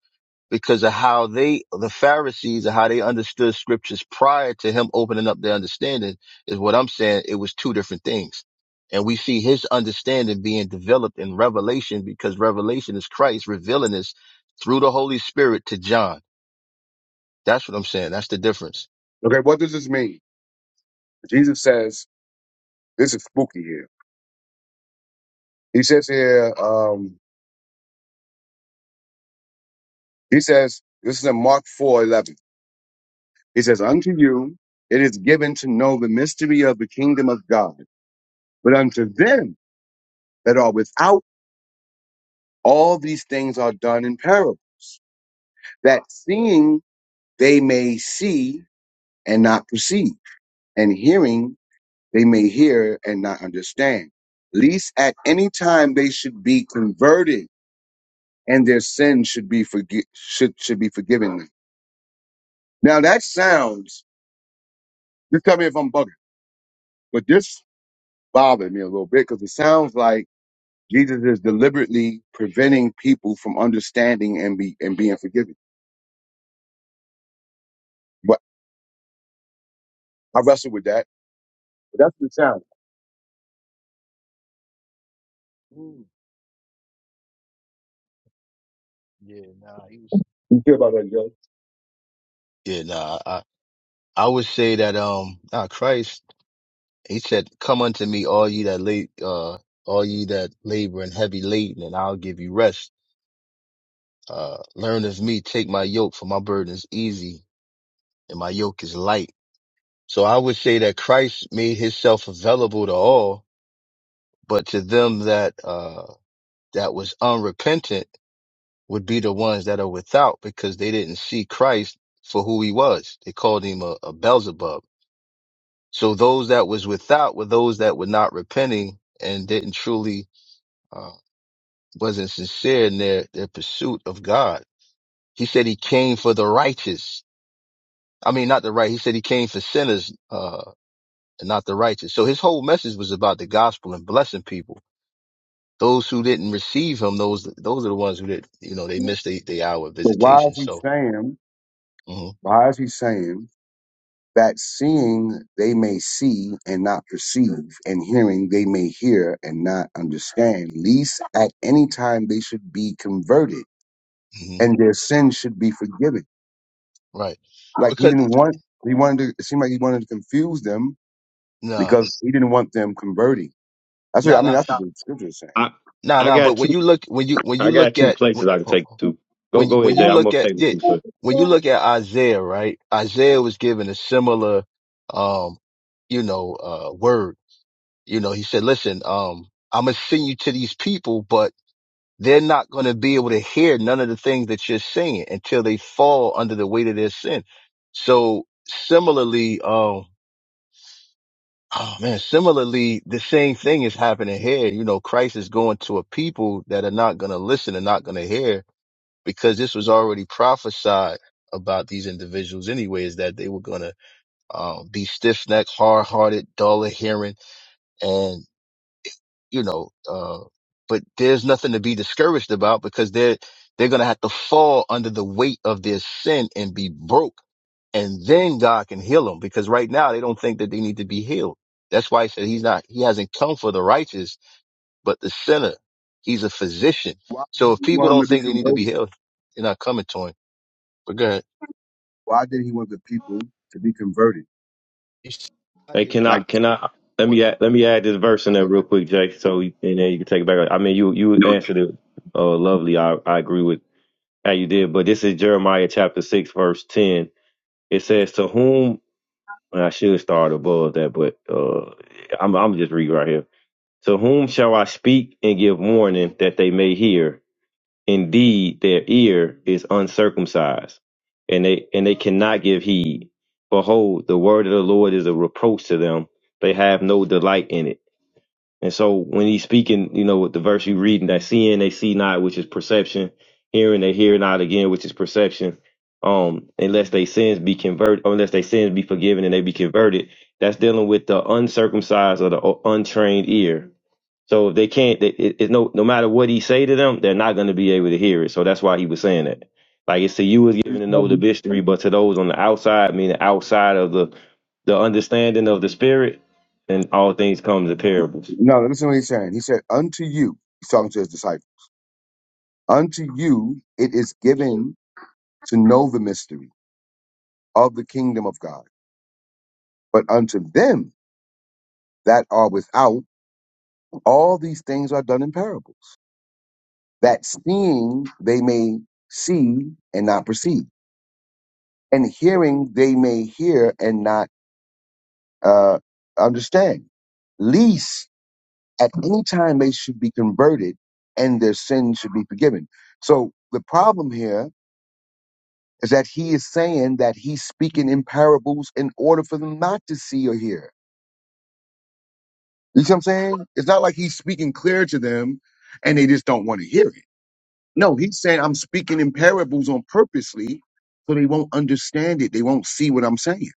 S2: because of how they, the Pharisees and how they understood scriptures prior to him opening up their understanding is what I'm saying. It was two different things. And we see his understanding being developed in revelation because revelation is Christ revealing this through the Holy Spirit to John. That's what I'm saying. That's the difference.
S1: okay. What does this mean? Jesus says this is spooky here. He says here, um, he says this is in Mark four eleven. He says, "Unto you it is given to know the mystery of the kingdom of God, but unto them that are without." All these things are done in parable, that seeing they may see and not perceive, and hearing they may hear and not understand. Least at any time they should be converted, and their sins should be forgi- should should be forgiven them. Now that sounds. Just tell me if I'm bugging, but this bothered me a little bit because it sounds like Jesus is deliberately preventing people from understanding and be and being forgiven. But I wrestle with that. But that's the sound.
S2: Mm. Yeah, nah, he was
S1: You feel about that, Joe?
S2: Yeah, nah, I would say that um ah, Christ he said come unto me all ye that la- uh all ye that labor and heavy laden and I'll give you rest uh learn of me take my yoke for my burden is easy and my yoke is light so I would say that Christ made himself available to all but to them that uh that was unrepentant would be the ones that are without because they didn't see Christ for who he was they called him a, a Beelzebub So those that was without were those that were not repenting and didn't truly, uh, wasn't sincere in their, their pursuit of God. He said he came for the righteous. I mean, not the right. He said he came for sinners, uh, and not the righteous. So his whole message was about the gospel and blessing people. Those who didn't receive him, those, those are the ones who did, you know, they
S1: So
S2: missed the, the hour of
S1: why
S2: visitation.
S1: is he
S2: So,
S1: saying?
S2: hmm
S1: Why is he saying that seeing they may see and not perceive, and hearing they may hear and not understand, least at any time they should be converted
S2: hmm
S1: and their sins should be forgiven.
S2: right.
S1: Like he
S2: Because,
S1: didn't want, he wanted to. It seemed like he wanted to confuse them
S2: nah,
S1: because he didn't want them converting. That's what
S2: nah,
S1: I mean.
S2: nah,
S1: That's what the scripture is
S4: I,
S2: nah,
S4: I
S2: nah. But
S4: got
S2: when
S4: two
S2: you look, when you, when you
S4: I got
S2: look
S4: two
S2: at,
S4: places I can take you to. Go
S2: when you,
S4: go
S2: when
S4: ahead, Jay.
S2: you
S1: saying.
S4: I'm
S2: look
S4: gonna
S2: at
S4: take you
S2: it,
S4: first.
S2: when you look at Isaiah, right? Isaiah was given a similar, um, you know, uh, word. You know, he said, listen, um, I'm going to send you to these people, but they're not going to be able to hear none of the things that you're saying until they fall under the weight of their sin. So similarly, um, oh man, similarly, the same thing is happening here. You know, Christ is going to a people that are not going to listen and not going to hear because this was already prophesied about these individuals anyways that they were going to um, be stiff-necked hard-hearted dull of hearing and you know uh, but there's nothing to be discouraged about because they're they're going to have to fall under the weight of their sin and be broke and then god can heal them because right now they don't think that they need to be healed that's why he said he's not he hasn't come for the righteous but the sinner he's a physician
S1: Why
S2: so
S1: did
S2: if
S1: he
S2: people
S1: want them
S2: don't
S1: to be
S2: think they need to be
S1: converted?
S2: healed they're not coming to him but go ahead
S1: Why did he want the people to be converted?
S2: it's not
S4: Hey,
S2: that he
S4: can I
S1: Like
S2: want
S4: can I let
S2: want
S4: me add, let me add this verse
S2: go
S4: in there
S2: ahead
S4: real
S2: girl
S4: quick, Jay. So you- and then you can take it back. I mean, you you answered it uh, lovely. I I agree with how you did, but this is Jeremiah chapter six, verse ten. It says, "To whom and I should start above that, but uh, I'm I'm just reading right here. To whom shall I speak and give warning that they may hear? Indeed, their ear is uncircumcised, and they and they cannot give heed. Behold, the word of the Lord is a reproach to them; they have no delight in it." And so when he's speaking, you know, with the verse you're reading, that seeing they see not, which is perception, hearing they hear not again, which is perception. Um, unless they sins be converted, unless they sins be forgiven and they be converted, that's dealing with the uncircumcised or the u- untrained ear. So if they can't, they, it, it, no, no matter what he say to them, they're not going to be able to hear it. So that's why he was saying that. Like it's to you is given to know the mystery, but to those on the outside, meaning outside of the the understanding of the spirit, and all things come to parables.
S1: No, listen to what he's saying. He said, Unto you, he's talking to his disciples, unto you it is given to know the mystery of the kingdom of God. But unto them that are without, all these things are done in parables, that seeing they may see and not perceive, and hearing they may hear and not uh, understand. Least at any time they should be converted and their sins should be forgiven. So the problem here is that he is saying that he's speaking in parables in order for them not to see or hear. You see what I'm saying? It's not like he's speaking clear to them and they just don't want to hear it. No, he's saying I'm speaking in parables on purposely so they won't understand it. They won't see what I'm saying.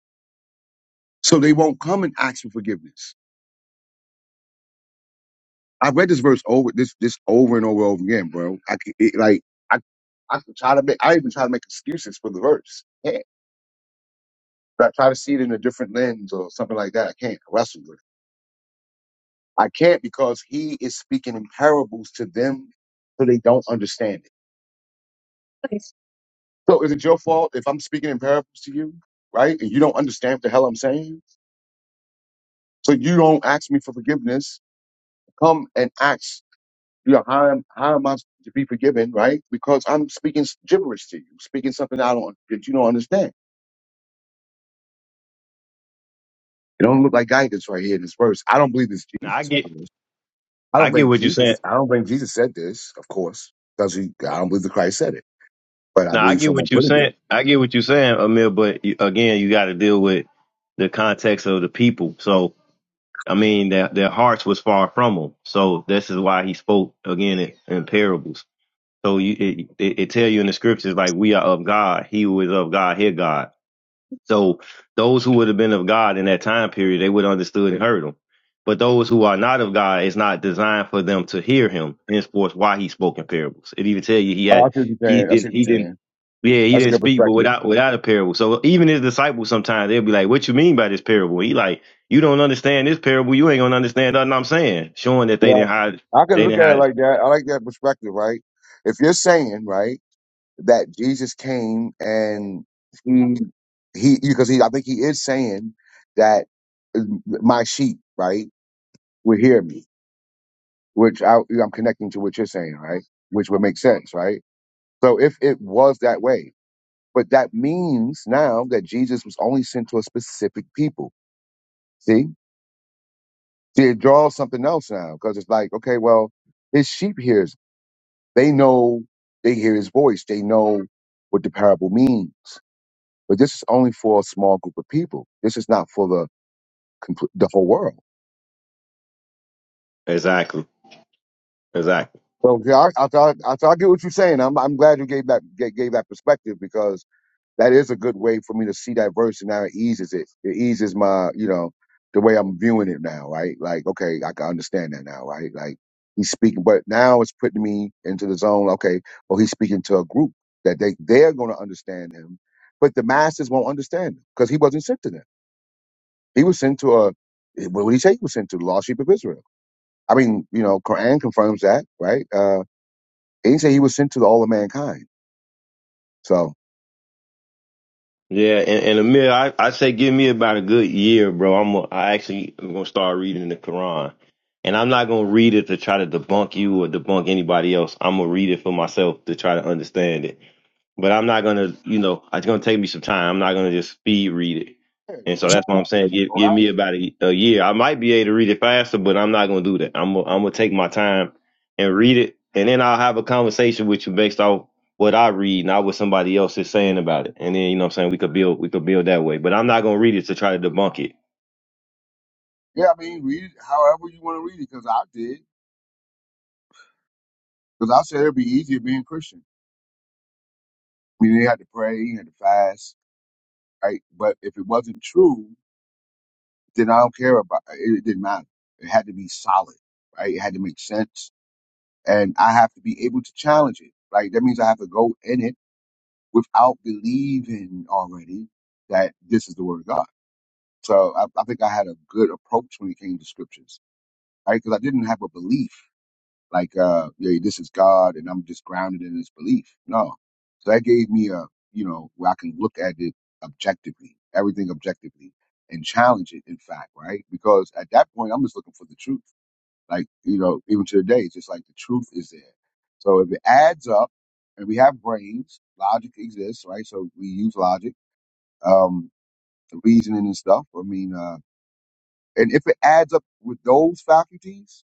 S1: So they won't come and ask for forgiveness. I've read this verse over this this over and over over again, bro. I c- it, like I I could try to make I even try to make excuses for the verse. I can't. But I try to see it in a different lens or something like that. I can't I wrestle with it. I can't because he is speaking in parables to them so they don't understand it. Nice. So is it your fault if I'm speaking in parables to you, right? And you don't understand what the hell I'm saying? So you don't ask me for forgiveness. Come and ask, you know, how am, how am I to be forgiven, right? Because I'm speaking gibberish to you, speaking something I don't, that you don't understand. It don't look like guidance right here in this verse. I don't believe it's
S4: Now I
S1: Jesus, of
S4: get,
S1: course. I
S4: I
S1: don't
S4: get
S1: think
S4: what you're saying.
S1: Jesus, I don't think Jesus said this, of course. because he, I don't believe the Christ said it, but I
S4: Now I
S1: believe
S4: get
S1: someone
S4: what you're
S1: put it there.
S4: saying. I get what you're saying, Amir. But you, again, you got to deal with the context of the people. So I mean, their their hearts was far from them. So this is why he spoke again in, in parables. So you, it, it, it tell you in the scriptures like we are of God. He who is of God, hear God. So those who would have been of God in that time period, they would have understood and heard him. But those who are not of God, it's not designed for them to hear him. Henceforth, why he spoke in parables. It even tell you he
S1: Oh, I
S4: had
S1: see what you're
S4: he
S1: saying. I see
S4: didn't he
S1: what you're
S4: didn't
S1: saying.
S4: yeah he
S1: That's a
S4: didn't
S1: good
S4: speak, but
S1: perspective.
S4: without without a parable. So even his disciples sometimes they'll be like, "What you mean by this parable?" He like, "You don't understand this parable. You ain't gonna understand nothing I'm saying." Showing that they
S1: Well,
S4: didn't hide
S1: I can
S4: they
S1: look
S4: didn't
S1: at it
S4: hide
S1: like that. I like that perspective, right? If you're saying, right, that Jesus came and he, he, because he, I think he is saying that uh, my sheep, right, will hear me, which I, I'm connecting to what you're saying, right? Which would make sense, right? So if it was that way, but that means now that Jesus was only sent to a specific people. See? See, it draws something else now because it's like, okay, well, his sheep hears. They know they hear his voice. They know what the parable means. But this is only for a small group of people. This is not for the complete, the whole world.
S4: exactly exactly.
S1: So yeah, I, I, I, I, I get what you're saying. I'm I'm glad you gave that gave, gave that perspective because that is a good way for me to see that verse and now it eases it. It eases my, you know, the way I'm viewing it now, right? Like, okay, I can understand that now, right? Like he's speaking, but now it's putting me into the zone, okay, well, he's speaking to a group that they, they're gonna understand him, but the masses won't understand him because he wasn't sent to them. He was sent to a what would he say he was sent to? The lost sheep of Israel. I mean, you know, Quran confirms that, right? Uh he didn't say he was sent to all of mankind. So
S4: Yeah, and, and Amir, I, I say give me about a good year, bro. I'm gonna- I actually am gonna start reading the Quran, and I'm not gonna read it to try to debunk you or debunk anybody else. I'm gonna read it for myself to try to understand it but I'm not gonna, you know, it's gonna take me some time. I'm not gonna just speed read it. And so that's
S1: yeah,
S4: what I'm saying. Give, give me about a, a year. I might be able to read it faster, but I'm not gonna do that. I'm gonna, I'm gonna take my time and read it, and then I'll have a conversation with you based off what I read, not what somebody else is saying about it. And then you know, what I'm saying we could build, we could build that way. But I'm not gonna read it to try to debunk it
S1: Yeah, I mean, read it however you want to read it, because I did. Because I said it'd be easier being Christian. I mean, you had to pray, you had to fast, right? But if it wasn't true, then I don't care about uh, it. It didn't matter. It had to be solid, right? It had to make sense. And I have to be able to challenge it. Like, that means I have to go in it without believing already that this is the word of God. So I, I think I had a good approach when it came to scriptures, right? Because I didn't have a belief. like uh yeah this is god and i'm just grounded in this belief no so that gave me a you know where i can look at it objectively everything objectively and challenge it in fact right because at that point i'm just looking for the truth like you know even to today it's just like the truth is there so if it adds up and we have brains logic exists right so we use logic um reasoning and stuff i mean uh and if it adds up with those faculties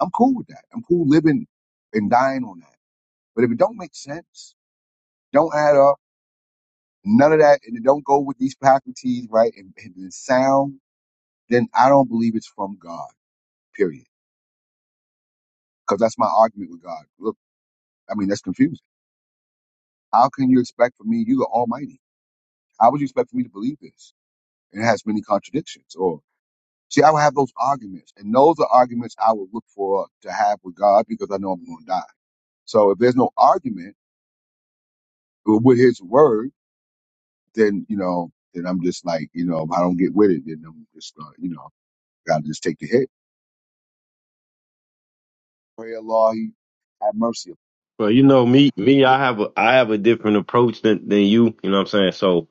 S1: i'm cool with that i'm cool living and dying on that but if it don't make sense, don't add up, none of that, and it don't go with these faculties, right, and, and it's sound, then I don't believe it's from God, period. Because that's my argument with God. Look, I mean, that's confusing. How can you expect from me, you the Almighty? How would you expect for me to believe this? And it has many contradictions. Or, see, I would have those arguments, and those are arguments I would look for to have with God because I know I'm going to die. So if there's no argument with His Word, then, you know, then I'm just like, you know, if I don't get with it, then I'm just, uh, you know, gotta just take the hit. Pray Allah, he have mercy
S4: Well, you know me, me, I have a, I have a different approach than, than you. You know what I'm saying? So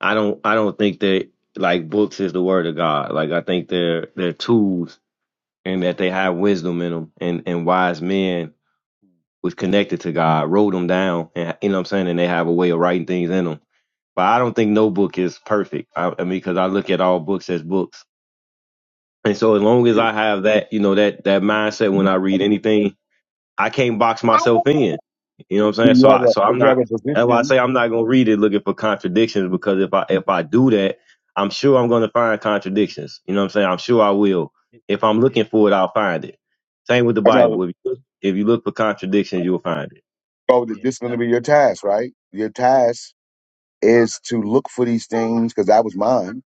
S4: I don't, I don't think that like books is the word of God. Like I think they're they're tools, and that they have wisdom in them, and and wise men was connected to God, wrote them down, and you know what I'm saying, and they have a way of writing things in them. But I don't think no book is perfect. I, I mean, because I look at all books as books, and so as long as
S1: upon you.
S4: I have that, you know, that that mindset when I read anything, I can't box
S1: Why
S4: myself in. You know what I'm saying? So
S1: you have
S4: I so
S1: a,
S4: I'm
S1: if you have
S4: not
S1: a
S4: that's why I
S1: position,
S4: say I'm not gonna read it looking for contradictions because if I if I do that, I'm sure I'm gonna find contradictions. You know what I'm saying? I'm sure I will.
S2: It-
S4: If I'm
S2: yeah
S4: looking for it, I'll find it. Same with the Bible. If you look, if you look for contradictions, you'll find it.
S1: oh, that
S2: yeah
S1: this is
S2: it's
S1: gonna be
S2: nothing
S1: your task, right? Your task is to look for these things because that was mine.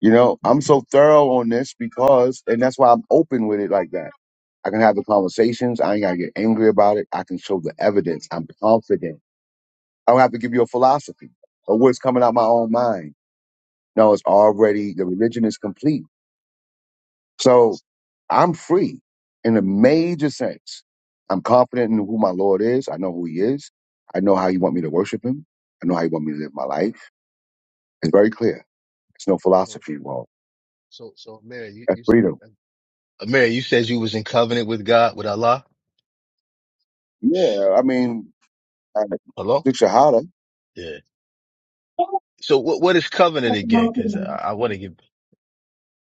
S1: You know, I'm so thorough on this because, and that's why I'm open with it like that. I can have the conversations. I ain't gotta get angry about it. I can show the evidence. I'm confident. I don't have to give you a philosophy or what's coming out my own mind. No, it's already the religion is complete So I'm free in a major sense. I'm confident in who my Lord is. I know who he is. I know how he want me to worship him. I know how he want me to live my life. It's very clear. It's no
S2: so
S1: philosophy involved.
S2: so so mary you, you
S1: That's freedom.
S2: uh, mary you said you was in covenant with god with allah
S1: Yeah, I mean, uh,
S2: hello
S1: Duke Shahada.
S2: yeah so what what is covenant again because i, I want to get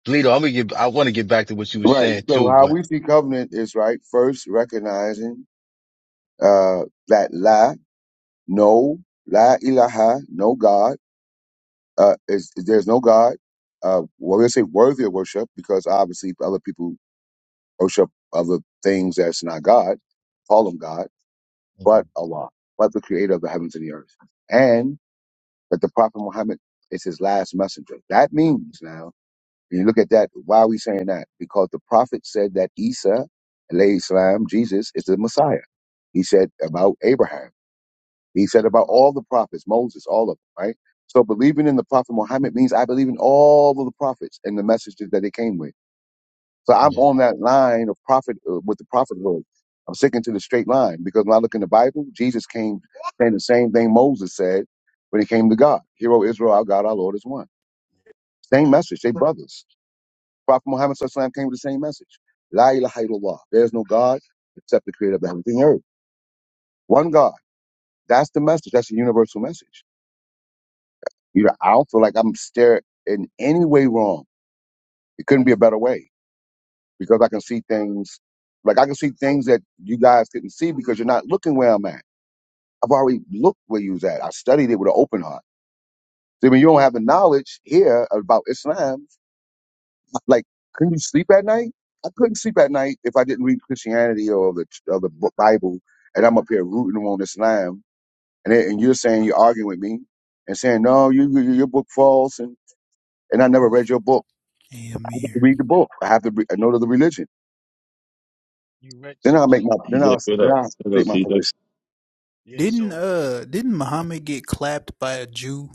S2: Bleedo, i'm gonna get i want to get back to what you were
S1: Right.
S2: saying
S1: So
S2: too
S1: how
S2: but
S1: we see covenant is right. First, recognizing uh, that la, no, la ilaha, no God. Uh, is, is there's no God. Uh, well, we say worthy of worship because obviously other people worship other things that's not God, call them God,
S2: Mhm.
S1: but Allah, but the creator of the heavens and the earth. And that the Prophet Muhammad is his last messenger. That means now, when you look at that, why are we saying that? Because the Prophet said that Isa, alayhi salam, Jesus, is the Messiah. He said about Abraham. He said about all the prophets, Moses, all of them, right? So believing in the prophet Muhammad means I believe in all of the prophets and the messages that they came with. So I'm
S2: yeah
S1: on that line of prophet uh, with the prophethood. I'm sticking to the straight line because when I look in the Bible, Jesus came saying the same thing Moses said when he came to God. Hero Israel, our God, our Lord is one. Same message. They brothers. Prophet Muhammad Sallallahu Alaihi Wasallam came with the same message. La ilaha illallah. There's no God except the creator of the heavens and earth. One God. That's the message. That's the universal message. You know, I don't feel like I'm staring in any way wrong. It couldn't be a better way because I can see things like I can see things that you guys couldn't see because you're not looking where I'm at. I've already looked where you was at. I studied it with an open heart. So when you don't have the knowledge here about Islam, like couldn't you sleep at night? I couldn't sleep at night if I didn't read Christianity or the or the Bu- Bible, and I'm up here rooting on Islam, and then- and you're saying you're arguing with me and saying no, you, you your book false, and and I never read your book.
S6: Damn near.
S1: read the book. I have to re- I know the religion.
S2: you read
S1: Then
S2: so
S1: I'll make my
S2: so
S1: then
S4: TJ,
S1: I'll
S4: what
S1: then
S4: up?
S1: I'll
S4: What
S1: take
S4: up,
S2: s-
S1: my
S4: TJ?
S1: place.
S2: yeah
S6: Didn't
S2: so
S6: uh didn't Muhammad get clapped by a Jew?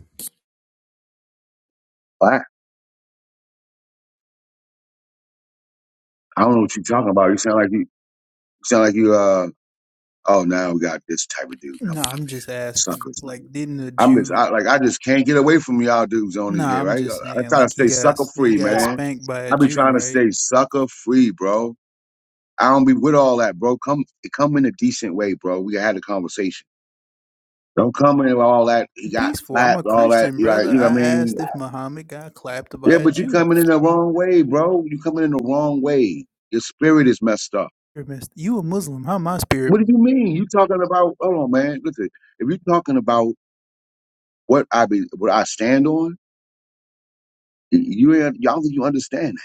S1: I I don't know what you're talking about. You sound like you, you sound like you uh oh now we got this type of dude
S6: No,
S1: coming up
S6: I'm
S1: here.
S6: just asking.
S1: Suckers, man.
S6: Like didn't a
S1: I'm just
S6: Jew
S1: I, like I just can't get away from y'all dudes on
S6: No,
S1: this here,
S6: I'm
S1: right?
S6: just
S1: I, I
S6: saying
S1: try to
S6: like he
S1: stay
S6: got
S1: sucker
S6: he
S1: free,
S6: got
S1: man.
S6: spanked by a
S1: I be
S6: Jew,
S1: trying to
S6: right?
S1: stay sucker free, bro. I don't be with all that, bro. Come come in a decent way, bro. We had a conversation. Don't come in with all that. He got
S6: Peaceful. I'm a
S1: clapped, all that.
S6: Christian,
S1: You like,
S6: brother.
S1: you know
S6: I
S1: what I mean?
S6: asked if Muhammad got clapped by
S1: Yeah,
S6: a
S1: but you
S6: Jew.
S1: coming in the wrong way, bro. You coming in the wrong way. Your spirit is messed up.
S6: Spirit You a Muslim, How My spirit.
S1: What do you mean? You talking about? Hold on, man. Listen, if you talking about what I be, what I stand on, y- you ain't- y'all think you understand?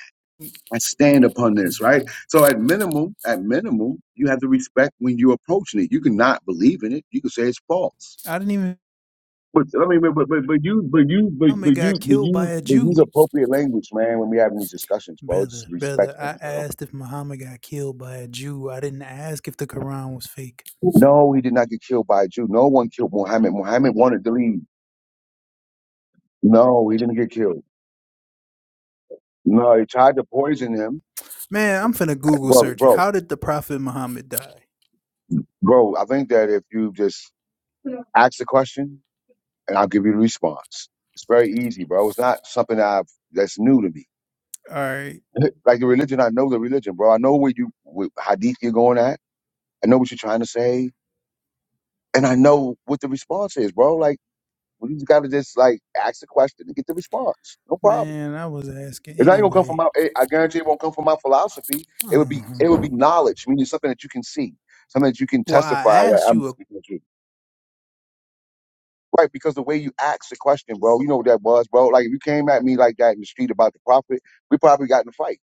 S1: that. I stand upon this, right?
S6: Mhm.
S1: So at minimum, at minimum, you have to respect when you're approaching it. You cannot believe in it. You can say it's false.
S6: I didn't even
S1: But I mean, but but but but you but you but
S6: Muhammad
S1: but you
S6: got
S1: but
S6: killed by
S1: you
S6: a
S1: but
S6: Jew.
S1: use appropriate language, man. When we having these discussions, bro, just
S6: Brother,
S1: respect
S6: brother,
S1: them,
S6: I
S1: bro.
S6: asked if Muhammad got killed by a Jew. I didn't ask if the Quran was fake.
S1: No, he did not get killed by a Jew. No one killed Muhammad. Muhammad wanted to leave. No, he didn't get killed. No, he tried to poison him.
S6: Man, I'm finna Google
S1: Bro,
S6: search it.
S1: bro,
S6: How did the Prophet Muhammad die?
S1: bro, I think that if you just ask the question and I'll give you the response. It's very easy, bro. It's not something I've that's new to me.
S6: All right,
S1: like the religion, I know the religion, bro. I know where you with hadith you're going at. I know what you're trying to say, and I know what the response is, bro. Like we just gotta just like ask the question and get the response. No problem.
S6: man. I was asking
S1: It's not even gonna come from
S6: anyway.
S1: my. eh, I guarantee it won't come from my philosophy. It would be it would
S6: Uh-huh.
S1: be knowledge, meaning something that you can see, something that you can
S6: Well, I
S1: testify that
S6: asked
S1: I'm
S6: you, a,
S1: speaking the truth. Right, because the way you asked the question, bro, you know what that was, bro. Like if you came at me like that in the street about the prophet, we probably got in a fight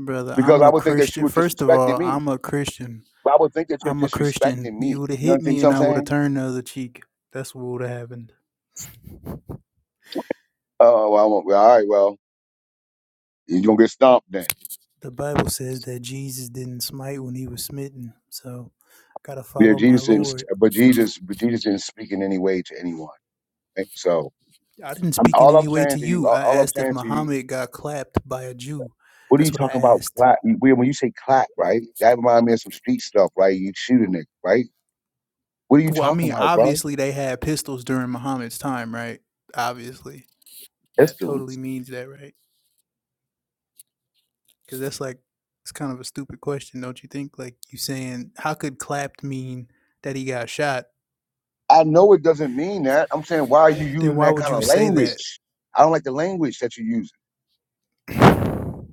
S6: brother.
S1: because
S6: I'm
S1: I
S6: a
S1: would think that you
S6: Christian.
S1: were
S6: First of
S1: disrespecting
S6: all,
S1: me.
S6: I'm a Christian.
S1: But I would think that you're
S6: I'm a
S1: disrespecting
S6: Christian. You
S1: me.
S6: would have
S1: You know
S6: hit me,
S1: what
S6: and
S1: I'm
S6: I would have
S1: saying?
S6: turned the other cheek. That's what would have happened.
S1: Oh, well, I won't, well, all right, well, you're gonna get stomped then.
S6: The Bible says that Jesus didn't smite when he was smitten. So, gotta
S1: Yeah,
S6: follow my
S1: Jesus didn't,
S6: Lord.
S1: st- but Jesus, but Jesus didn't speak in any way to anyone. Right? So
S6: I didn't
S1: I'm,
S6: speak in
S1: all
S6: any
S1: I'm
S6: way to
S1: saying to you,
S6: you.
S1: all
S6: I
S1: all I'm
S6: asked if
S1: saying to you
S6: Muhammad got clapped by a Jew.
S1: What are you
S6: That's what I
S1: talking about?
S6: asked.
S1: Clap? When you say clap, right? That reminds me of some street stuff, right? You shoot a nigga, right? What are you
S6: Well, I
S1: talking
S6: mean,
S1: about, bro?
S6: obviously they had pistols during Muhammad's time, right? Obviously, that totally
S1: Pistols.
S6: means that, right? Because that's like it's kind of a stupid question, don't you think? Like you saying, how could clapped mean that he got shot?
S1: I know it doesn't mean that. I'm saying, why are you
S6: Then
S1: using
S6: why
S1: that
S6: would
S1: kind
S6: you
S1: of
S6: say that?
S1: language? I don't like the language that you are using.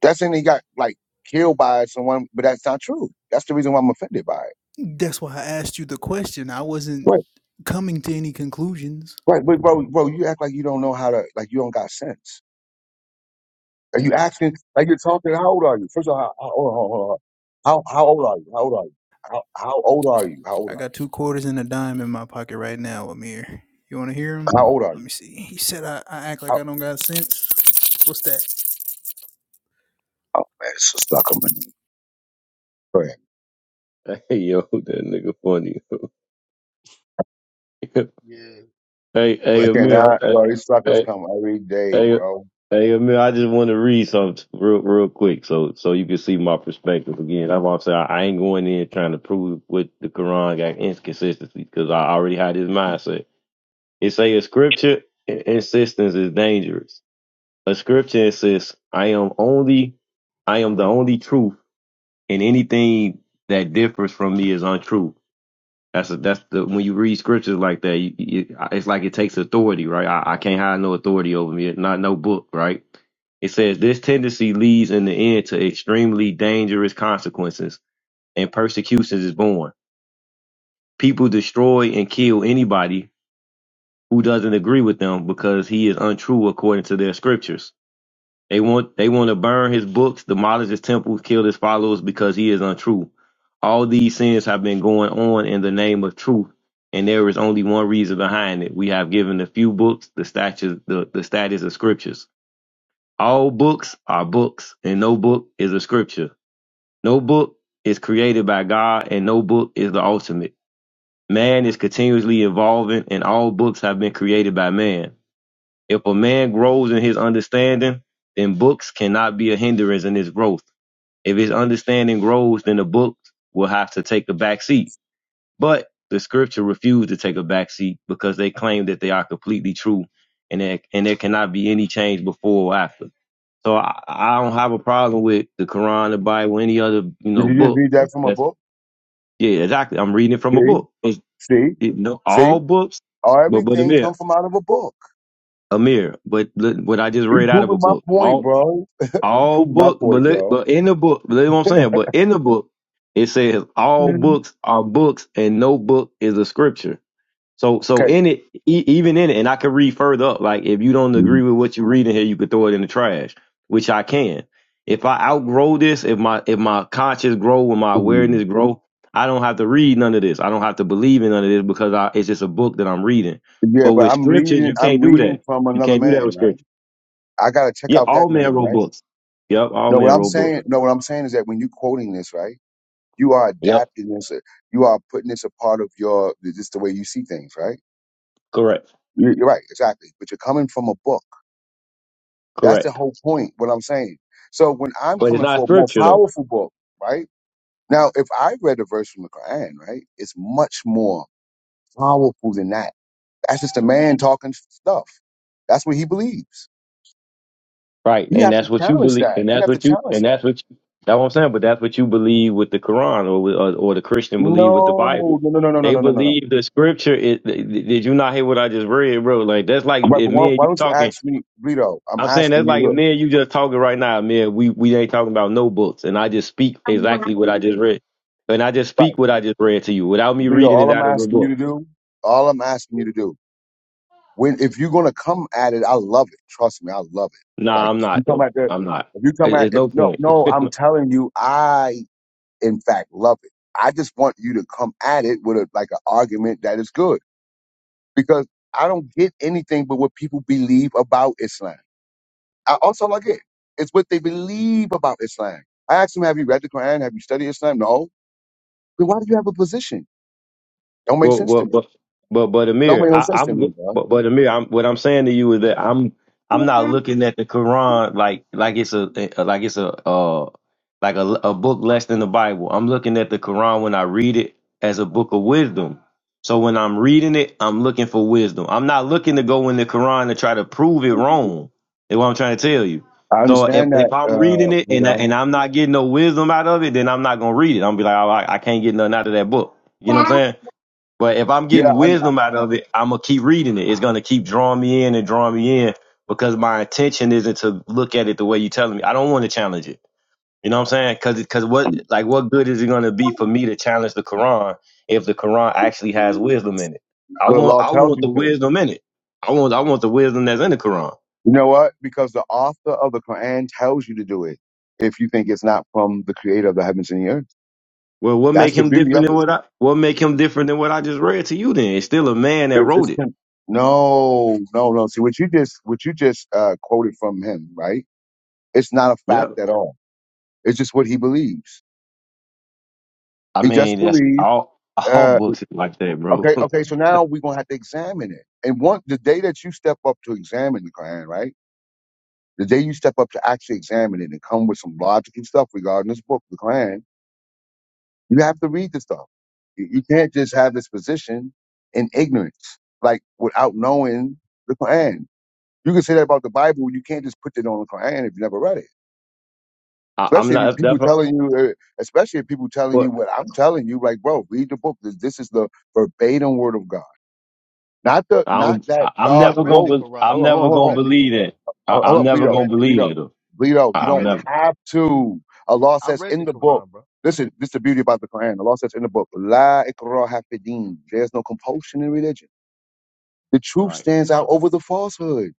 S1: That's saying he got like killed by someone, but that's not true. That's the reason why I'm offended by it.
S6: that's why I asked you the question. I wasn't
S1: Right,
S6: coming to any conclusions.
S1: right, but bro, bro, you act like you don't know how to, like you don't got sense. Are you asking, like you're talking? How old are you? First of all, how, how, hold on, hold on, hold on. how, how old are you? How old
S6: I
S1: are
S6: got two quarters and a dime in my pocket right now, Amir. You want to hear
S1: you? How, how old are you? How old are you? How
S6: him?
S1: old are
S6: Let
S1: you?
S6: me see. He said I, I act like
S1: Oh,
S6: I don't got sense. What's that?
S1: oh man, it's a sucker man. Go ahead.
S4: Hey yo, that nigga funny.
S2: yeah
S4: hey, hey
S2: but
S1: Okay,
S4: Amir.
S1: now,
S4: Hey,
S1: well, these suckers
S4: hey,
S1: come every day,
S4: Hey,
S1: bro.
S4: hey, Amir, I just want to read something real, real quick, so so you can see my perspective again. I'm also I, I ain't going in trying to prove what the Quran got inconsistency because I already had this mindset. It say a scripture in- insistence is dangerous. A scripture insists I am only I am the only truth, and anything that differs from me is untrue. That's a, that's the when you read scriptures like that, you, you, it's like it takes authority, right? I, I can't have no authority over me, not no book, right? It says this tendency leads in the end to extremely dangerous consequences, and persecutions is born. People destroy and kill anybody who doesn't agree with them because he is untrue according to their scriptures. They want they want to burn his books, demolish his temples, kill his followers because he is untrue. All these sins have been going on in the name of truth, and there is only one reason behind it. We have given the few books the status the, the status of scriptures. All books are books, and no book is a scripture. No book is created by God, and no book is the ultimate. Man is continuously evolving, and all books have been created by man. If a man grows in his understanding, then books cannot be a hindrance in his growth. If his understanding grows, then the books will have to take a back seat. But the scripture refused to take a back seat because they claim that they are completely true and there, and there cannot be any change before or after. So I, I don't have a problem with the Quran, the Bible, any other, you know,
S1: Did you just
S4: book.
S1: read that from a
S4: That's
S1: book?
S4: yeah, exactly. I'm reading it from a
S1: See,
S4: book. It's,
S1: see,
S4: it, no,
S1: see.
S4: all books,
S1: Oh,
S4: but but a
S1: everything come
S4: mirror,
S1: from out of a book.
S4: a mirror. But look what I just
S1: You
S4: read out of
S1: proving
S4: a
S1: my
S4: book.
S1: point,
S4: All
S1: bro. You
S4: All
S1: proving my
S4: book, but
S1: point,
S4: look,
S1: bro.
S4: but in the book, but look what I'm saying. But in the book, it says all
S1: Mhm.
S4: books are books, and no book is a scripture. So, so
S1: Okay.
S4: in it, e- even in it, and I can read further up. Like if you don't agree with what you're reading here, you could throw it in the trash, which I can. If I outgrow this, if my if my conscience grow, when my
S1: Mhm.
S4: awareness grow, I don't have to read none of this. I don't have to believe in none of this because I, it's just a book that I'm reading.
S1: Yeah,
S4: But
S1: but
S4: with
S1: I'm
S4: scriptures,
S1: reading.
S4: you
S1: I'm
S4: can't do
S1: reading
S4: that.
S1: from
S4: You
S1: another
S4: can't do that
S1: man,
S4: with scripture.
S1: right? I gotta check
S4: Yeah,
S1: out that
S4: all men
S1: man,
S4: wrote
S1: right?
S4: books. Yep, all
S1: No, what
S4: men
S1: I'm
S4: wrote books.
S1: saying. No, what I'm saying is that when you quoting this, right, you are
S4: Yep,
S1: adapting this. uh, You are putting this a part of your. Just the way you see things, right?
S4: correct,
S1: You- You're right, exactly. But you're coming from a book. That's the
S4: correct.
S1: whole point, what I'm saying. So when I'm
S4: But it's
S1: coming
S4: not
S1: for a more
S4: scripture though,
S1: powerful book, right? Now, if I read a verse from the Quran, right, it's much more powerful than that. That's just a man talking stuff. That's what he believes.
S4: right?
S1: You
S4: And
S1: have to
S4: that's what you
S1: challenge
S4: believe,
S1: that.
S4: and
S1: You
S4: that's
S1: have to
S4: what you,
S1: challenge
S4: and
S1: that.
S4: that's what you, that's what I'm saying. But that's what you believe with the Quran, or with, or, or the Christian believe with the
S1: No,
S4: Bible.
S1: no, no, no, no, no,
S4: They
S1: no, no, no. no.
S4: believe the scripture. Is, did you not hear what I just read, bro? Like that's like
S1: Right, but
S4: if
S1: why,
S4: me and
S1: why
S4: you
S1: don't you
S4: talking.
S1: ask me, Brito? I'm
S4: I'm saying
S1: asking
S4: that's
S1: you,
S4: like if
S1: look.
S4: me and you just talking right now, man. We we ain't talking about no books, and I just speak exactly what I just read, and I just
S1: Right,
S4: speak what I just read to you without me
S1: Brito,
S4: reading it
S1: all I'm
S4: out of a
S1: asking you
S4: book.
S1: to do, all I'm asking you to do When if you're gonna come at it, I love it. Trust me, I love it.
S4: Nah,
S1: Like
S4: I'm not
S1: you come
S4: though.
S1: at the
S4: I'm not.
S1: if you come
S4: It-
S1: at
S4: It's
S1: if
S4: no
S1: no
S4: point.
S1: no, I'm telling you, I in fact love it. I just want you to come at it with a like an argument that is good because I don't get anything but what people believe about Islam. I also like it. It's what they believe about Islam. I asked them, have you read the Quran? Have you studied Islam? No. Then why do you have a position? Don't make
S4: Well,
S1: sense to
S4: well,
S1: me.
S4: but but but
S1: Don't
S4: Amir,
S1: make no
S4: I,
S1: sense to
S4: I'm
S1: me,
S4: go-
S1: bro.
S4: but but Amir, I'm what I'm saying to you is that I'm I'm not looking at the Quran like like it's a eh, eh, like it's a uh like a, a book less than the Bible. I'm looking at the Quran when I read it as a book of wisdom. So when I'm reading it, I'm looking for wisdom. I'm not looking to go in the Quran to try to prove it wrong. Is what I'm trying to tell you.
S1: I
S4: So if,
S1: understand that,
S4: if I'm reading
S1: uh,
S4: it and I,
S1: you
S4: and I'm not getting no wisdom out of it, then I'm not gonna read it. I'm gonna be like, oh, I, I can't get nothing out of that book. You know
S1: know.
S4: what I'm saying? But if I'm
S1: Yeah,
S4: getting
S1: and
S4: wisdom out of it, I'm gonna keep reading it. It's gonna keep drawing me in and drawing me in because my intention isn't to look at it the way you're telling me. I don't want to challenge it. You know what I'm saying? Because because what like what good is it gonna be for me to challenge the Quran if the Quran actually has wisdom in it? I
S1: the
S4: want
S1: law
S4: I
S1: tells
S4: want
S1: you
S4: the
S1: to.
S4: wisdom in it. I want I want the wisdom that's in the Quran.
S1: You know what? Because the author of the Quran tells you to do it. If you think it's not from the creator of the heavens and the earth,
S4: Well, what
S1: that's
S4: make
S1: the
S4: him
S1: beauty of
S4: different than
S1: it.
S4: what I what make him different than what I just read to you? Then it's still a man that
S1: It's,
S4: wrote
S1: it's
S4: it.
S1: him. No, no, no. See what you just what you just uh, quoted from him, right? It's not a fact
S4: Yeah.
S1: at all. It's just what he believes.
S4: I
S1: He just
S4: mean, that's
S1: believes.
S4: all all
S1: Uh,
S4: books is like that, bro.
S1: okay, okay. So now we're gonna have to examine it. And one, the day that you step up to examine the Quran, right? The day you step up to actually examine it and come with some logic and stuff regarding this book, the Quran, you have to read the stuff. You you can't just have this position in ignorance, like without knowing the Quran. You can say that about the Bible. You can't just put it on the Quran if you never read it.
S4: I, I'm
S1: Especially if
S4: not
S1: people
S4: never.
S1: telling you, uh, especially if people telling you
S4: What
S1: what I'm telling you, like, bro, read the book. This, this is the verbatim word of God, not the
S4: I
S1: not
S4: don't.
S1: that
S4: I,
S2: I,
S4: I'm
S1: God
S2: I
S4: never
S2: read
S4: gonna.
S2: the
S1: wrote.
S4: Be,
S2: quran
S4: I'm
S1: Hold on,
S2: though
S1: hold on,
S4: never
S2: i
S1: hold
S4: gonna
S1: on.
S2: read the
S4: believe
S2: quran
S4: it. I,
S1: Hold hold
S4: I'm
S1: up,
S2: i
S4: never
S1: Bleedo,
S4: gonna
S2: read the
S1: Bleedo,
S4: believe it.
S1: Bleedo.
S4: I,
S1: You
S2: i
S4: I'm
S1: don't
S2: read
S4: never.
S1: have to. Allah
S2: i
S1: says
S2: read the
S1: in the book.
S2: quran bro
S1: Listen, this is the beauty about the Quran. Allah says in the book, La ikraha fi deen. There's no compulsion in religion. The truth
S4: Right.
S1: stands out over the falsehood.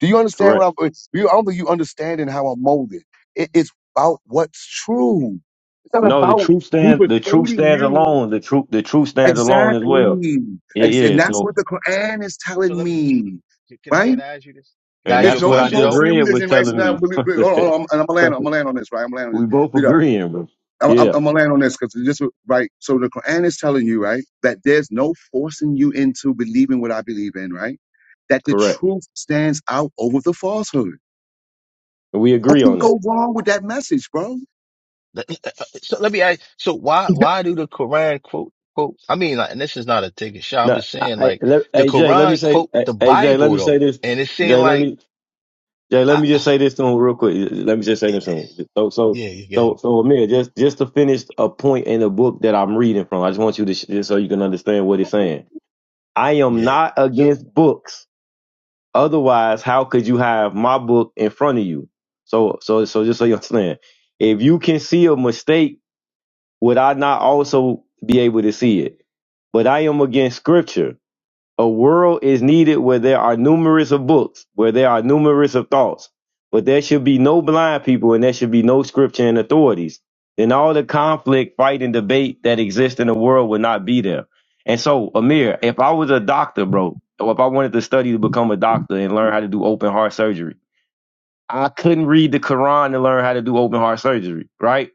S1: Do you understand what
S4: Correct.
S1: I'm? You, I don't think you understanding how I'm molded. It, it's about what's true. It's not
S4: No, the
S1: about
S4: truth
S1: who
S4: stands. The truth
S1: persuading
S4: stands
S1: you.
S4: alone. The truth. The truth stands alone as well.
S1: Exactly.
S4: Yeah.
S1: Ex- And
S4: Yeah.
S1: that's what
S4: So,
S1: the Quran is
S2: so
S1: telling
S2: let me
S1: me,
S2: can i
S1: right?
S2: can i ask you this can i
S4: and
S2: ask
S1: It's
S2: you a
S4: that's
S1: no
S4: what I
S2: question
S4: just
S2: though
S1: compulsion in
S4: read was
S1: religion, right? So
S4: telling
S1: now,
S4: me.
S1: but, but, hold on, hold on, I'm, and I'm gonna land, I'm gonna land on this, right? I'm gonna land on this.
S4: we both
S1: You know,
S4: agreeing, bro.
S1: I'm, I'm
S4: Yeah.
S1: I'm gonna land on this because this, right? So the Quran is telling you, right, that there's no forcing you into believing what I believe in, right? That the
S4: Correct.
S1: truth stands out over the falsehood.
S4: We
S1: I
S4: agree
S1: can
S4: on that.
S1: go wrong with that message, bro.
S2: Let me- So let me ask. So why why do the Quran quote quote? I mean, like, and this is not a take a shot. I'm
S4: Now,
S2: just
S4: I,
S2: saying,
S4: I,
S2: like,
S4: let,
S2: the
S4: hey Jay, let me
S2: Quran
S4: say,
S2: quote
S4: hey
S2: the
S4: hey, Jay, let
S2: Bible
S4: me say
S2: though,
S4: this.
S2: and it seemed
S4: Jay, let
S2: like,
S4: me Jay, let
S2: I,
S4: me just say this to him real quick. Let me just say this to him. So, so,
S2: yeah, yeah,
S4: so, so, Amir, just just to finish a point in the book that I'm reading from. I just want you to sh- just so you can understand what it's saying. I am
S2: yeah,
S4: not against books. Otherwise, how could you have my book in front of you? So, so, so, just so you understand, if you can see a mistake, would I not also be able to see it? But I am against Scripture a world is needed where there are numerous of books, where there are numerous of thoughts, but there should be no blind people and there should be no scripture and authorities. Then all the conflict, fight, and debate that exists in the world would not be there. And so, Amir, if I was a doctor, bro, or if I wanted to study to become a doctor and learn how to do open heart surgery, I couldn't read the Quran to learn how to do open heart surgery, right?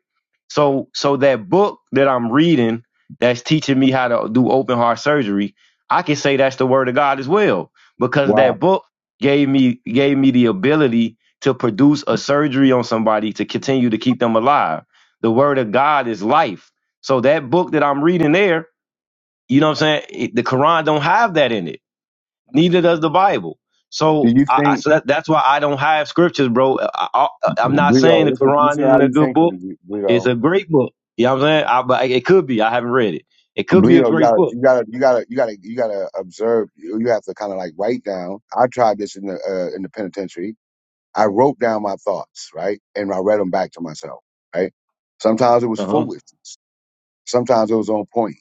S4: So so that book that I'm reading that's teaching me how to do open heart surgery, I can say that's the word of God as well. Because
S1: Wow.
S4: that book gave me gave me the ability to produce a surgery on somebody to continue to keep them alive. The word of God is life. So that book that I'm reading there, you know what I'm saying? It- the Quran don't have that in it. Neither does the Bible.
S1: Do
S4: So,
S1: you
S4: I, I-
S1: think
S4: so that, that's why I don't have scriptures, bro. I, I, I'm not saying
S1: Bleedo,
S4: the
S1: listen
S4: Quran
S1: listen to how
S4: isn't a
S1: you
S4: good book.
S1: thinking,
S4: It's
S1: Bleedo.
S4: a great book. You know what I'm saying? I, but it could be. I haven't read it. It could be a
S1: Bleedo, you
S4: great
S1: gotta
S4: book.
S1: you gotta you gotta you gotta you gotta observe you you have to kinda like write down. I tried this in the uh, in the penitentiary. I wrote down my thoughts, right? And I read them back to myself, right? Sometimes it was
S4: Uh huh.
S1: foolishness. Sometimes it was on point.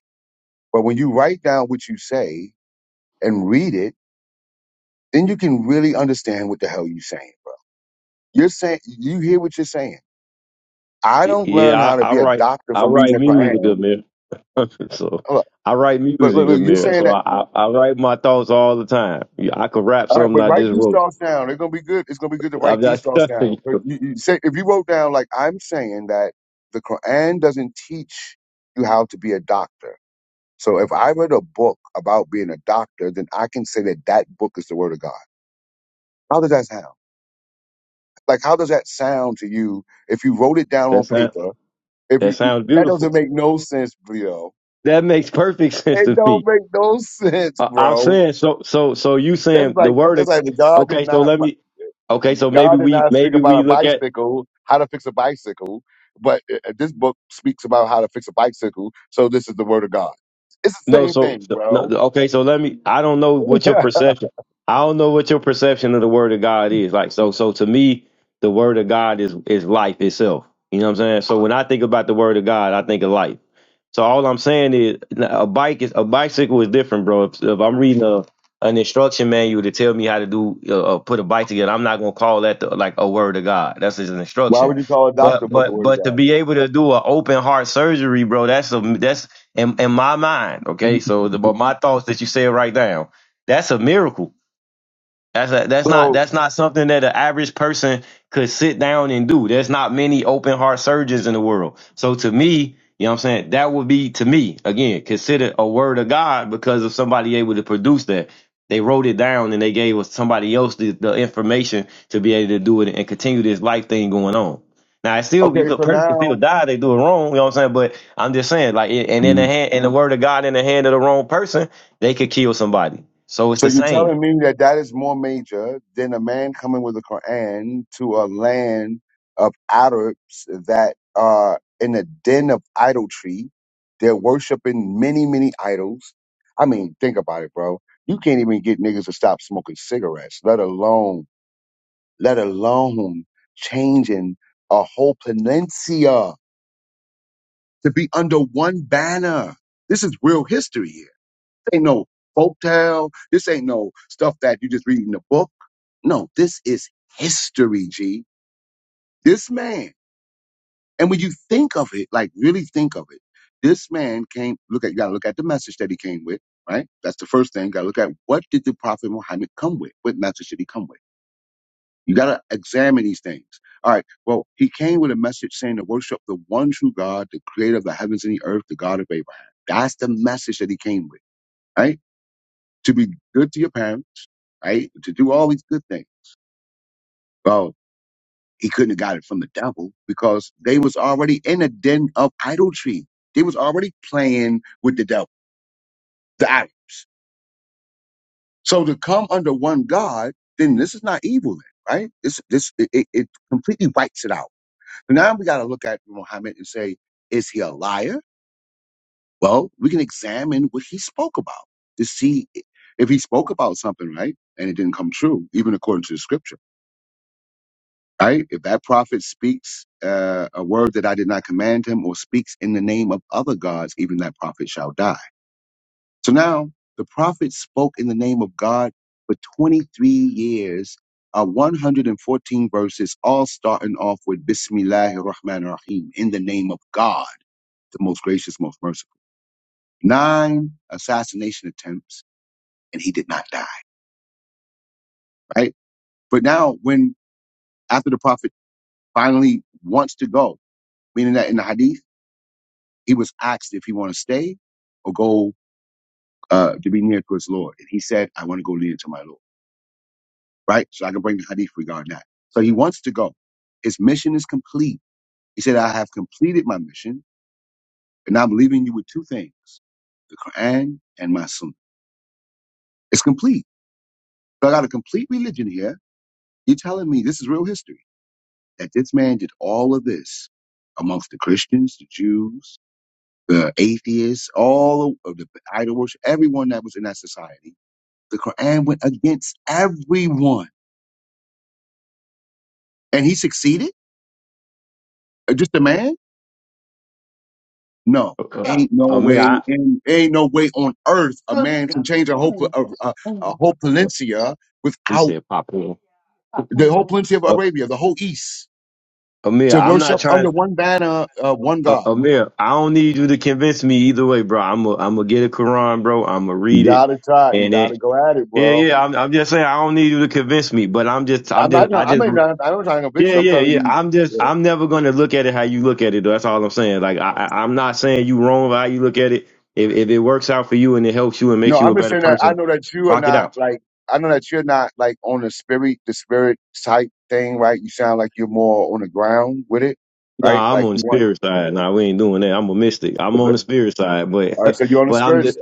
S1: But when you write down what you say and read it, then you can really understand what the hell you're saying. Bro. You're saying, you hear what you're saying. I don't
S4: Yeah,
S1: learn how to
S4: I, I
S1: be a
S4: write.
S1: doctor
S4: I
S1: from reading
S4: write
S1: the
S4: music,
S1: Quran.
S4: Amir. So
S1: Hold up.
S4: I write
S1: Look, look,
S4: music,
S1: look, you're
S4: Amir.
S1: saying
S4: So
S1: that.
S4: I, I, I write my thoughts all the time. Yeah, I could rap
S1: All right,
S4: something
S1: but
S4: I
S1: write
S4: just
S1: these
S4: wrote.
S1: thoughts down. They're gonna be good. It's gonna be good to
S4: I'm
S1: write these
S4: just
S1: thoughts down.
S4: stuffing
S1: But
S4: you.
S1: you, you say, if you wrote down, like I'm saying, that the Quran doesn't teach you how to be a doctor So if I read a book about being a doctor, then I can say that that book is the word of God. How does that sound? Like, how does that sound to you if you wrote it down on
S4: That sound,
S1: paper? If
S4: that
S1: you,
S4: sounds
S1: that
S4: beautiful.
S1: doesn't make no sense, Leo.
S4: That makes perfect sense
S1: It
S4: to me.
S1: don't make no sense,
S4: Uh, I'm
S1: bro.
S4: saying so so so you
S1: That's
S4: saying the
S1: like,
S4: word of?
S1: that's like God did
S4: okay so
S1: not,
S4: let me okay so maybe
S1: God did
S4: we
S1: not speak
S4: maybe
S1: about
S4: we
S1: a
S4: look at
S1: bicycle, how to fix a bicycle, but uh, uh, this book speaks about how to fix a bicycle. So this is the word of God. It's the
S4: no
S1: same
S4: so
S1: thing,
S4: so- no,
S1: bro.
S4: okay so let me I don't know what your
S1: Why
S4: perception I don't know what your perception of the word of God is like so so to me the word of God is is life itself you know what I'm saying so when I think about the word of God I think of life So all I'm saying is nah, a bike is a bicycle is different, bro. If, if I'm reading a an instruction manual to tell me how to do uh, uh, put a bike together, I'm not gonna call that the, like a word of God. That's just an instruction.
S1: would you call a doctor
S4: But
S1: book a
S4: but
S1: word of
S4: but to
S1: God?
S4: be able to do an open heart surgery, bro, that's a that's in, in my mind. Okay, so the, but my thoughts that you said right now, that's a miracle. That's a, that's not
S1: So
S4: that's not something that an average person could sit down and do. There's not many open heart surgeons in the world. So to me, you know what I'm saying, that would be to me again considered a word of God because of somebody able to produce that. They wrote it down and they gave us somebody else the, the information to be able to do it and continue this life thing going on. Now, it's still you
S1: Okay,
S4: could
S1: so
S4: person could still
S1: now,
S4: die. They do it wrong. You know what I'm saying? But I'm just saying, like, and in the hand, in the word of God, in the hand of the wrong person, they could kill somebody. So it's
S1: so
S4: the
S1: you're
S4: same.
S1: telling me that that is more major than a man coming with a Quran to a land of Arabs that are in a den of idolatry. They're worshiping many, many idols. I mean, think about it, bro. You can't even get niggas to stop smoking cigarettes, let alone, let alone changing a whole peninsula to be under one banner. This is real history here. ain't no folktale. This ain't no stuff that you just read in a book. No, this is history, G. This man. And when you think of it, like really think of it, this man came, look at, you gotta look at the message that he came with, right? That's the first thing. You gotta look at what did the Prophet Muhammad come with? What message did he come with? You gotta examine these things. All right. Well, he came with a message saying to worship the one true God, the creator of the heavens and the earth, the God of Abraham. That's the message that he came with, right? To be good to your parents right? To do all these good things. Well, he couldn't have got it from the devil because they was already in a den of idolatry. They was already playing with the devil, the idols. So to come under one God, then this is not evil, then, right? This this it, it it completely wipes it out. So now we got to look at Muhammad and say, is he a liar? Well, we can examine what he spoke about to see if he spoke about something, right? And it didn't come true, even according to the scripture right? If that prophet speaks uh, a word that I did not command him or speaks in the name of other gods, even that prophet shall die. So now the prophet spoke in the name of God for 23 years, uh, 114 verses, all starting off with Bismillahir Rahmanir Rahim, in the name of God, the most gracious, most merciful. Nine assassination attempts, and he did not die, right? But now when after the prophet finally wants to go, meaning that in the hadith, He was asked if he want to stay or go uh, to be near to his Lord. And he said, I want to go near to my Lord, right? So I can bring the hadith regarding that. So he wants to go. His mission is complete. He said, I have completed my mission, and I'm leaving you with two things the Quran and my Sunnah. It's complete. So I got a complete religion here. You're telling me this is real history that this man did all of this amongst the Christians, the Jews, the atheists, all of the idol worship, everyone that was in that society. The Quran went against everyone, and he succeeded. Uh, Just a man? No,
S4: Uh, uh,
S1: ain't no
S4: Amir,
S1: way,
S4: I,
S1: and ain't no way on earth a man can change a whole a, a, a whole
S4: uh,
S1: peninsula
S4: he
S1: without
S4: said pop in.
S1: the whole peninsula of
S4: Uh,
S1: Arabia, the whole East,
S4: Amir,
S1: to
S4: I'm not
S1: worship under
S4: trying.
S1: one banner, uh, one
S4: Uh,
S1: God.
S4: Amir, I don't need you to convince me either way, bro. I'm a, I'm gonna get a Quran, bro. I'm gonna
S1: You
S4: read it,
S1: gotta try. You
S4: and
S1: gotta
S4: it.
S1: go at it,
S4: Yeah,
S1: bro.
S4: yeah. I'm, I'm just saying I don't need you to convince me, but I'm just, I'm
S1: I'm not
S4: just,
S1: trying.
S4: I
S1: I
S4: just.
S1: mean, I- I'm not trying to convince
S4: Yeah,
S1: you. I'm
S4: yeah, yeah.
S1: telling
S4: I'm just,
S1: you.
S4: I'm never gonna look at it how you look at it. Though. That's all I'm saying. Like, I, I- I'm not saying you wrong for how you look at it. If, if it works out for you and it helps you and
S1: No,
S4: makes you
S1: I'm
S4: a
S1: just
S4: better
S1: saying that I
S4: person,
S1: know that you are
S4: rock it
S1: not
S4: out.
S1: like I know that you're not like on the spirit, the spirit type thing, right? You sound like you're more on the ground with it,
S4: No,
S1: right?
S4: I'm
S1: Like
S4: on the
S1: you want.
S4: spirit side. No, we ain't doing that. I'm a mystic. I'm on the spirit side, but
S1: All right, so you're on the
S4: but I'm
S1: spirit.
S4: just
S1: side.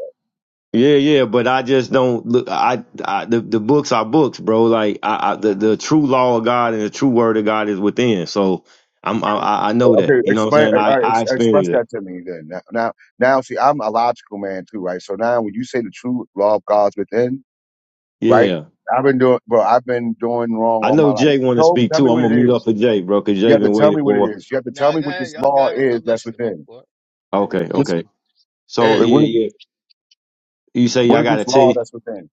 S4: yeah, yeah. But I just don't look. I, I the the books are books, bro. Like I, I the the true law of God and the true word of God is within. So I'm I I I know that.
S1: Okay,
S4: You know what
S1: explain.
S4: I'm saying? I
S1: All right,
S4: I
S1: ex- express
S4: experienced it.
S1: that to me then. Now, now, now, see, I'm a logical man too, right? So now, when you say the true law of God's within, right?
S4: Yeah,
S1: I've been doing, bro. I've been doing wrong
S4: I
S1: all my
S4: know
S1: life.
S4: Jay want to
S1: Tell,
S4: speak
S1: tell
S4: too.
S1: me
S4: I'm
S1: what it
S4: gonna mute up
S1: is.
S4: for Jay, bro, because
S1: You
S4: Jay
S1: have to
S4: been
S1: tell
S4: waiting
S1: me what it
S4: for.
S1: is. You have to tell
S2: Nah,
S1: me
S2: go
S1: what
S2: ahead.
S1: this
S2: Y'all
S1: law
S2: got it.
S1: is
S2: I'm
S1: that's
S2: listening. My
S1: within.
S2: fault. Come
S4: Okay,
S2: on.
S1: This,
S4: okay. So
S2: yeah.
S1: wait, what,
S4: yeah, yeah. You say
S1: what
S4: I
S1: is
S4: gotta
S1: this
S4: tell
S1: law
S4: you.
S1: that's within?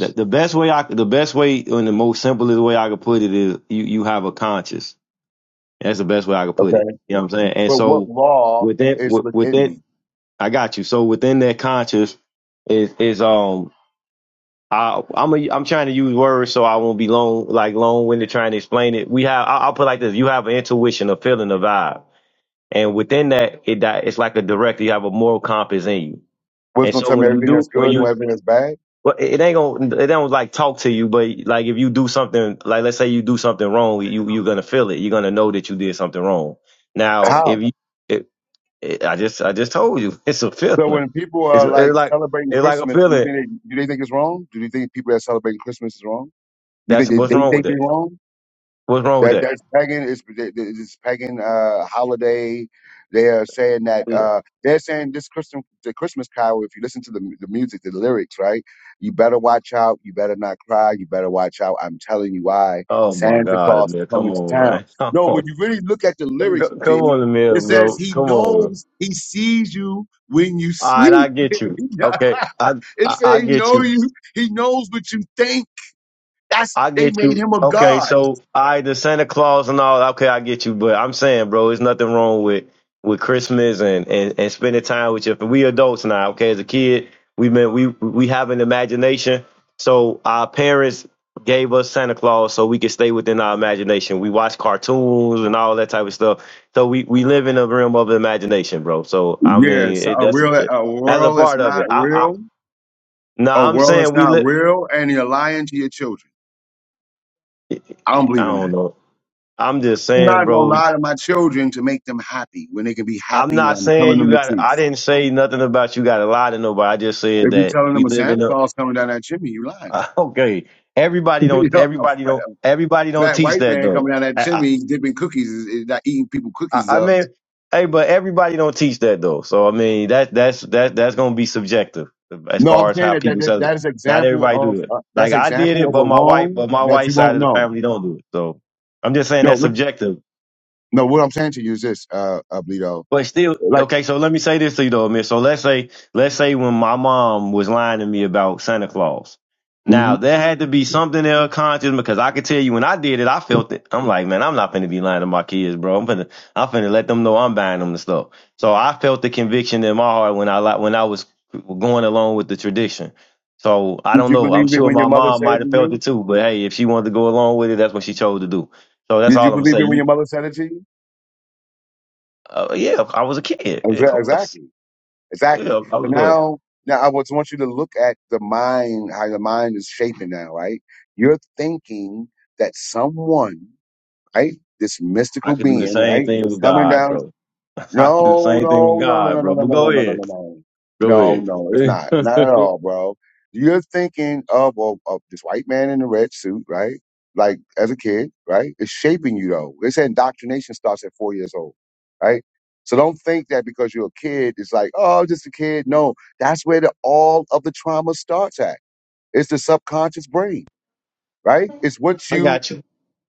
S4: that the best way I, the best way, and the most simplest way I could put it is, you you have a conscience That's the best way I could put
S1: Okay.
S4: it. You know what I'm saying? And
S1: But what
S4: so
S1: law
S4: with that,
S1: is
S4: with, with
S1: within
S4: that,
S1: me?
S4: I got you. So within that conscious is is um I I'm a, I'm trying to use words so I won't be long like long winded trying to explain it. We have I, I'll put it like this: you have an intuition, a feeling, a vibe, and within that, it di- it's like a director. You have a moral compass in you,
S1: What's
S4: and
S1: going to
S4: so
S1: tell me
S4: when you
S1: everything that's
S4: do when
S1: good and
S4: you
S1: everything that's bad?
S4: well, it ain't gonna. It don't like talk to you, but like if you do something, like let's say you do something wrong, you you're gonna feel it. You're gonna know that you did something wrong. Now,
S1: How?
S4: if you, it, it, I just I just told you, it's a
S1: So
S4: feeling.
S1: when people
S4: It's,
S1: are
S4: it's
S1: like
S4: like
S1: celebrating
S4: it's like a
S1: Christmas, do,
S4: feeling.
S1: they, do they think it's wrong? Do you think people that celebrate Christmas is wrong? You
S4: That's
S1: think they,
S4: what's
S1: they
S4: wrong with
S1: think they're
S4: it.
S1: wrong?
S4: What's wrong with
S1: That
S4: that?
S1: that's pagan. It's this pagan uh, holiday. They are saying that uh, they're saying this Christmas, the Christmas Carol. If you listen to the mu- the music, the lyrics, right? You better watch out. You better not cry. You better watch out. I'm telling you why
S4: Oh my
S1: Santa
S4: God,
S1: Claus is
S4: Amir, come
S1: coming to
S4: on,
S1: town.
S4: man, come
S1: No, when
S4: on,
S1: you really look at the lyrics,
S4: Go-
S1: G,
S4: come on, Amir,
S1: it says
S4: bro,
S1: he
S4: come on.
S1: knows. He sees you when you
S4: All right, I
S1: sleep.
S4: get
S1: it
S4: you. Okay, I I, I
S1: says he
S4: get
S1: knows
S4: you.
S1: you. He knows what you think. That's
S4: I
S1: they
S4: get
S1: made
S4: you.
S1: him a
S4: Okay,
S1: god.
S4: so I the Santa Claus and all. Okay, I get you, but I'm saying, bro, there's nothing wrong with with Christmas and and and spending time with your. We adults now. Okay, as a kid, we been we we have an imagination. So our parents gave us Santa Claus so we could stay within our imagination. We watch cartoons and all that type of stuff. So we we live in the realm of imagination, bro. So I mean,
S1: Yes,
S4: it,
S1: a
S4: that's
S1: real a
S4: that's a
S1: world is
S4: part of
S1: not
S4: it. I, I
S1: real.
S4: no,
S1: A
S4: I'm
S1: world is
S4: saying we
S1: not
S4: live.
S1: real, and you're lying to your children.
S4: I
S1: I don't believe in
S4: don't
S1: that.
S4: know. I'm just
S1: I'm
S4: saying,
S1: not gonna
S4: bro.
S1: lie to my children to make them happy when they can be
S4: I'm
S1: happy when
S4: not
S1: I'm
S4: saying
S1: telling them
S4: you
S1: the
S4: got. I
S1: truth.
S4: didn't say nothing about you got to lie to nobody. I just said
S1: If you're
S4: that
S1: telling them
S4: we
S1: a
S4: live
S1: Santa
S4: in
S1: Claus coming down that chimney, you lying
S4: a.
S1: to
S4: okay, everybody
S1: them. you
S4: don't.
S1: know, a
S4: Everybody
S1: fat,
S4: don't. Everybody don't
S1: fat
S4: teach
S1: white
S4: that
S1: man coming
S4: though.
S1: down that
S4: I,
S1: chimney dipping cookies is, is not eating people
S4: I,
S1: cookies
S4: I I
S1: up.
S4: mean, hey, but everybody don't teach that though. So I mean, that that's that that's gonna be subjective as
S1: No, I'm
S4: far as
S1: saying
S4: how
S1: that that,
S4: people
S1: that,
S4: say. it.
S1: that is
S4: Not
S1: example
S4: everybody
S1: of
S4: do it.
S1: uh, that's
S4: Like I did
S1: example
S4: it,
S1: of a
S4: but my wife,
S1: wrong
S4: but my
S1: that
S4: white
S1: you
S4: side
S1: won't
S4: of the
S1: know.
S4: family don't do it. So I'm just saying
S1: No,
S4: that's
S1: look,
S4: subjective.
S1: no. What I'm saying to you is this, uh, uh Bleedo.
S4: But still,
S1: Like.
S4: okay. So let me say this to you though, man. So let's say, let's say when my mom was lying to me about Santa Claus. Now there had to be something in her conscience because I could tell you when I did it, I felt it. I'm like, man, I'm not finna be lying to my kids, bro. I'm finna, I'm finna let them know I'm buying them the stuff. So I felt the conviction in my heart when I li- when I was going along with the tradition. So I
S1: Did
S4: don't
S1: you
S4: know. I'm
S1: believe it
S4: sure
S1: when your
S4: my
S1: mother
S4: mom
S1: said it
S4: might
S1: to
S4: have felt
S1: you?
S4: it too. But hey, if she wanted to go along with it, that's what she chose to do. So that's
S1: Did
S4: all
S1: you
S4: I'm gonna
S1: believe
S4: say.
S1: it when
S4: You,
S1: your mother said it to you?
S4: uh, yeah, I was a kid, of
S1: Exa-
S4: course.
S1: Exactly. Exactly.
S4: Yeah, I
S1: But
S4: was going.
S1: now, now I just want you to look at the mind, how the mind is shaping now, right? You're thinking that someone, right? This
S4: I
S1: mystical
S4: could do the
S1: being,
S4: same
S1: right?
S4: thing
S1: Is
S4: with
S1: coming
S4: God,
S1: down
S4: bro. I could do the
S1: No,
S4: same thing with
S1: no, no, no,
S4: God,
S1: no, no,
S4: bro.
S1: no,
S4: But
S1: no, no,
S4: go
S1: no, no, no,
S4: ahead.
S1: no.
S4: Go
S1: No,
S4: ahead.
S1: no, it's not. Not at all, bro. You're thinking of, of, of this white man in a red suit, right? Like as a kid, right? It's shaping you though. They say indoctrination starts at four years old, right? So don't think that because you're a kid, it's like, oh, just a kid. No, that's where the, all of the trauma starts at. It's the subconscious brain, right? It's what
S4: I
S1: you,
S4: got you.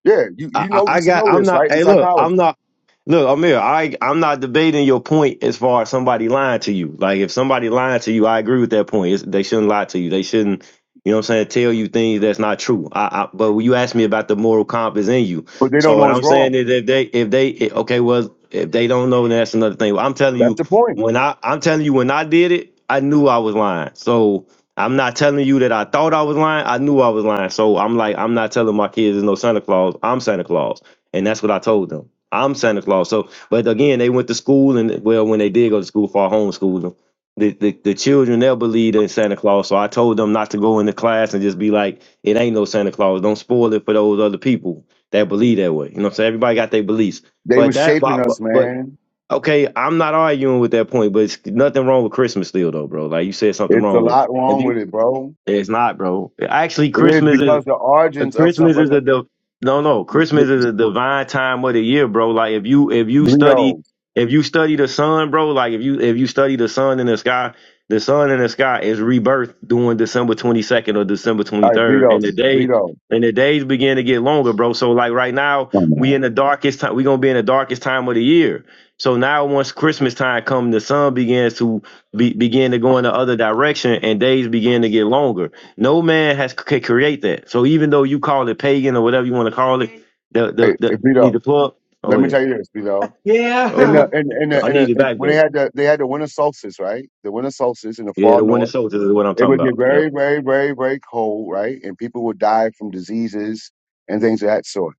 S1: yeah, you
S4: I,
S1: you
S4: I
S1: know, you
S4: I
S1: should
S4: got.
S1: know
S4: I'm
S1: this,
S4: not.
S1: right? In
S4: Hey, look. I'm
S1: psychology,
S4: not. Look, Amir. I I'm not debating your point as far as somebody lying to you. Like if somebody lying to you, I agree with that point. It's, they shouldn't lie to you. They shouldn't. You know what I'm saying? Tell you things that's not true. I, I but when you asked me about the moral compass in you,
S1: but they
S4: so
S1: don't know
S4: what I'm
S1: it's
S4: saying
S1: wrong.
S4: is if they if they eh, okay, well if they don't know, then that's another thing. But I'm telling
S1: That's
S4: you
S1: the point.
S4: when I I'm telling you when I did it, I knew I was lying. So I'm not telling you that I thought I was lying. I knew I was lying. So I'm like, I'm not telling my kids there's no Santa Claus. I'm Santa Claus. And that's what I told them. I'm Santa Claus. So, but again, they went to school and well, when they did go to school for our homeschooling, the, the, the children, they'll believe in Santa Claus. So I told them not to go into class and just be like, it ain't no Santa Claus. Don't spoil it for those other people that believe that way. You know what I'm saying? Everybody got their beliefs.
S1: They
S4: But
S1: was
S4: that,
S1: shaping
S4: but,
S1: us,
S4: but but,
S1: man.
S4: okay, I'm not arguing with that point, but it's nothing wrong with Christmas still though, bro. Like you said something
S1: It's a
S4: wrong with,
S1: lot
S4: if you
S1: wrong with it, bro.
S4: it's not, bro. Actually,
S1: It is
S4: Christmas is
S1: because the
S4: uh,
S1: origins of
S4: Christmas
S1: something.
S4: is a div- no, no. Christmas is a divine time of the year, bro. Like if you if you
S1: Bleedo.
S4: study
S1: All
S4: if you study the sun, bro. Like if you if you study the sun in the sky, the sun in the sky is rebirth during December twenty second or December twenty
S1: right,
S4: third,
S1: Bleedo.
S4: and the day
S1: Bleedo.
S4: and the days begin to get longer, bro. So like right now,
S1: Come
S4: we
S1: on.
S4: in the darkest time. We gonna be in the darkest time of the year. So now, once Christmas time come, the sun begins to be, begin to go in the other direction, and days begin to get longer. No man has can create that. So even though you call it pagan or whatever you want to call it, the
S1: Hey,
S4: the
S1: hey,
S4: the need the
S1: Bleedo.
S4: plug.
S1: Let
S4: Oh
S1: me
S4: yeah, oh
S1: tell you this, Bleedo.
S4: yeah.
S1: In the in in
S4: Yeah.
S1: the,
S4: I
S1: in, the,
S4: need it
S1: in
S4: back
S1: when they
S4: though.
S1: had the they had the winter solstice, right? The winter solstice in the
S4: Yeah,
S1: far
S4: the winter
S1: north,
S4: soldiers is what I'm
S1: it
S4: talking
S1: would get
S4: about. Yep,
S1: very, very, very, very cold, right? And people would die from diseases and things of that sort.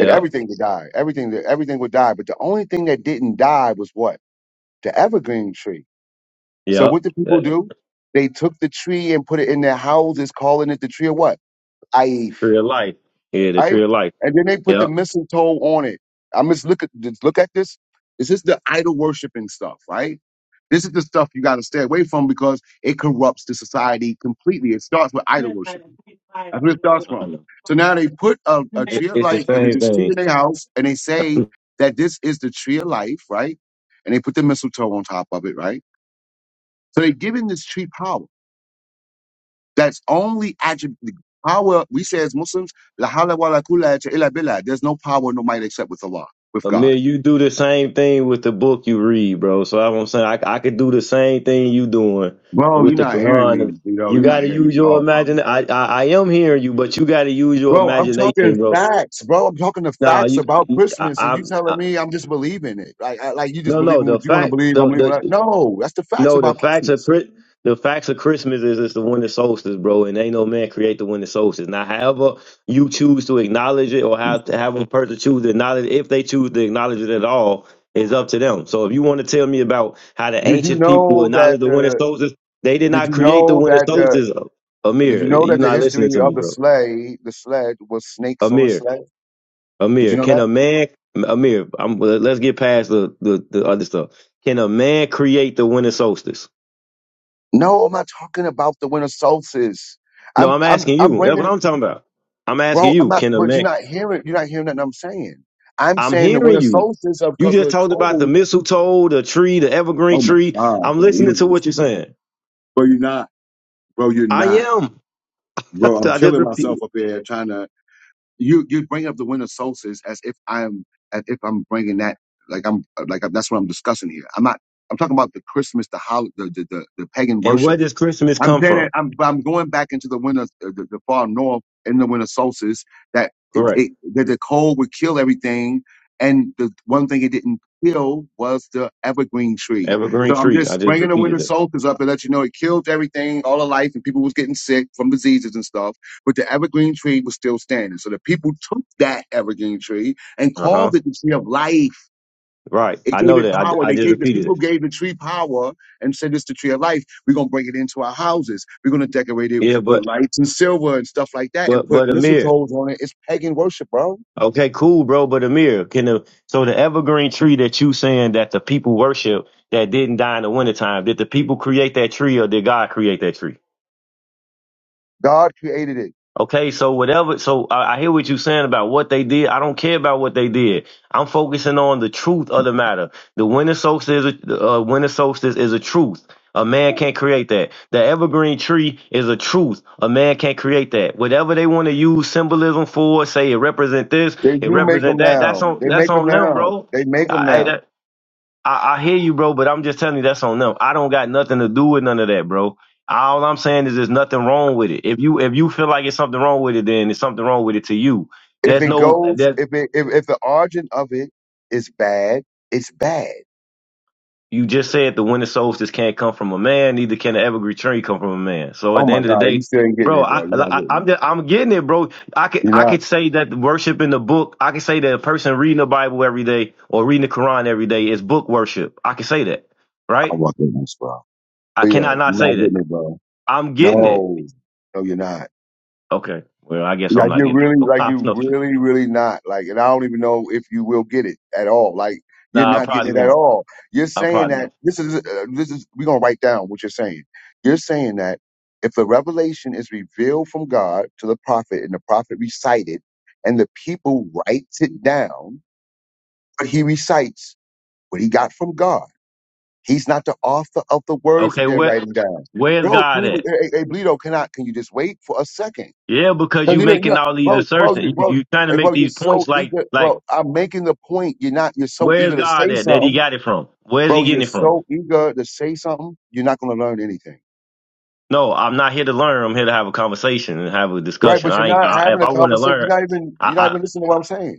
S1: And everything would die. Everything everything would die. But the only thing that didn't die was what? The evergreen tree So what
S4: yep.
S1: did people
S4: The
S1: do? They took the tree and put it in their houses, calling it the tree of what? Aif.
S4: tree of life. Yeah, the
S1: Right?
S4: tree of life.
S1: And then they put the
S4: Yep.
S1: mistletoe on it. I'm just look at just look at this. This is the idol worshiping stuff, right? This is the stuff you gotta stay away from because it corrupts the society completely. It starts with idol
S4: I
S1: worshiping. That's where it starts from.
S4: know.
S1: So now they put a, a
S4: It,
S1: tree of
S4: it's the
S1: life, uh,
S4: same
S1: this tree
S4: thing.
S1: in their house, and they say that this is the tree of life, right? And they put the mistletoe on top of it, right? So they're giving this tree power. That's only attrib- the power we say as Muslims, la hawla wa la quwwata illa billah. There's no power, no might except with Allah, with God.
S4: Amir, you do the same thing with the book you read, bro. So I'm saying I, I could do the same thing you doing
S1: Bro, you're
S4: with the
S1: not hearing me,
S4: Quran.
S1: Vito.
S4: You
S1: You're
S4: got
S1: not
S4: to
S1: hearing me
S4: use
S1: at
S4: your
S1: all, bro.
S4: imagination. I, I I am hearing you, but you got to use your
S1: Bro, I'm talking
S4: imagination, bro.
S1: facts, bro. I'm talking the
S4: No,
S1: facts
S4: you,
S1: about
S4: you I,
S1: Christmas, and
S4: I,
S1: you telling
S4: I
S1: me I'm just believing it. Like, I, like you just
S4: no no
S1: believing
S4: the
S1: what you want to
S4: fact
S1: believe. I'm
S4: the,
S1: believing
S4: the
S1: that. No, that's the facts
S4: No, the
S1: about
S4: facts of
S1: Christmas.
S4: Chri- the facts of Christmas is it's the winter solstice, bro, and ain't no man create the winter solstice. Now, however you choose to acknowledge it, or how have a person choose to acknowledge, if they choose to acknowledge it at all, is up to them. So, if you want to tell me about how the
S1: Did you
S4: ancient people
S1: know that
S4: acknowledged the winter
S1: the?
S4: solstice, they did
S1: Did
S4: not
S1: you
S4: create the
S1: know
S4: winter
S1: that the?
S4: solstice.
S1: Did you
S4: Amir,
S1: know that
S4: you're
S1: the
S4: not
S1: history
S4: listening to
S1: of
S4: me,
S1: the
S4: bro.
S1: sleigh, the sled, was snakes on the
S4: Amir,
S1: sled? Did you
S4: Amir,
S1: know that?
S4: can a man, Amir, I'm, let's get past the, the the other stuff. Can a man create the winter solstice?
S1: No, I'm not talking about the winter solstice.
S4: No,
S1: I'm
S4: I'm
S1: I'm
S4: asking
S1: I'm
S4: you. That's what
S1: bringing,
S4: I'm talking about. I'm
S1: bro.
S4: asking
S1: I'm
S4: you,
S1: not,
S4: can a
S1: but you're
S4: man?
S1: not hearing. You're not hearing nothing I'm saying. I'm
S4: I'm
S1: saying the
S4: hearing
S1: winter
S4: you.
S1: solstice of
S4: You
S1: because of
S4: just
S1: the
S4: talked about the
S1: cold.
S4: mistletoe, the tree, the evergreen
S1: Oh my
S4: tree.
S1: god,
S4: I'm
S1: bro, you
S4: listening
S1: don't
S4: to what you're
S1: understand.
S4: saying.
S1: Bro, you're not, bro. You're
S4: I
S1: not,
S4: am.
S1: bro. I'm
S4: I just
S1: killing
S4: repeated.
S1: myself up here trying to. You you bring up the winter solstice as if I'm as if I'm bringing that like I'm like that's what I'm discussing here. I'm not. I'm talking about the Christmas, the hol the the the, the pagan
S4: And
S1: worship.
S4: where does Christmas
S1: I'm
S4: come
S1: saying
S4: from?
S1: that I'm but I'm going back into the winter, uh, the, the far north in the winter solstice. That it,
S4: Correct.
S1: it, that the cold would kill everything, and the one thing it didn't kill was the evergreen tree.
S4: Evergreen
S1: So I'm
S4: tree. I
S1: just
S4: just
S1: bringing the winter
S4: repeated it.
S1: solstice up to let you know it killed everything, all of life, and people was getting sick from diseases and stuff. But the evergreen tree was still standing. So the people took that evergreen tree and
S4: Uh huh.
S1: called it the tree of life.
S4: Right.
S1: They
S4: I
S1: gave
S4: know
S1: it
S4: that. I,
S1: power.
S4: I
S1: They
S4: just
S1: gave the
S4: repeated
S1: people
S4: it.
S1: gave the tree power and said it's the tree of life. We're gonna bring it into our houses. We're gonna decorate it
S4: Yeah,
S1: with
S4: but
S1: lights and silver and stuff like that, and
S4: but
S1: put
S4: but Amir,
S1: mistletoes on it. It's pagan worship, bro.
S4: Okay, cool, bro. But Amir, can the so the evergreen tree that you saying that the people worship that didn't die in the wintertime, did the people create that tree or did God create that tree?
S1: God created it.
S4: Okay, so whatever, so I, I hear what you're saying about what they did. I don't care about what they did. I'm focusing on the truth of the matter. The winter solstice, is a, uh, winter solstice is a truth. A man can't create that. The evergreen tree is a truth. A man can't create that. Whatever they want to use symbolism for, say it represent this,
S1: They
S4: it
S1: do make them
S4: represent that.
S1: now.
S4: That's on
S1: They
S4: that's
S1: make them
S4: on them,
S1: now.
S4: bro.
S1: They make them
S4: I, I-
S1: now.
S4: that- I, I hear you, bro, but I'm just telling you that's on them. I don't got nothing to do with none of that, bro. All I'm saying is there's nothing wrong with it. If you if you feel like it's something wrong with it, then it's something wrong with it to you.
S1: If
S4: There's
S1: it
S4: no
S1: goes,
S4: that
S1: if it, if, if the origin of it is bad, it's bad.
S4: you just said the winter solstice can't come from a man, neither can the evergreen tree come from a man. So
S1: Oh
S4: at the
S1: my
S4: end of the
S1: God, you
S4: day,
S1: still ain't getting
S4: bro,
S1: it, bro.
S4: I,
S1: You're
S4: like,
S1: not
S4: I I'm
S1: getting
S4: just, I'm getting it, bro. I
S1: it.
S4: could
S1: You're
S4: I
S1: not.
S4: could say that worship in the book. I could say that a person reading the Bible every day or reading the Quran every day is book worship. I could say that,
S1: I'm
S4: right?
S1: walking this, bro.
S4: I
S1: But
S4: cannot
S1: yo,
S4: not
S1: you're not
S4: say that.
S1: getting it, bro.
S4: I'm getting it.
S1: No, no, you're not.
S4: Okay. Well, I guess I'm
S1: Like
S4: not
S1: you're
S4: getting.
S1: really,
S4: it.
S1: like
S4: I
S1: you
S4: don't know.
S1: really, really not. Like, and I don't even know if you will get it at all. Like,
S4: No,
S1: you're
S4: I
S1: not getting
S4: probably
S1: it at
S4: won't.
S1: all. You're
S4: I
S1: saying
S4: probably
S1: that
S4: won't.
S1: this is, uh, this is, we're going to write down what you're saying. You're saying that if the revelation is revealed from God to the prophet and the prophet recited and the people writes it down, but he recites what he got from God. He's not the author of the words that
S4: Okay.
S1: they're
S4: Where
S1: writing down.
S4: Where's
S1: Bro, can
S4: God
S1: you,
S4: at?
S1: hey, hey, hey, Bleedo, can I, can you just wait for a second?
S4: Yeah, because
S1: Cause
S4: you
S1: you know, you
S4: making
S1: know,
S4: all these
S1: bro, bro,
S4: assertions.
S1: you-
S4: You
S1: bro,
S4: you trying to
S1: hey,
S4: make
S1: bro, you're
S4: these points
S1: so
S4: like
S1: eager,
S4: like
S1: bro. I'm making the point. You're not. You're so
S4: where's
S1: eager to say
S4: God at that he
S1: something,
S4: got it from? Where's he
S1: bro. You're
S4: getting it from?
S1: so eager to say something. You're not gonna learn anything,
S4: No, I'm not here to learn. I'm here to have a conversation and have a
S1: right?
S4: discussion.
S1: But you're
S4: I ain't.
S1: not
S4: I,
S1: having
S4: if
S1: a
S4: I want to
S1: conversation.
S4: learn,
S1: You're not even. You're not
S4: I.
S1: even listening to what I'm saying.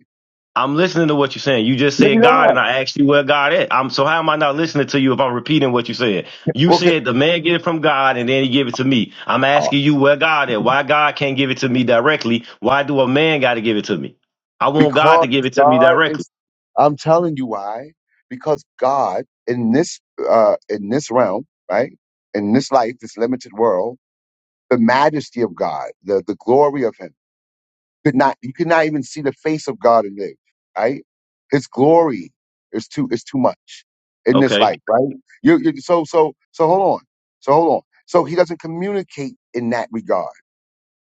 S4: I'm listening to what you're saying. You just
S1: Maybe
S4: said God,
S1: not.
S4: and I asked you where God is. I'm so how am I not listening to you if I'm repeating what you said? You
S1: Okay,
S4: said the man get it from God, and then he give it to me. I'm
S1: uh,
S4: asking you where God is. Why God can't give it to me directly? Why do a man got to give it to me? I want God
S1: because
S4: to give it to me
S1: God
S4: directly.
S1: is. I'm telling you why. Because God in this uh in this realm, right? In this life, this limited world, the majesty of God, the the glory of Him could not you could not even see the face of God and live, right? His glory is too is too much in this
S4: Okay,
S1: life, right? You you so so so hold on. So hold on. So he doesn't communicate in that regard.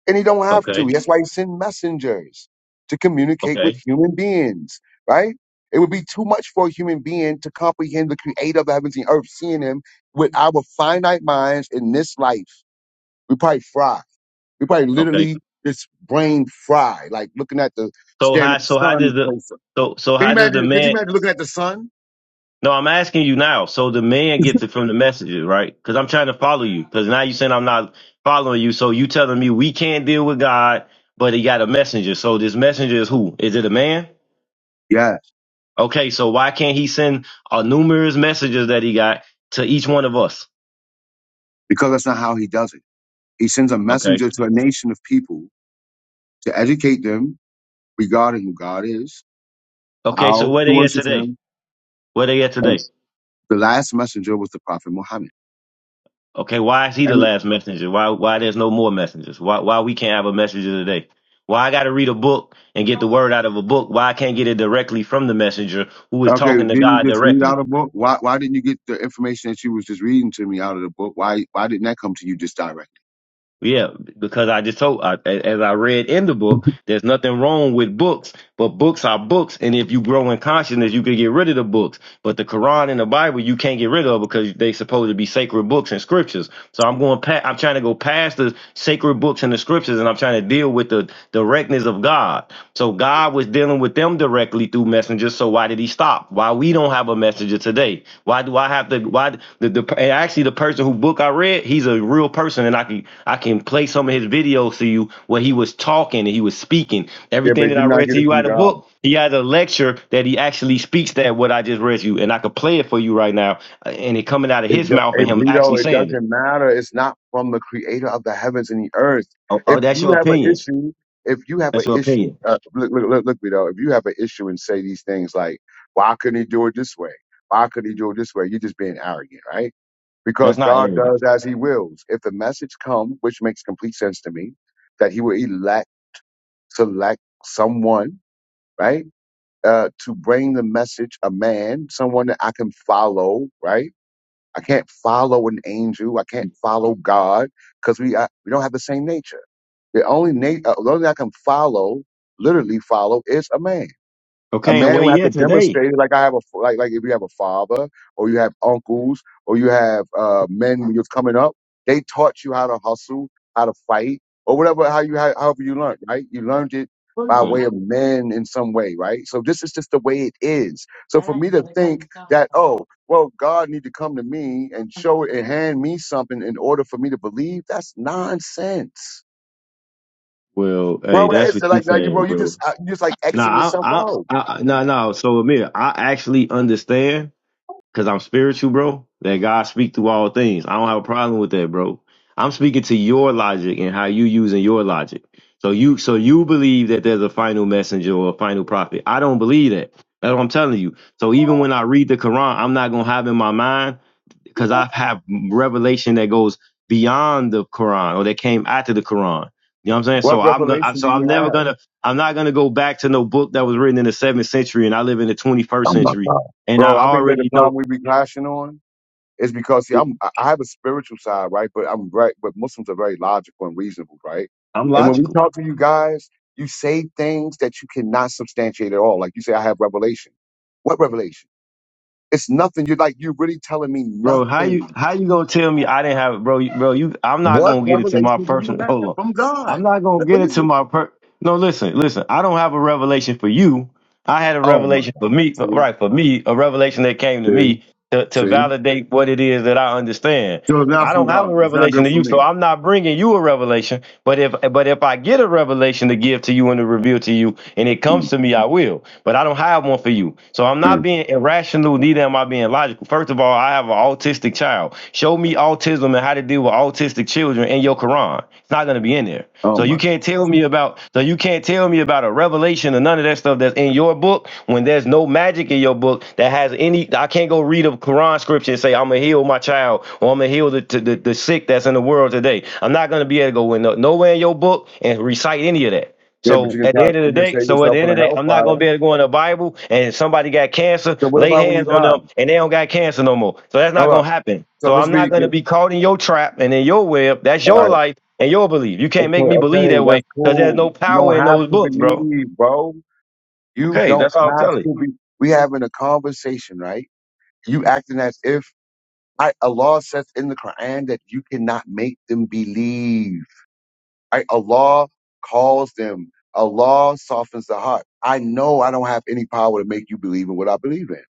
S1: And he don't have to.
S4: okay,
S1: That's why he sent messengers to communicate with
S4: okay,
S1: human beings, right? It would be too much for a human being to comprehend the creator of the heavens and earth, seeing him with our finite minds in this life. We probably fry. We probably
S4: okay.
S1: literally just brain fried, like looking at the
S4: So
S1: staring at
S4: how
S1: the
S4: so how
S1: sun.
S4: does the
S1: closer.
S4: so so
S1: Can you
S4: how does the
S1: imagine? Could you
S4: man
S1: imagine looking at the sun?
S4: No, I'm asking you now. So the man gets it from the messages, right? Because I'm trying to follow you. Because now you saying I'm not following you. So you telling me we can't deal with God, but he got a messenger. So this messenger is who? Is it a man?
S1: Yeah,
S4: Okay, so why can't he send uh, numerous messages that he got to each one of us?
S1: because that's not how he does it. He sends a
S4: Okay.
S1: messenger to a nation of people to educate them regarding who God is,
S4: Okay,
S1: how
S4: so where
S1: to
S4: they at
S1: worship
S4: today?
S1: Him,
S4: Where they at
S1: and
S4: today?
S1: the last messenger was the Prophet Muhammad.
S4: Okay, why is he the
S1: And
S4: last messenger? Why why there's no more messengers? Why why we can't have a messenger today? Why I got to read a book and get the word out of a book? Why I can't get it directly from the messenger who is
S1: okay,
S4: talking to
S1: didn't you
S4: God
S1: just read
S4: directly?
S1: out a book? Why why didn't you get the information that you was just reading to me out of the book? Why why didn't that come to you just directly?
S4: Yeah, because I just told, I, a- as I read in the book, there's nothing wrong with books, but books are books. And if you grow in consciousness, you can get rid of the books. But the Quran and the Bible, you can't get rid of because they supposed to be sacred books and scriptures. So I'm going, pa- I'm trying to go past the sacred books and the scriptures, and I'm trying to deal with the directness of God. So God was dealing with them directly through messengers. So why did he stop? Why we don't have a messenger today? Why do I have to? Why the, the and actually the person who book I read, he's a real person, and I can I can play some of his videos to you where he was talking and he was speaking.
S1: Yeah, but
S4: Everything
S1: you
S4: that I
S1: did not
S4: read
S1: get
S4: to
S1: it
S4: you
S1: from
S4: out of the
S1: God.
S4: book, he has a lecture that he actually speaks that what I just read to you, and I could play it for you right now, uh, and it coming out of
S1: It,
S4: his
S1: do-
S4: mouth and
S1: it,
S4: him actually
S1: Bleedo, it
S4: saying it.
S1: doesn't matter. It's not from the creator of the heavens and the earth.
S4: Oh,
S1: If
S4: oh that's
S1: you
S4: your
S1: have an
S4: opinion.
S1: issue, if you have an
S4: That's your
S1: issue,
S4: opinion.
S1: uh, look, look, look, look, Bleedo, if you have an issue and say these things like, why couldn't he do it this way? Why could he do it this way? You're just being arrogant, right? Because
S4: That's not
S1: God
S4: arrogance.
S1: does as he wills. If the message comes, which makes complete sense to me, that he will elect, select someone, right? Uh, to bring the message, a man, someone that I can follow, right? I can't follow an angel. I can't follow God because we uh, we don't have the same nature. The only na- uh, the only thing I can follow, literally follow, is a man. A
S4: Okay, and
S1: man
S4: where
S1: will have
S4: you
S1: to
S4: at today?
S1: demonstrate it, like I have a like like if you have a father or you have uncles or you have uh, men when you're coming up, they taught you how to hustle, how to fight, or whatever how you how, however you learned, right? You learned it
S4: Where
S1: by
S4: you at?
S1: way of men in some way, right? So this is just the way it is. So for me to think that oh well God need to come to me and show and hand me something in order for me to believe, that's nonsense.
S4: Well, hey,
S1: Bro, that
S4: that's
S1: is
S4: what you
S1: like, like you,
S4: saying,
S1: bro, you
S4: bro.
S1: just uh, you just like Xing
S4: Nah,
S1: yourself
S4: I, I,
S1: out.
S4: I, nah, nah. So Amir, I actually understand because I'm spiritual, bro. That God speak through all things. I don't have a problem with that, bro. I'm speaking to your logic and how you using your logic. So you, so you believe that there's a final messenger or a final prophet. I don't believe that. That's what I'm telling you. So even when I read the Quran, I'm not gonna have in my mind because I've had revelation that goes beyond the Quran or that came after the Quran. You know what I'm saying?
S1: What
S4: So I'm gonna,
S1: revelation do
S4: so
S1: you
S4: I'm never
S1: have?
S4: gonna, I'm not gonna go back to no book that was written in the seventh century, and I live in the 21st
S1: Oh my
S4: century,
S1: God.
S4: and I
S1: Bro, I think that the
S4: already
S1: problem
S4: know
S1: we be clashing on is because see,
S4: it,
S1: I'm I I have a spiritual side, right? But I'm right but Muslims are very logical and reasonable, right?
S4: I'm
S1: And when we
S4: logical.
S1: talk to you guys, you say things that you cannot substantiate at all. Like you say, I have revelation. What revelation? It's nothing. You're like you're really telling me
S4: Bro, how you
S1: nothing.
S4: how you gonna tell me I didn't have it, bro? You, bro, you I'm not
S1: What
S4: gonna get it to my
S1: revelation do you
S4: personal.
S1: have
S4: Hold on,
S1: from
S4: I'm
S1: God?
S4: not gonna
S1: What
S4: get
S1: what
S4: it
S1: is
S4: to
S1: it?
S4: my per. No, listen, listen. I don't have a revelation for you. I had a
S1: Oh my
S4: revelation
S1: God.
S4: for me,
S1: See,
S4: right? For me, a revelation that came to
S1: see,
S4: me to, to
S1: see.
S4: validate what it is that I understand.
S1: So it's not
S4: I
S1: from
S4: don't have
S1: God.
S4: a
S1: It's not
S4: revelation
S1: good
S4: to
S1: for
S4: you,
S1: me.
S4: so I'm not bringing you a revelation. But if but if I get a revelation to give to you and to reveal to you, and it comes
S1: Mm,
S4: to me, I will. But I don't have one for you. So I'm not
S1: mm.
S4: being irrational, neither am I being logical. First of all, I have an autistic child. Show me autism and how to deal with autistic children in your Quran. It's not gonna be in there.
S1: Oh
S4: So
S1: my
S4: you can't tell me about so you can't tell me about a revelation or none of that stuff that's in your book when there's no magic in your book that has any. I can't go read a Quran scripture and say I'm gonna heal my child or I'm gonna heal the the, the sick that's in the world today. I'm not gonna be able to go in no, nowhere in your book and recite any of that.
S1: Yeah, but you
S4: So
S1: can
S4: at the
S1: tell,
S4: end of the
S1: you can
S4: day,
S1: save
S4: so at the
S1: yourself in
S4: end of
S1: a
S4: the day, I'm not gonna
S1: hellfire.
S4: be able to go in the Bible and somebody got cancer,
S1: So what
S4: lay
S1: about when you
S4: hands on
S1: die?
S4: them and they don't got cancer no more. So that's not
S1: Hold up.
S4: gonna happen.
S1: So
S4: So
S1: let's
S4: I'm not
S1: be
S4: gonna be caught in your trap and in your web. That's
S1: all
S4: your
S1: right.
S4: life and your belief. You
S1: Okay,
S4: can't make me believe
S1: okay,
S4: that way
S1: that's
S4: because there's
S1: cool.
S4: no
S1: You
S4: power
S1: don't
S4: in
S1: have
S4: those
S1: to
S4: books, bro.
S1: believe, bro. You
S4: Okay,
S1: don't
S4: that's all I'm
S1: have
S4: telling you.
S1: to be. We having a conversation, right? You acting as if I, Allah says in the Quran that you cannot make them believe. Right? Allah calls them. Allah softens the heart. I know I don't have any power to make you believe in what I believe in.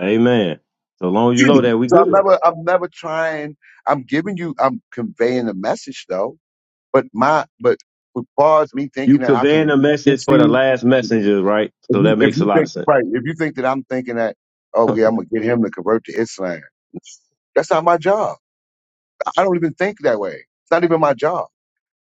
S4: Amen. So long as you know that, we
S1: So I'm
S4: good.
S1: never, I'm never trying. I'm giving you, I'm conveying a message though. But my, but as far as me
S4: You
S1: thinking that I
S4: conveying
S1: can
S4: a
S1: get
S4: message for the
S1: you,
S4: last messengers, right?
S1: if
S4: So that
S1: you, if
S4: makes a
S1: you
S4: lot of
S1: think,
S4: sense.
S1: right, if you think that I'm thinking that, oh yeah, I'm gonna get him to convert to Islam. That's not my job. I don't even think that way. It's not even my job.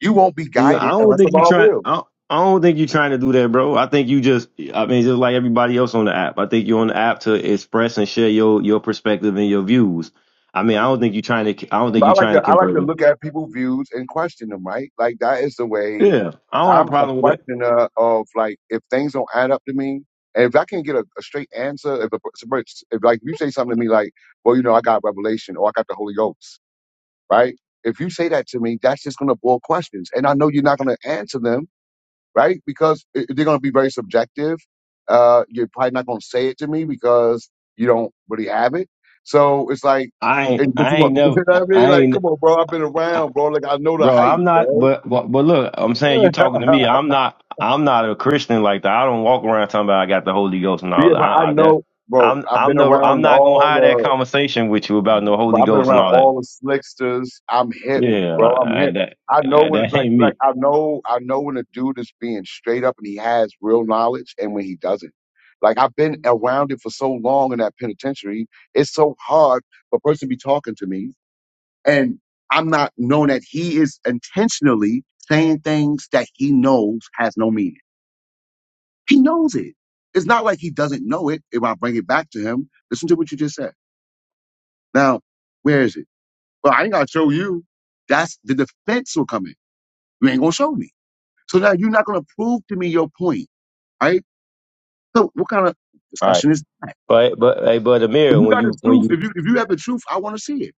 S1: You won't be
S4: No, I
S1: guided
S4: don't
S1: unless
S4: think you
S1: Allah
S4: trying.
S1: will.
S4: I don't I don't think you're trying to do that, bro. I think you just, I mean, just like everybody else on the app. I think you're on the app to express and share your your perspective and your views. I mean, I don't think you're trying to. I don't think
S1: But I
S4: you're
S1: like
S4: trying to
S1: to I like
S4: convert
S1: to
S4: me.
S1: look at people's views and question them, right? Like that is the way
S4: Yeah, I don't have a
S1: I'm a
S4: problem with it.
S1: questioner of like if things don't add up to me, and if I can get a, a straight answer, if a, per- if like you say something to me like, well, you know, I got revelation or I got the Holy Ghost, right? If you say that to me, that's just gonna boil questions, and I know you're not gonna answer them right? Because it- they're going to be very subjective. Uh, you're probably not going to say it to me because you don't really have it. So it's like,
S4: I
S1: and,
S4: ain't.
S1: but
S4: I
S1: you
S4: ain't
S1: want, you
S4: never.
S1: know what I mean?
S4: I
S1: Like, come
S4: ain't.
S1: on, bro, I've been around, bro. Like, I know the
S4: Bro,
S1: hype,
S4: I'm not,
S1: bro.
S4: but, but but look, I'm saying you talking to me. I'm not, I'm not a Christian like that. I don't walk around talking about I got the Holy Ghost and all
S1: Yeah,
S4: that.
S1: but I
S4: I, I, that
S1: know, bro,
S4: I'm,
S1: I've
S4: I'm
S1: been
S4: never, I'm
S1: around
S4: not gonna have
S1: all
S4: that conversation with you about no
S1: But
S4: Holy
S1: I've been
S4: Ghost and
S1: around
S4: all that.
S1: all the slicksters. I'm hip,
S4: Yeah,
S1: bro. I'm
S4: I, I,
S1: hip.
S4: that,
S1: I know
S4: that
S1: when,
S4: that
S1: like,
S4: ain't
S1: like
S4: me.
S1: I know, I know when a dude is being straight up and he has real knowledge, and when he doesn't. Like I've been around it for so long in that penitentiary, it's so hard for a person to be talking to me, and I'm not knowing that he is intentionally saying things that he knows has no meaning. He knows it. It's not like he doesn't know it. If I bring it back to him, listen to what you just said. Now, where is it? Well, I ain't gotta show you. That's the defense will come in. You ain't gonna show me. So now you're not gonna prove to me your point, right? So what kind of
S4: All right,
S1: discussion is that?
S4: but but hey, but
S1: If
S4: Amir,
S1: you
S4: when
S1: got the
S4: you when
S1: truth,
S4: you
S1: if you if you have the truth, I want to see it.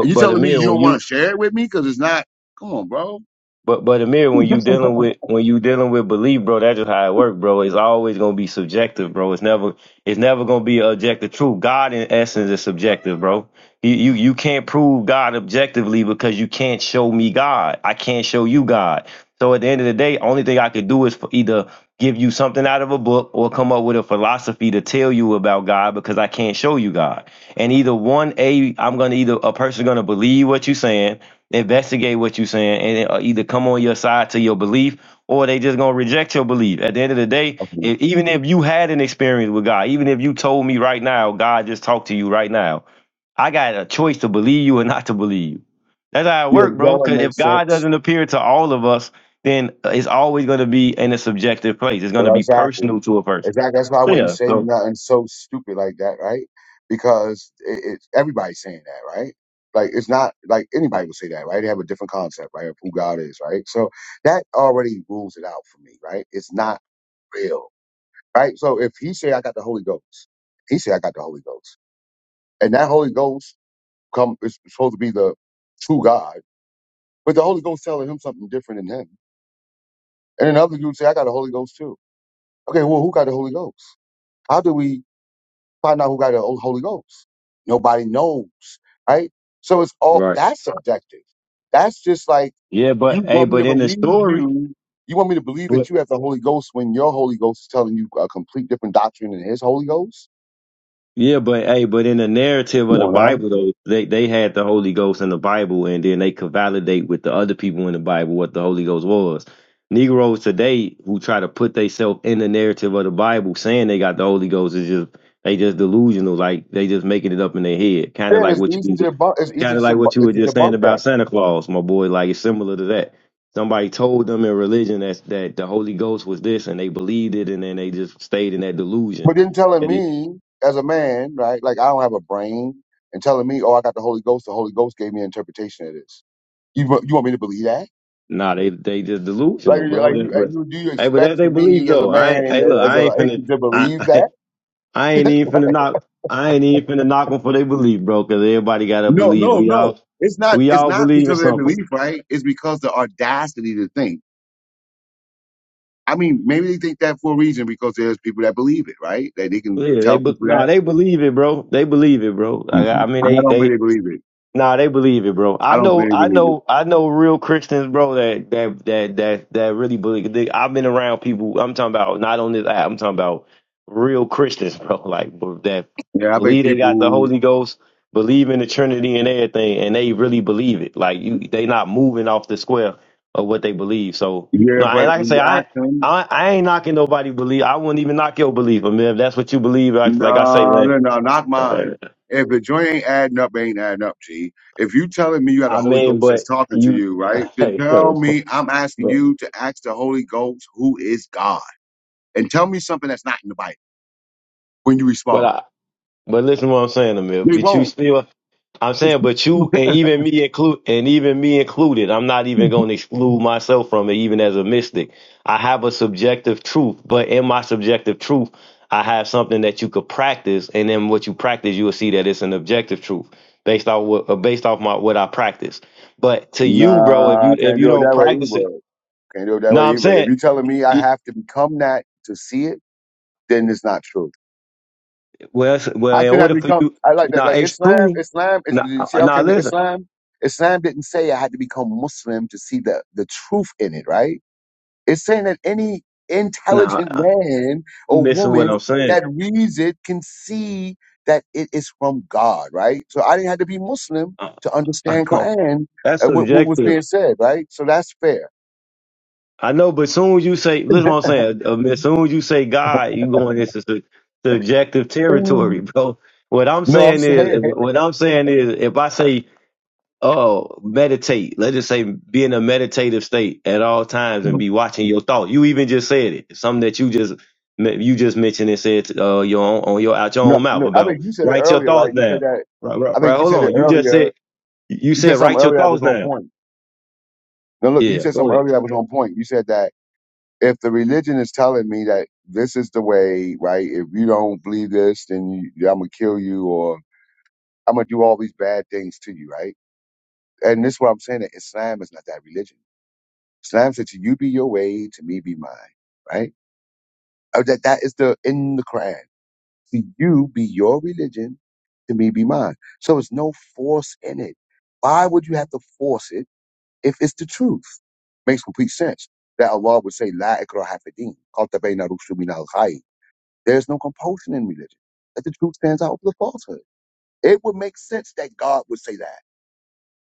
S1: And you
S4: but
S1: telling me
S4: Amir,
S1: you
S4: when
S1: don't want to
S4: you
S1: share it with me because it's not. Come on, bro.
S4: But but Amir, when you dealing with when you dealing with belief, bro, that's just how it works, bro. It's always gonna be subjective, bro. It's never it's never gonna be objective truth. God in essence is subjective, bro. You you you can't prove God objectively because you can't show me God. I can't show you God. So at the end of the day, only thing I could do is for either give you something out of a book or come up with a philosophy to tell you about God because I can't show you God. And either one, a I'm gonna either a person gonna believe what you're saying investigate what you're saying and uh, either come on your side to your belief or they just gonna reject your belief at the end of the day
S1: Okay.
S4: if, even if you had an experience with god even if you told me right now god just talked to you right now i got a choice to believe you or not to believe you. that's how it
S1: yeah,
S4: works
S1: that
S4: bro
S1: one
S4: because if
S1: makes
S4: god
S1: sense.
S4: doesn't appear to all of us then it's always going to be in a subjective place it's going to
S1: Yeah,
S4: be
S1: Exactly.
S4: personal to a person
S1: Exactly. That's why I wouldn't
S4: yeah
S1: say
S4: so
S1: nothing so stupid like that, right? Because it, it's everybody's saying that, right? Like it's not like anybody would say that, right? They have a different concept, right, of who God is, right? So that already rules it out for me, right? It's not real, right? So if he say I got the Holy Ghost, he say I got the Holy Ghost, and that Holy Ghost come is supposed to be the true God, but the Holy Ghost telling him something different than him, and then other dude say I got the Holy Ghost too. Okay, well who got the Holy Ghost? How do we find out who got the Holy Ghost. Nobody knows, right? So it's all
S4: Right.
S1: that's subjective. That's just like
S4: yeah
S1: you
S4: but hey
S1: want me
S4: but
S1: to
S4: in the
S1: believe
S4: story
S1: you. You want me to believe
S4: but
S1: that you have the Holy Ghost when your Holy Ghost is telling you a complete different doctrine than His Holy Ghost.
S4: Yeah, but hey, but in the narrative
S1: Come
S4: of the
S1: on now.
S4: Bible though, they they had the Holy Ghost in the Bible and then they could validate with the other people in the Bible what the Holy Ghost was. Negroes today who try to put themselves in the narrative of the Bible saying they got the Holy Ghost is just they just delusional, like they just making it up in their head. Kinda
S1: Then
S4: like
S1: it's
S4: what
S1: easy
S4: you
S1: to debunk. It's easy
S4: kind of
S1: to,
S4: like
S1: debunk,
S4: what you
S1: to
S4: were just saying
S1: debunk
S4: about
S1: that.
S4: Santa Claus, my boy. Like it's similar to that. Somebody told them in religion that that the Holy Ghost was this, and they believed it, and then they just stayed in that delusion.
S1: But then telling me as a man, right? Like I don't have a brain, and telling me, oh, I got the Holy Ghost. The Holy Ghost gave me an interpretation of this. You wa- you want me to believe that?
S4: Nah, they they just
S1: Like,
S4: delusional,
S1: you-
S4: bro.
S1: like
S4: That-
S1: you, uh,
S4: But
S1: you, do you
S4: hey, but that
S1: expect
S4: they
S1: for
S4: believe
S1: me as a
S4: though. I ain't
S1: man,
S4: hey look,
S1: a- as
S4: I
S1: a
S4: ain't finna
S1: atheist, to
S4: I,
S1: believe
S4: I
S1: that?
S4: I ain't even finna knock I ain't even finna knock them for they believe, bro. Cause everybody gotta
S1: No,
S4: believe.
S1: no,
S4: We
S1: no.
S4: all
S1: It's not.
S4: we
S1: It's
S4: all
S1: not
S4: believe in
S1: because of their
S4: something.
S1: belief, right? It's because the audacity to think. I mean, maybe they think that for a reason because there's people that believe it, right? That they can
S4: Yeah, they
S1: tell
S4: but
S1: people
S4: nah,
S1: that.
S4: they believe it, bro. They believe it, bro. I
S1: Mhm.
S4: I mean
S1: I
S4: they
S1: don't
S4: they
S1: think they believe it.
S4: Nah, they believe it, bro.
S1: I
S4: I
S1: don't
S4: know,
S1: think they
S4: I
S1: believe it.
S4: know, I know real Christians, bro. That that that that that really believe. They, I've been around people. I'm talking about not on this app. I'm talking about real Christians, bro. Like bro, that
S1: Yeah, I think
S4: believe they got the
S1: people.
S4: Holy Ghost, believe in the Trinity and everything, and they really believe it. Like you, they not moving off the square of what they believe. So
S1: Yeah,
S4: no, and
S1: but
S4: like I
S1: when
S4: say,
S1: you
S4: I.
S1: ask them.
S4: I, I ain't knocking nobody belief. I wouldn't even knock your belief. I mean, if that's what you believe, like, like I say,
S1: No,
S4: man.
S1: no, no, not
S4: uh,
S1: mine. If the joint ain't adding up, it ain't adding up, G. If you telling me you got a
S4: I
S1: Holy
S4: mean,
S1: Ghost that's
S4: but
S1: talking to
S4: you,
S1: you, right? Then
S4: hey, yo,
S1: tell me, I'm asking
S4: But
S1: you to ask the Holy Ghost who is God. And tell me something that's not in the Bible when you
S4: but
S1: respond.
S4: I but listen to what I'm saying, Amir.
S1: They
S4: But you
S1: won't.
S4: still I'm saying, but you and even me include and even me included, I'm not even gonna exclude myself from it, even as a mystic. I have a subjective truth, but in my subjective truth, I have something that you could practice, and then what you practice, you will see that it's an objective truth based off what uh, based off my what I practice. But to you, bro, if you
S1: Nah,
S4: if
S1: can't
S4: you
S1: do it
S4: don't
S1: that way
S4: practice it,
S1: either. Can't do it that
S4: no,
S1: way
S4: I'm
S1: either. If
S4: saying,
S1: you telling me I
S4: it-
S1: have to become that to see it, then it's not true.
S4: well, it's- well,
S1: How
S4: in
S1: can that
S4: order for
S1: become?
S4: you,
S1: I like that.
S4: now
S1: Like
S4: it's
S1: Islam,
S4: true.
S1: Islam. Is,
S4: Now,
S1: you see,
S4: uh,
S1: how
S4: now
S1: can
S4: listen.
S1: Islam? Islam didn't say I had to become Muslim to see the the truth in it, right? It's saying that any
S4: Nah,
S1: intelligent
S4: I-
S1: man
S4: you
S1: or
S4: missing what
S1: woman
S4: I'm saying.
S1: that reads it can see that it is from God, right? So I didn't have to be Muslim
S4: Uh,
S1: to
S4: I
S1: understand
S4: don't-
S1: Quran,
S4: That's
S1: uh, what, what was
S4: subjective.
S1: being said, right? So that's fair.
S4: I know, but soon as you say, listen, to what I'm saying. uh, As soon as you say God, you going into su- subjective territory,
S1: Mm.
S4: bro. What I'm
S1: No, I'm
S4: saying is,
S1: saying
S4: what I'm saying is, if I say, oh, meditate, let's just say be in a meditative state at all times and be watching your thought. You even just said it, It's something that you just you just mentioned and said uh, your own, on your out your
S1: no,
S4: own mouth
S1: no. I think
S4: about
S1: you said it
S4: write your
S1: earlier, right?
S4: thoughts
S1: You said
S4: down.
S1: that.
S4: Right, right,
S1: I think
S4: right.
S1: you
S4: Hold
S1: said it
S4: on. You just
S1: earlier
S4: said You
S1: You
S4: said
S1: said something
S4: write your
S1: earlier that was
S4: thoughts
S1: on
S4: down.
S1: point. Now look, you
S4: Yeah,
S1: said
S4: go
S1: something
S4: ahead.
S1: earlier that was on point. You said that if the religion is telling me that this is the way, right? If you don't believe this, then you, I'm gonna kill you, or I'm gonna do all these bad things to you, right? And this is what I'm saying that Islam is not that religion. Islam said to you be your way, to me be mine, right? Uh, That that is the in the Quran. To you be your religion, to me be mine. So it's no force in it. Why would you have to force it? if it's the truth. Makes complete sense that Allah would say, La ikrah hafidin, There's no compulsion in religion. That the truth stands out over the falsehood. It would make sense that God would say that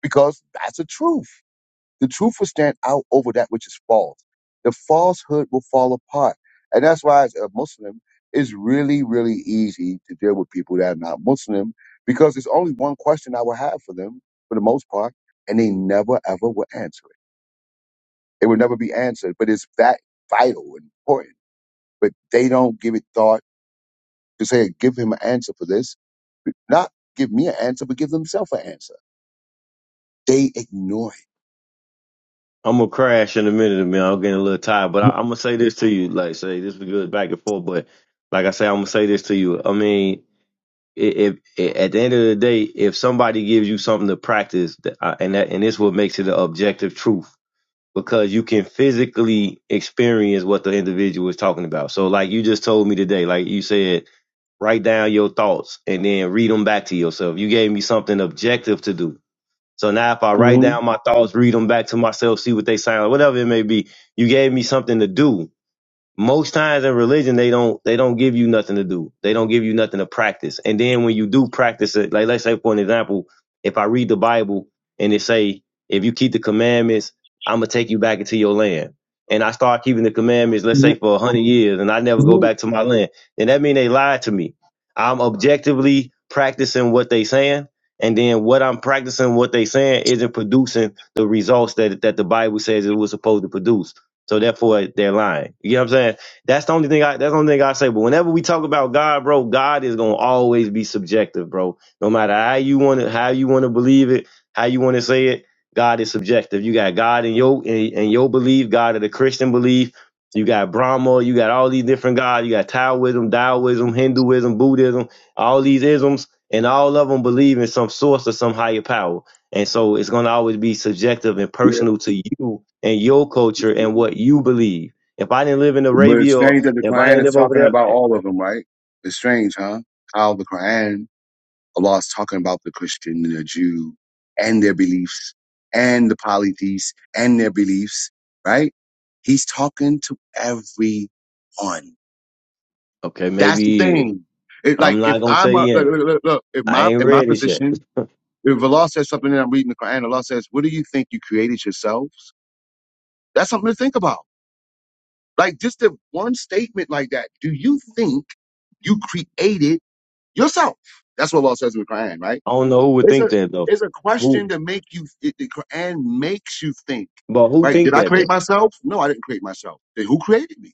S1: because that's the truth. The truth will stand out over that which is false. The falsehood will fall apart. And that's why, as a Muslim, it's really, really easy to deal with people that are not Muslim because there's only one question I will have for them for the most part, and they never, ever will answer it will never be answered, but it's that vital and important. But they don't give it thought to say, give him an answer for this. Not give me an answer, but give themselves an answer. They ignore
S4: I'm gonna crash in a minute, man. I'm getting a little tired, but I,
S1: it.
S4: I'm gonna say this to you. Like, say this was good back and forth, but like I say, I'm gonna say this to you. I mean, i- if, at the end of the day, if somebody gives you something to practice, th- I- and that and this what makes it an objective truth because you can physically experience what the individual is talking about. So, like you just told me today, like you said, write down your thoughts and then read them back to yourself. You gave me something objective to do So now if I write
S1: Mhm.
S4: down my thoughts, read them back to myself, see what they sound like, whatever it may be, you gave me something to do most times in religion they don't they don't give you nothing to do. They don't give you nothing to practice. And then when you do practice it, like let's say for an example, if I read the Bible and it say, if you keep the commandments, I'm gonna take you back into your land. And I start keeping the commandments, let's say for a hundred years, and I never go
S1: Mhm.
S4: back to my land. Then that mean they lied to me. I'm objectively practicing what they saying, and then what I'm practicing, what they saying, isn't producing the results that that the Bible says it was supposed to produce. So therefore, they're lying. You know what I'm saying? That's the only thing I. That's the only thing I say. But whenever we talk about God, bro, God is gonna always be subjective, bro. No matter how you want to, how you want to believe it, how you want to say it, God is subjective. You got God in your in, in your belief, God of the Christian belief. You got Brahma. You got all these different gods. You got Taoism, Taoism, Hinduism, Buddhism, all these isms, and all of them believe in some source or some higher power. And so it's gonna always be subjective and
S1: Yeah.
S4: personal to you and your culture and what you believe. If I didn't live in
S1: But it's
S4: Arabia or
S1: strange that the
S4: if I
S1: Quran
S4: didn't
S1: is
S4: live over
S1: talking
S4: there,
S1: about all of them, right? It's strange, huh? How the Quran, Allah is talking about the Christian and the Jew and their beliefs and the polytheists and their beliefs, right? He's talking to everyone
S4: okay,
S1: That's
S4: maybe
S1: the
S4: he is.
S1: thing. It, like
S4: I'm
S1: if
S4: not gonna
S1: I'm
S4: say
S1: a,
S4: he
S1: look,
S4: ain't.
S1: look, look, look, if
S4: I
S1: my
S4: ain't
S1: in my
S4: read this yet.
S1: position, if Allah says something and I'm reading the Quran, Allah says, "What do you think you created yourselves?" That's something to think about. Like just the one statement like that. Do you think you created yourself? That's what Allah says in the Quran, right?
S4: I don't know who would
S1: It's a
S4: think that though.
S1: it's a question
S4: Who?
S1: to make you. It, the Quran makes you think,
S4: But who
S1: right?
S4: think
S1: Did I
S4: that
S1: create
S4: though?
S1: myself? No, I didn't create myself. Then who created me?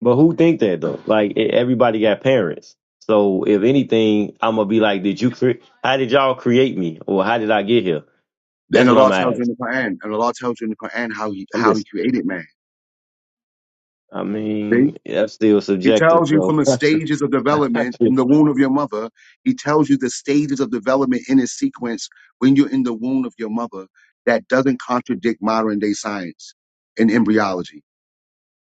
S4: But who think that though? Like e- everybody got parents. So if anything, I'm gonna be like, did you create? How did y'all create me, or how did I get here? That's
S1: And
S4: what I'm
S1: Allah
S4: gonna
S1: tells you in
S4: ask.
S1: the Quran, and Allah tells you in the Quran how he
S4: I'm
S1: how he
S4: just.
S1: created man.
S4: I
S1: See?
S4: mean, that's still
S1: He
S4: subjective,
S1: tells you from
S4: bro.
S1: the stages of development in the womb of your mother. He tells you the stages of development in its sequence when you're in the womb of your mother. That doesn't contradict modern day science and embryology.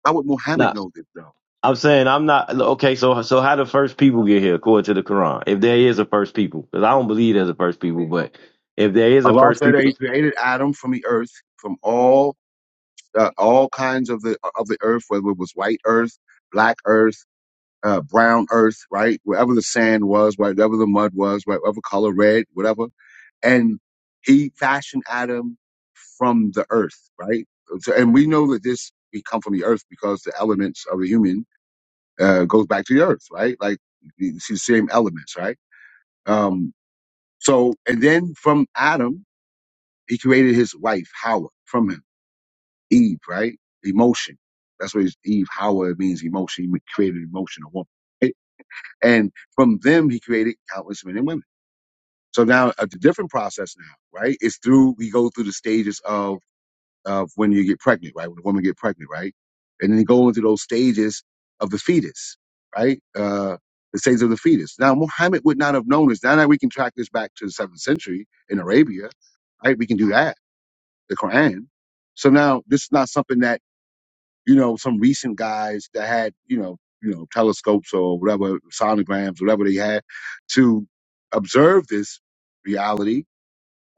S1: How would Muhammad
S4: nah,
S1: know this though?
S4: I'm saying I'm not okay. So so how the first people get here according to the Quran? If there is a first people, because I don't believe there's a first people, but if there is a
S1: Allah
S4: first
S1: said that
S4: people,
S1: He created Adam from the earth, from all uh, all kinds of the of the earth, whether it was white earth, black earth. uh, brown earth, right? Wherever the sand was, wherever the mud was, right? whatever color, red, whatever. And he fashioned Adam from the earth, right? So, and we know that this, we come from the earth because the elements of the human, uh, goes back to the earth, right? Like it's the same elements, right? Um, so, and then from Adam, he created his wife, Howard, from him, Eve, right? Emotion. That's what his, Eve, Howard means emotion. He created emotion, a woman. right? And from them, he created countless men and women. So now it's a different process now, right? It's through, we go through the stages of, of when you get pregnant, right? When a woman get pregnant, right? And then you go into those stages of the fetus, right? Uh, the stages of the fetus. Now, Muhammad would not have known this. Now that we can track this back to the seventh century in Arabia, right? We can do that, the Quran. So now this is not something that you know, some recent guys that had, you know, you know, telescopes or whatever, sonograms, whatever they had to observe this reality.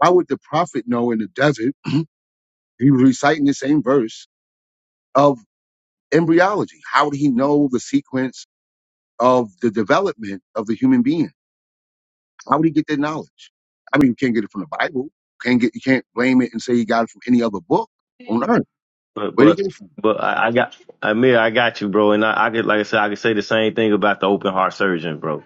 S1: How would the prophet know in the desert? He was reciting the same verse of embryology. How would he know the sequence of the development of the human being? How would he get that knowledge? I mean, you can't get it from the Bible. Can't get you can't blame it and say you got it from any other book on earth.
S4: but
S1: Where did he
S4: but
S1: get it from?
S4: but I, I got Amir, I got you, bro, and I, I could like I said, I could say the same thing about the open heart surgeon, bro.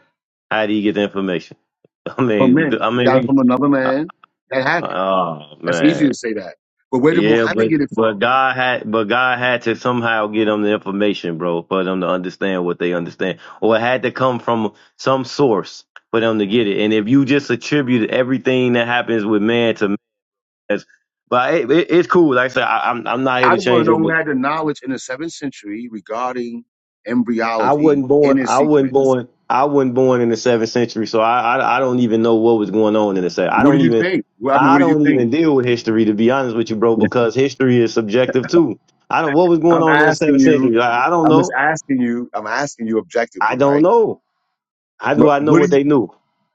S4: How do you get the information? I
S1: From
S4: mean,
S1: men.
S4: I
S1: You
S4: mean,
S1: got it
S4: we.
S1: from another
S4: Uh,
S1: man that had it.
S4: Oh
S1: That's easy
S4: man,
S1: to say that. But where did
S4: Yeah,
S1: Muhammad
S4: but
S1: get it
S4: but
S1: from?
S4: God had but God had to somehow get them the information, bro, for them to understand what they understand, or it had to come from some source for them to get it. And if you just attribute everything that happens with man to man, that's- but it, it, it's cool. Like I said, I, I'm I'm not here
S1: I
S4: to
S1: just want to
S4: change
S1: know
S4: it.
S1: who had the knowledge in the seventh century regarding
S4: I
S1: embryology
S4: wasn't
S1: in
S4: born.
S1: its
S4: I wasn't
S1: sequence.
S4: born. I wasn't born in the seventh century, so I, I I don't even know what was going on in the seventh. I
S1: What do
S4: don't
S1: you
S4: even
S1: think? Well, I mean,
S4: I
S1: what do you
S4: don't
S1: think?
S4: even deal with history to be honest with you, bro, because history is subjective too. I don't what was going
S1: I'm
S4: on in the
S1: asking
S4: seventh century.
S1: you.
S4: Like, I don't
S1: I'm just
S4: know.
S1: asking you. I'm asking you
S4: I
S1: objectively,
S4: don't
S1: right?
S4: know. How do
S1: What,
S4: I know
S1: what do
S4: what
S1: you?
S4: they knew?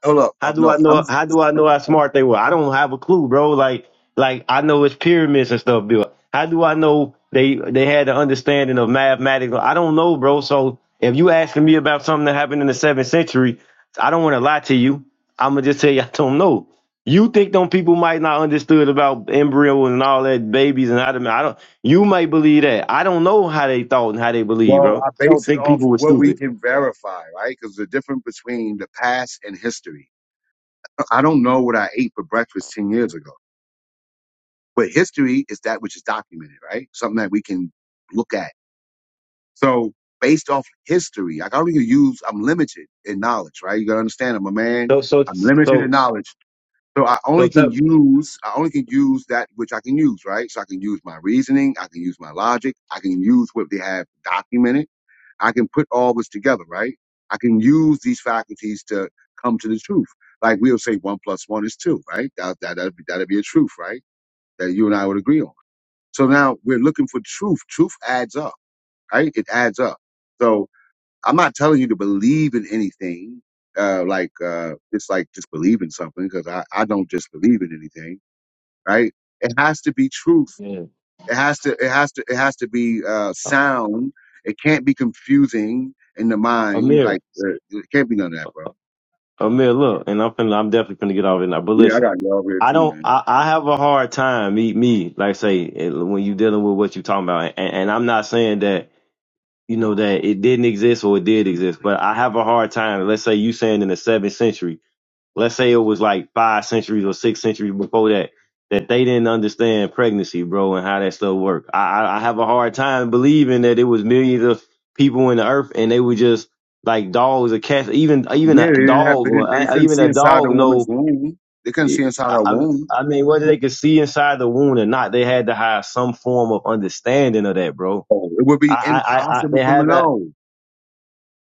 S1: Hold up.
S4: How
S1: Oh,
S4: do
S1: no,
S4: I
S1: I'm.
S4: know? How do I know how smart they were? I don't have a clue, bro. Like, like I know it's pyramids and stuff built. How do I know they they had an understanding of mathematics? I don't know, bro. So if you asking me about something that happened in the seventh century, I don't want to lie to you. I'm gonna just tell you I don't know. You think them people might not understood about embryo and all that babies and how to, I don't. You might believe that. I don't know how they thought and how they believe,
S1: Well,
S4: bro.
S1: I
S4: I don't
S1: base it
S4: think
S1: off
S4: people
S1: of
S4: were
S1: what we
S4: stupid.
S1: can verify, right? Because the difference between the past and history. I don't know what I ate for breakfast ten years ago, but history is that which is documented, right? Something that we can look at So based off history, like, I can only use I'm limited in knowledge, right? You gotta understand I'm a man,
S4: So so
S1: I'm limited
S4: so
S1: in knowledge. So I
S4: so
S1: only can
S4: tell
S1: use I only can use that which I can use, right? So I can use my reasoning, I can use my logic, I can use what they have documented, I can put all this together, right? I can use these faculties to come to the truth. Like we'll say one plus one is two, right? That that that'd be, that'd be a truth, right? That you and I would agree on. So now we're looking for truth. Truth adds up, right? It adds up. So I'm not telling you to believe in anything, uh, like uh, it's like just believe in something because I, I don't just believe in anything, right? It has to be truth.
S4: yeah.
S1: It has to it has to it has to be uh, sound. It can't be confusing in the mind.
S4: Amir.
S1: Like uh, it can't be none of that, bro.
S4: Oh man, look, and I'm finna, I'm definitely gonna get off it now. But
S1: Yeah, I
S4: listen,
S1: got love here
S4: I
S1: too,
S4: don't,
S1: man.
S4: I, I have a hard time, me, me, like say, it- when you dealing with what you talking about, and, and I'm not saying that, you know, that it didn't exist or it did exist, but I have a hard time. Let's say you saying in the seventh century let's say it was like five centuries or six centuries before that, that they didn't understand pregnancy, bro, and how that stuff worked. I, I I have a hard time believing that it was millions of people in the earth and they were just like dogs or cats. Even even
S1: Yeah,
S4: a
S1: they didn't have
S4: dog
S1: they, didn't,
S4: or
S1: they
S4: I-
S1: couldn't
S4: even
S1: see
S4: a
S1: inside the
S4: dog
S1: woman's
S4: know.
S1: womb. They couldn't see
S4: I,
S1: inside her
S4: I
S1: womb.
S4: I mean, whether they could see inside the wound or not, they had to have some form of understanding of that, bro.
S1: Oh, it would
S4: I,
S1: be
S4: I, I, I
S1: impossible
S4: they
S1: for them
S4: had
S1: to
S4: that
S1: know.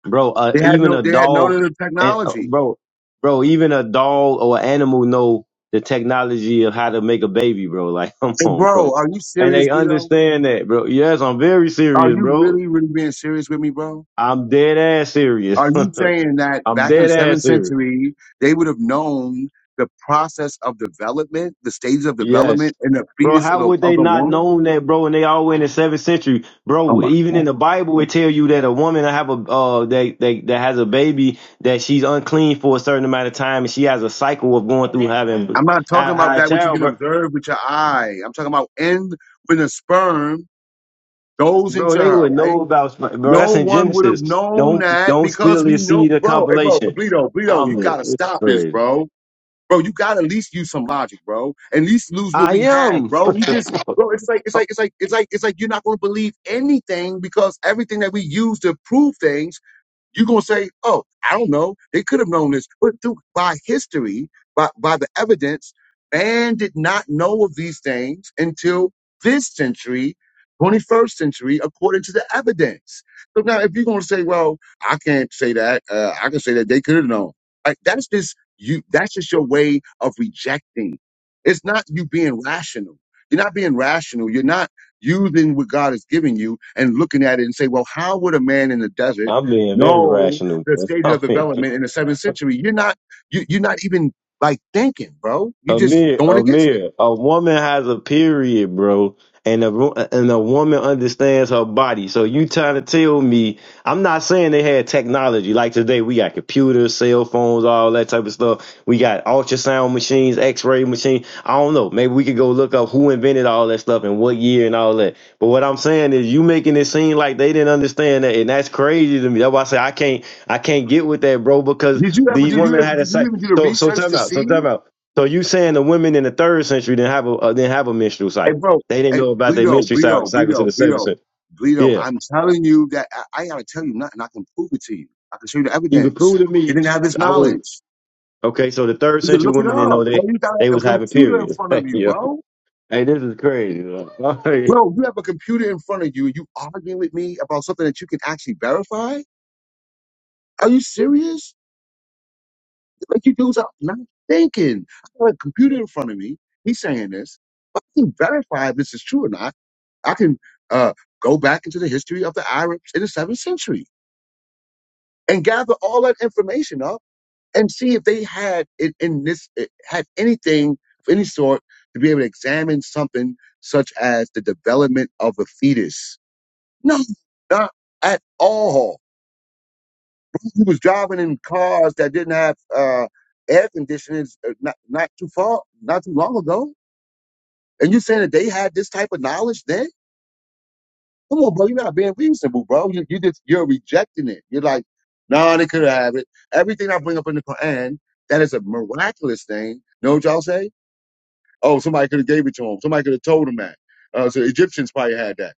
S4: bro. Uh,
S1: They had
S4: even
S1: no
S4: a
S1: they had no
S4: dog,
S1: little
S4: and uh,
S1: technology.
S4: bro, bro, even a dog or an animal know the technology of how to make a baby, bro. Like, come
S1: Hey,
S4: on,
S1: bro,
S4: bro,
S1: are you
S4: and
S1: serious,
S4: they
S1: Bleedo?
S4: understand that, bro. Yes, I'm very
S1: Are
S4: serious,
S1: you
S4: bro.
S1: really, really being serious with me, bro?
S4: I'm dead ass serious.
S1: Are you saying that
S4: I'm
S1: back in the
S4: dead
S1: seventh
S4: ass serious.
S1: century, they would have known the process of development, the stages of
S4: Yes.
S1: development, and the
S4: Bro,
S1: fetus of
S4: how
S1: the,
S4: would
S1: of
S4: they
S1: the
S4: not
S1: woman?
S4: known that, bro? And they all went in the seventh century,
S1: Oh
S4: bro.
S1: my
S4: Even
S1: God.
S4: in the Bible, it tell you that a woman that have a uh that, that that has a baby that she's unclean for a certain amount of time, and she has a cycle of going through having
S1: I'm not
S4: high,
S1: talking about
S4: high
S1: that which you can
S4: childbirth,
S1: observe with your eye. I'm talking about in when the sperm goes
S4: bro. Bro,
S1: into
S4: They
S1: her,
S4: would
S1: right?
S4: know about, bro. That's
S1: No
S4: in
S1: one would have
S4: Genesis.
S1: known
S4: Don't
S1: that
S4: don't
S1: because
S4: spill
S1: we
S4: your
S1: know,
S4: seed of
S1: bro. Hey, bro,
S4: compilation.
S1: Bleedo, Bleedo, you
S4: I'm
S1: gotta
S4: it's
S1: stop this,
S4: crazy.
S1: bro. bro. You gotta at least use some logic, bro. At least lose what
S4: I
S1: we have,
S4: am.
S1: bro. We just, bro. It's like, it's like, it's like, it's like, it's like you're not gonna believe anything because everything that we use to prove things you're gonna say, "Oh, I don't know. They could have known this." But through by history, by by the evidence, man did not know of these things until this century, 21st century, according to the evidence. So now, if you're gonna say, "Well, I can't say that. Uh, I can say that they could have known," like that's just you. That's just your way of rejecting. It's not you being rational. You're not being rational. You're not using what God has given you and looking at it and say, "Well, how would a man in the desert?"
S4: I'm being very
S1: know
S4: rational.
S1: the
S4: bro.
S1: stages
S4: I'm
S1: of
S4: being
S1: development in the seventh century. You're not you, you're not even like thinking, bro. You're just
S4: Amir,
S1: going against it.
S4: Amir, a woman has a period, bro, and a ro- and a woman understands her body. So you trying to tell me? I'm not saying they had technology like today. We got computers, cell phones, all that type of stuff. We got ultrasound machines, X-ray machine. I don't know. Maybe we could go look up who invented all that stuff and what year and all that. But what I'm saying is, you making it seem like they didn't understand that, and that's crazy to me. That's why I say I can't, I can't get with that, bro, because
S1: Did you ever
S4: these
S1: did you
S4: women
S1: ever
S4: had a.
S1: did you
S4: psych-
S1: even do the
S4: So, so
S1: research
S4: time
S1: to
S4: out. So
S1: see?
S4: time out. So you saying the women in the third century didn't have a uh, didn't have a menstrual
S1: Hey,
S4: cycle?
S1: bro.
S4: They didn't
S1: Hey,
S4: know about their
S1: Bleedo,
S4: menstrual cycle
S1: Bleedo,
S4: cycle to
S1: Bleedo,
S4: the seventh
S1: Bleedo,
S4: century.
S1: Bleedo.
S4: Yeah,
S1: I'm telling you that I, I gotta tell you nothing. I can prove it to you. I can show you the
S4: you could
S1: evidence.
S4: prove to
S1: They
S4: me.
S1: didn't have this
S4: I want
S1: knowledge.
S4: okay. So the third
S1: You can
S4: century
S1: look it
S4: women didn't
S1: up,
S4: know
S1: bro.
S4: they
S1: You got
S4: they
S1: a
S4: was having
S1: computer in
S4: periods.
S1: front of you,
S4: yeah.
S1: bro.
S4: Hey, this is crazy. though.
S1: Bro, you have a computer in front of you. You arguing with me about something that you can actually verify? Are you serious? Like you dudes are not thinking. I have a computer in front of me. He's saying this. But I can verify if this is true or not. I can uh, go back into the history of the Arabs in the seventh century and gather all that information up and see if they had in, in this eh, had anything of any sort to be able to examine something such as the development of a fetus. No, not at all. He was driving in cars that didn't have uh, air conditioning uh, not, not too far, not too long ago. And you are saying that they had this type of knowledge then? Come on, bro. You're not being reasonable, bro. You, you just, you're rejecting it. You're like, no, nah, they could have it. Everything I bring up in the Quran, that is a miraculous thing. Know what y'all say? Oh, somebody could have gave it to him. Somebody could have told him that. Uh, so Egyptians probably had that.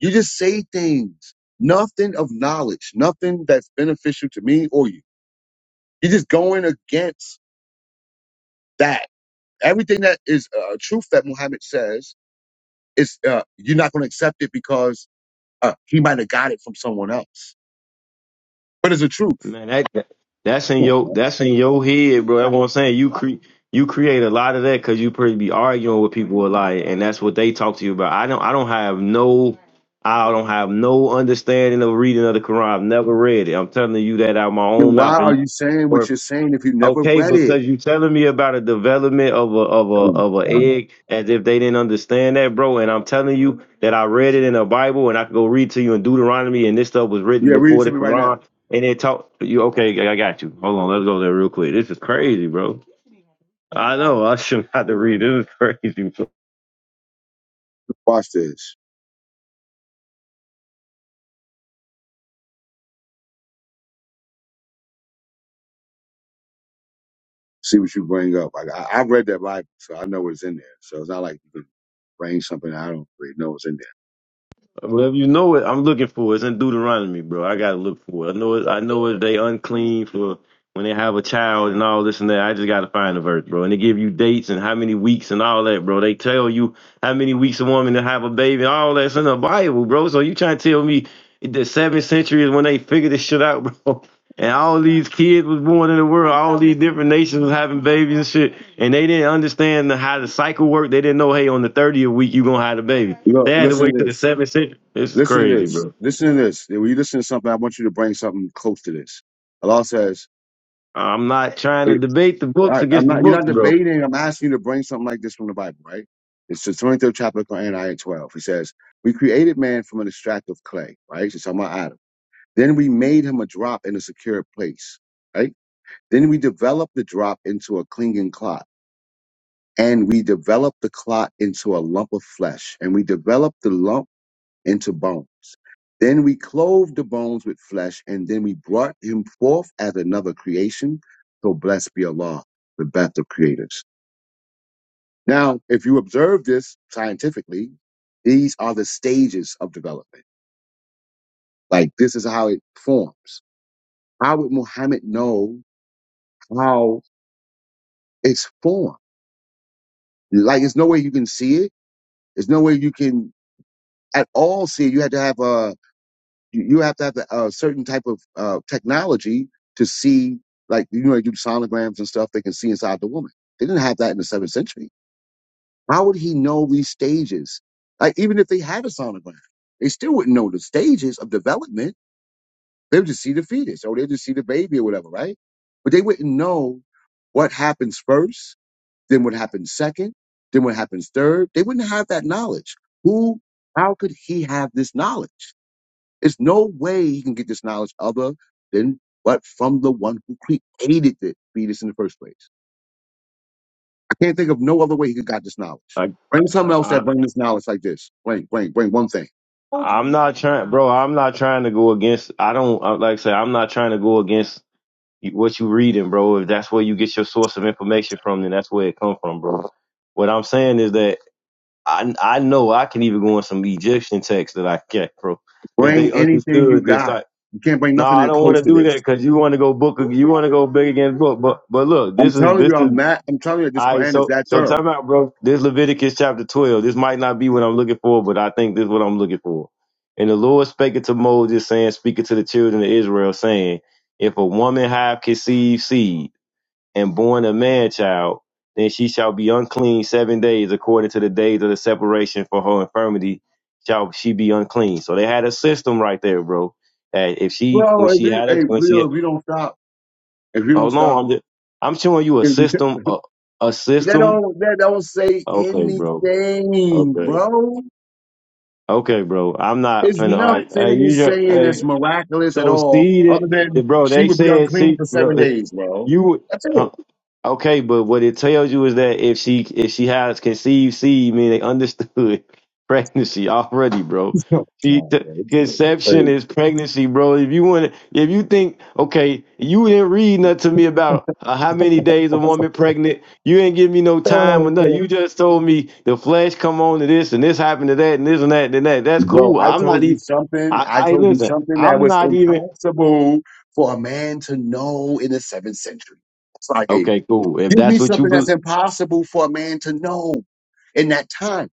S1: You just say things, nothing of knowledge, nothing that's beneficial to me or you. You're just going against that. everything that is uh, truth that Muhammad says is uh, you're not going to accept it because uh, he might have got it from someone else. But it's a truth.
S4: Man, that that- that's in
S1: Come on,
S4: your
S1: man.
S4: that's in your head, bro. That's what I'm saying. You create you create a lot of that because you probably be arguing with people a lot, and that's what they talk to you about. I don't I don't have no I don't have no understanding of reading of the Quran. I've never read it. I'm telling you that out of my
S1: Then
S4: own
S1: why
S4: mouth, and
S1: are you saying what
S4: you
S1: you're saying if you never
S4: Okay,
S1: read it?
S4: because you telling me about a development of a of
S1: Oh
S4: a of a
S1: my God.
S4: egg as if they didn't understand that, bro. And I'm telling you that I read it in the Bible, and I can go read to you in Deuteronomy, and this stuff was written
S1: Yeah, read it
S4: before the
S1: to me right now.
S4: Quran. And it taught you. Okay, I got you. Hold on, let's go there real quick. This is crazy, bro. I know. I shouldn't have to read. This is crazy,
S1: Watch this. See what you bring up. Like I, I read that Bible, so I know what's in there. So it's not like you can bring something I don't really know what's in
S4: Well, you know what I'm looking for. It's in Deuteronomy, bro. I gotta look for it. I know it. I know it. They unclean for when they have a child and all this and that. I just gotta find the verse, bro. And they give you dates and how many weeks and all that, bro. They tell you how many weeks a woman to have a baby and all that's in the Bible, bro. So you trying to tell me the seventh century is when they figured this shit out, bro? And all these kids was born in the world. All these different nations was having babies and shit. And they didn't understand the, how the cycle worked. They didn't know, hey, on the 30th week, you going to have a baby.
S1: there.
S4: They
S1: Look,
S4: had to
S1: listen
S4: wait
S1: to
S4: to the
S1: this.
S4: 7th century. This is
S1: Listen to
S4: crazy,
S1: this.
S4: bro.
S1: Listen to this. When you listen to something, I want you to bring something close to this. Allah says,
S4: I'm not trying to debate the books
S1: I, I'm
S4: against the
S1: not. You're
S4: books,
S1: not
S4: bro.
S1: debating. I'm asking you to bring something like this from the Bible, right? It's the 23rd chapter of Quran, ayah 12. He says, "We created man from an extract of clay, right? It's talking about Adam. Then we made him a drop in a secure place, right? Then we developed the drop into a clinging clot, and we developed the clot into a lump of flesh, and we developed the lump into bones." Then we clove the bones with flesh, and then we brought him forth as another creation. So blessed be Allah, the best of creators. Now, if you observe this scientifically, these are the stages of development. Like this is how it forms. How would Muhammad know how it's formed? Like there's no way you can see it. There's no way you can at all see it. You had to have a you you have to have a, certain type of uh, technology to see. Like you know, you do sonograms and stuff. They can see inside the woman. They didn't have that in the seventh century. How would he know these stages? Like, even if they had a sonogram, they still wouldn't know the stages of development. They would just see the fetus or they'd just see the baby or whatever, right? But they wouldn't know what happens first, then what happens second, then what happens third. They wouldn't have that knowledge. Who, how could he have this knowledge? There's no way he can get this knowledge other than but from the one who created the fetus in the first place. Can't think of no other way he could got this knowledge.
S4: Like,
S1: Bring something
S4: I,
S1: else
S4: I,
S1: that bring this knowledge like this. Bring, bring, bring one thing.
S4: I'm not trying, bro. I'm not trying to go against. I don't, I- like I said, I'm not trying to go against what you reading, bro. If that's where you get your source of information from, then that's where it come from, bro. What I'm saying is that I I know I can even go on some Egyptian text that I can't, bro. If they
S1: Bring anything you
S4: understood this,
S1: got.
S4: like,
S1: You can't bring
S4: no,
S1: nothing
S4: I
S1: in
S4: don't want
S1: close
S4: to
S1: to
S4: do that
S1: this.
S4: because you want to go book, you want to go big against book, but but look,
S1: I'm
S4: this is
S1: telling
S4: this
S1: you,
S4: is
S1: I'm not. I'm telling you, this
S4: I
S1: Quran is
S4: so
S1: that
S4: so
S1: thorough.
S4: time out, bro. This Leviticus chapter twelve. This might not be what I'm looking for, but I think this is what I'm looking for. And the Lord spake to Moses, saying, speaking to the children of Israel, saying, If a woman have conceived seed and born a man child, then she shall be unclean seven days according to the days of the separation for her infirmity shall she be unclean. So they had a system right there, bro. That if she when
S1: Bro, if
S4: she
S1: you,
S4: had her
S1: hey,
S4: when she
S1: Leo, if you don't stop, if you don't
S4: hold
S1: stop,
S4: on, I'm just, I'm showing you a
S1: if you,
S4: system a, a
S1: that
S4: system.
S1: don't, that don't say
S4: Okay, bro.
S1: anything,
S4: Okay.
S1: bro.
S4: Okay, bro. I'm not
S1: It's
S4: finna. All right. Hey,
S1: nothing
S4: you. just,
S1: saying
S4: hey,
S1: that's miraculous at
S4: So
S1: all, other
S4: seeded,
S1: than
S4: bro.
S1: she
S4: They
S1: would be
S4: said
S1: unclean
S4: see,
S1: for
S4: bro.
S1: seven
S4: it-
S1: days, bro.
S4: You would-
S1: That's
S4: huh,
S1: it.
S4: okay? But what it tells you is that if she if she has conceived seed, mean they understood pregnancy already, bro. She
S1: Oh,
S4: t-
S1: yeah, it's good.
S4: conception
S1: Hey,
S4: is pregnancy, bro. If you want, if you think okay, you didn't read nothing to me about uh, how many days a woman pregnant. You didn't give me no time or nothing. You just told me the flesh come on to this and this happened to that and this and that and that. That's
S1: Bro,
S4: cool.
S1: I
S4: I'm not
S1: told you
S4: even.
S1: something.
S4: I,
S1: I
S4: I
S1: told you
S4: listen.
S1: something that
S4: I'm
S1: was
S4: not even.
S1: impossible for a man to know in the seventh century. It's like, hey,
S4: Okay, cool. If
S1: give
S4: that's
S1: me
S4: what you
S1: something that's
S4: believe,
S1: impossible for a man to know in that time.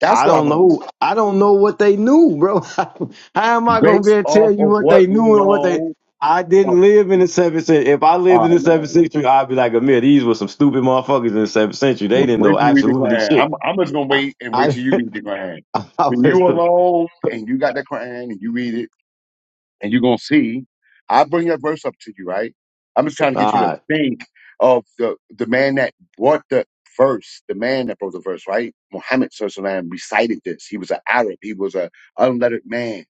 S1: That's
S4: I
S1: what I
S4: don't
S1: want to
S4: know.
S1: do.
S4: I don't know what they knew, bro. How am I gonna be
S1: Based
S4: able to tell
S1: off
S4: you
S1: of
S4: what they
S1: what we
S4: knew and what they?
S1: know.
S4: I didn't live in the seventh century. If I lived in
S1: Oh,
S4: the seventh
S1: man.
S4: century, I'd be like, Amir, these were some stupid motherfuckers in the seventh century. They didn't
S1: Wait
S4: know
S1: till you read the
S4: absolutely
S1: Quran.
S4: shit.
S1: I'm I'm just gonna
S4: I,
S1: wait and wait
S4: I,
S1: till you read the Quran.
S4: I
S1: When you
S4: was, all
S1: alone and you got the Quran and you read it and you're gonna see, I bring that verse up to you, right? I'm just trying to get you to
S4: right.
S1: think of the the man that brought the verse, the man that brought the verse, right? Muhammad Sallallahu alaihi wasallam recited this. He was an Arab. He was a unlettered man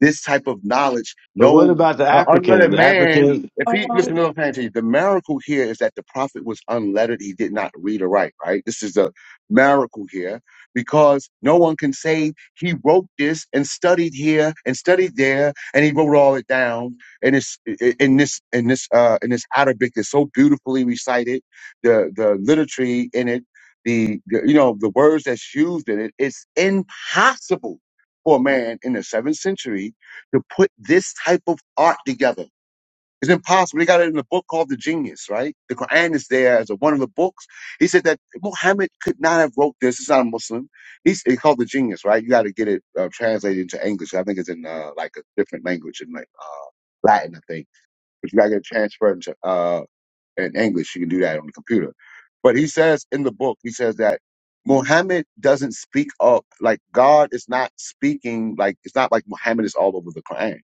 S1: this type of knowledge.
S4: But what
S1: No,
S4: about the
S1: uh,
S4: Africans?
S1: unlettered
S4: The
S1: man,
S4: Africans.
S1: if he, listen, to what I'm saying to you, the miracle here is that the prophet was unlettered. He did not read or write, right? This is a miracle here because no one can say he wrote this and studied here and studied there and he wrote all it down. And it's in this, in this, uh, in this Arabic is so beautifully recited. The, the literature in it, the, the, you know, the words that's used in it, it's impossible for a man in the seventh century to put this type of art together. It's impossible. They got it in a book called The Genius, right? The Quran is there as a, one of the books. He said that Muhammad could not have wrote this. It's not a Muslim. He's it's called The Genius, right? You got to get it uh, translated into English. I think it's in uh, like a different language in like Latin, I think. But you got to get it transferred into uh, in English. You can do that on the computer. But he says in the book, he says that Muhammad doesn't speak up like God is not speaking like it's not like Muhammad is all over the Quran,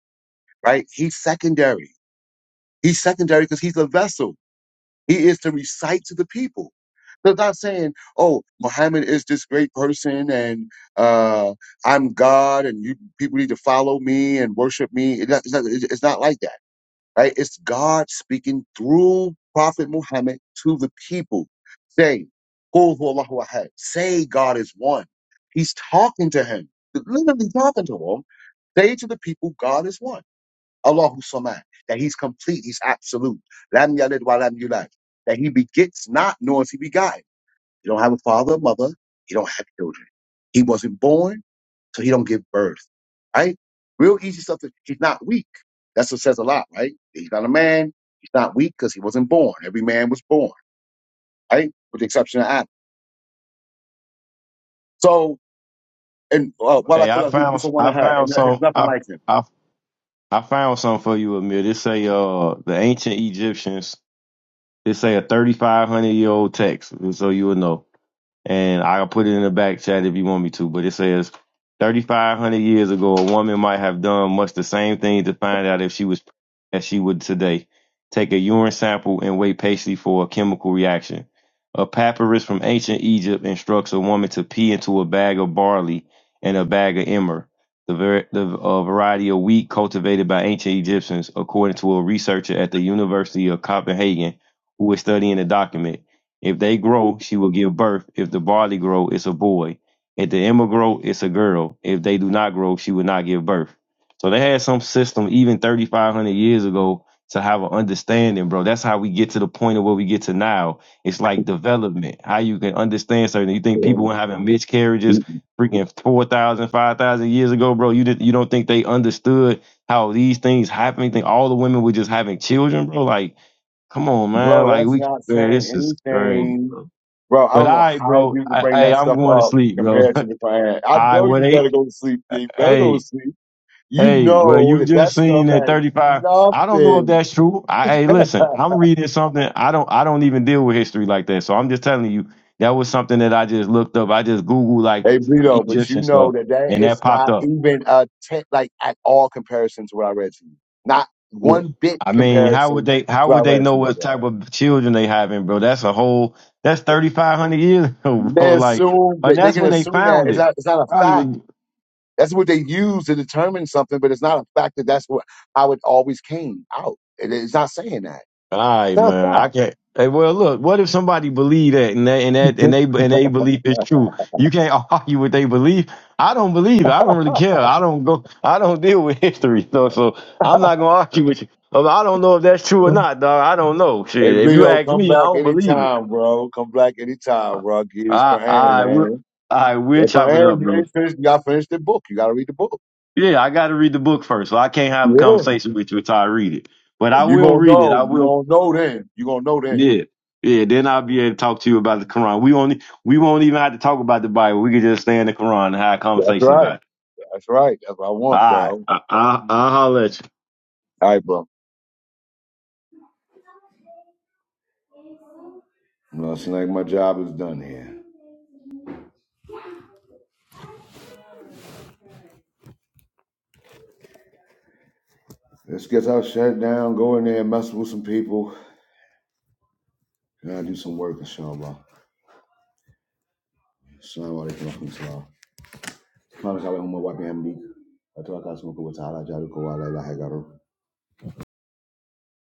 S1: right? He's secondary. He's secondary because he's a vessel. He is to recite to the people. So it's not saying, oh, Muhammad is this great person and uh, I'm God and you people need to follow me and worship me. It's not, it's not, it's not like that right? It's God speaking through Prophet Muhammad to the people, saying, "Qul huwallahu ahad." Say God is one. He's talking to him, literally talking to him. Say to the people, God is one. Allahu Samad, that He's complete, He's absolute. Lam yalid wa lam yulad, that He begets not, nor is He begotten. He don't have a father, mother. He don't have children. He wasn't born so he don't give birth, right? Real easy stuff. That he's not weak. That's what says a lot, right? He's not a man. He's not weak because he wasn't born. Every man was born, right? With the exception of Adam. So, and uh, while I
S4: Hey,
S1: call
S4: I
S1: that who
S4: found,
S1: for one
S4: I
S1: of her,
S4: found
S1: and there- there's
S4: some,
S1: nothing
S4: I,
S1: like him.
S4: I, I found some for you, Amir. They say, uh, the ancient Egyptians It say a 3,500 year old text, so you would know and I'll put it in the back chat if you want me to. But it says 3,500 years ago, a woman might have done much the same thing to find out if she was as she would today. Take a urine sample and wait patiently for a chemical reaction. A papyrus from ancient Egypt instructs a woman to pee into a bag of barley and a bag of emmer, the, ver- the uh, variety of wheat cultivated by ancient Egyptians, according to a researcher at the University of Copenhagen who is studying the document. If they grow, she will give birth. If the barley grow, it's a boy. If the emmer grow, it's a girl. If they do not grow, she will not give birth. So they had some system even 3,500 years ago to have an understanding, bro. That's how we get to the point of where we get to now. It's like development, how you can understand certain. You think people were having miscarriages freaking 4,000, 5,000 years ago, bro. You, did, you don't think they understood how these things happen? You think all the women were just having children, bro? Like, come on, man.
S1: Bro,
S4: Like,
S1: that's
S4: we
S1: not
S4: Man,
S1: saying
S4: this is crazy.
S1: anything. Bro, I
S4: But
S1: don't
S4: all
S1: know
S4: right,
S1: how
S4: bro.
S1: you can bring
S4: hey,
S1: that
S4: I'm
S1: stuff
S4: going to
S1: up
S4: sleep, bro.
S1: compared to the Quran. I
S4: All right,
S1: know
S4: well,
S1: you
S4: they,
S1: better go to sleep. You better go to
S4: hey,
S1: sleep. You
S4: hey, well,
S1: know
S4: you
S1: that that
S4: just seen
S1: stuff
S4: that
S1: had
S4: 35. I don't know if
S1: nothing
S4: that's true. I, hey, listen, I'm reading something. I don't, I don't even deal with history like that. So I'm just telling you that was something that I just looked up. I just Googled like
S1: Hey,
S4: some
S1: Vito, but you
S4: Egyptian
S1: know
S4: stuff,
S1: that that
S4: and that
S1: is
S4: popped
S1: not
S4: up.
S1: even a te- like at all comparison to what I read to you. Not
S4: Well,
S1: one bit
S4: I mean, how would
S1: comparison
S4: they,
S1: to
S4: how
S1: what I
S4: would they
S1: read
S4: know
S1: to you,
S4: what type
S1: bro.
S4: of children they having, bro? That's a whole, that's 3,500 years ago, bro.
S1: They
S4: Like,
S1: assume they,
S4: and
S1: they
S4: that's
S1: can
S4: when they
S1: assume that
S4: found
S1: it's
S4: it.
S1: not it's not a
S4: Probably was
S1: fact. That's what they use to determine something, but it's not a fact that that's what how it always came out. It- it's not saying that.
S4: All
S1: It's
S4: right,
S1: not
S4: man. I can't. Hey, well, look. What if somebody believe that and they and that
S1: a
S4: and they and they believe it's true? You can't argue with they belief. I don't believe. it. I don't really care. I don't go. I don't deal with history. So, so I'm not gonna argue with you. Um, I don't know if that's true or
S1: fact.
S4: not, dog. I don't know.
S1: Hey,
S4: Shit. If you
S1: Vito,
S4: ask
S1: come
S4: me, I
S1: back
S4: don't believe it.
S1: anytime, bro. Come back anytime, bro. Get his
S4: I
S1: Quran,
S4: I will.
S1: man.
S4: I will
S1: That
S4: chop it
S1: Quran,
S4: up,
S1: you
S4: bro.
S1: ain't finished. You got to finish the book. You got to read the book.
S4: Yeah, I got to read the book first, so I can't have a
S1: Yeah.
S4: conversation with you until I read it. But I
S1: And you
S4: will
S1: gonna
S4: read it. I
S1: know. You
S4: will
S1: gonna know then. You gonna know then.
S4: Yeah. Yeah, then I'll be able to talk to you about the Quran. We only we won't even have to talk about the Bible. We can just stay in the Quran and have a
S1: That's
S4: conversation
S1: right.
S4: about it.
S1: That's right. That's what I
S4: All
S1: want, bro.
S4: right.
S1: All
S4: I, I, I'll holler at you.
S1: right, bro. I'm not saying like my job is done here. Let's get our shut down, go in there, mess with some people, and I do some work, inshallah. Assalamu alaikum wa rahmatullah. Subhanaka Allahumma wa bihamdik. Atawaka asmuka wa ta'ala jaduka wa la ilaha illa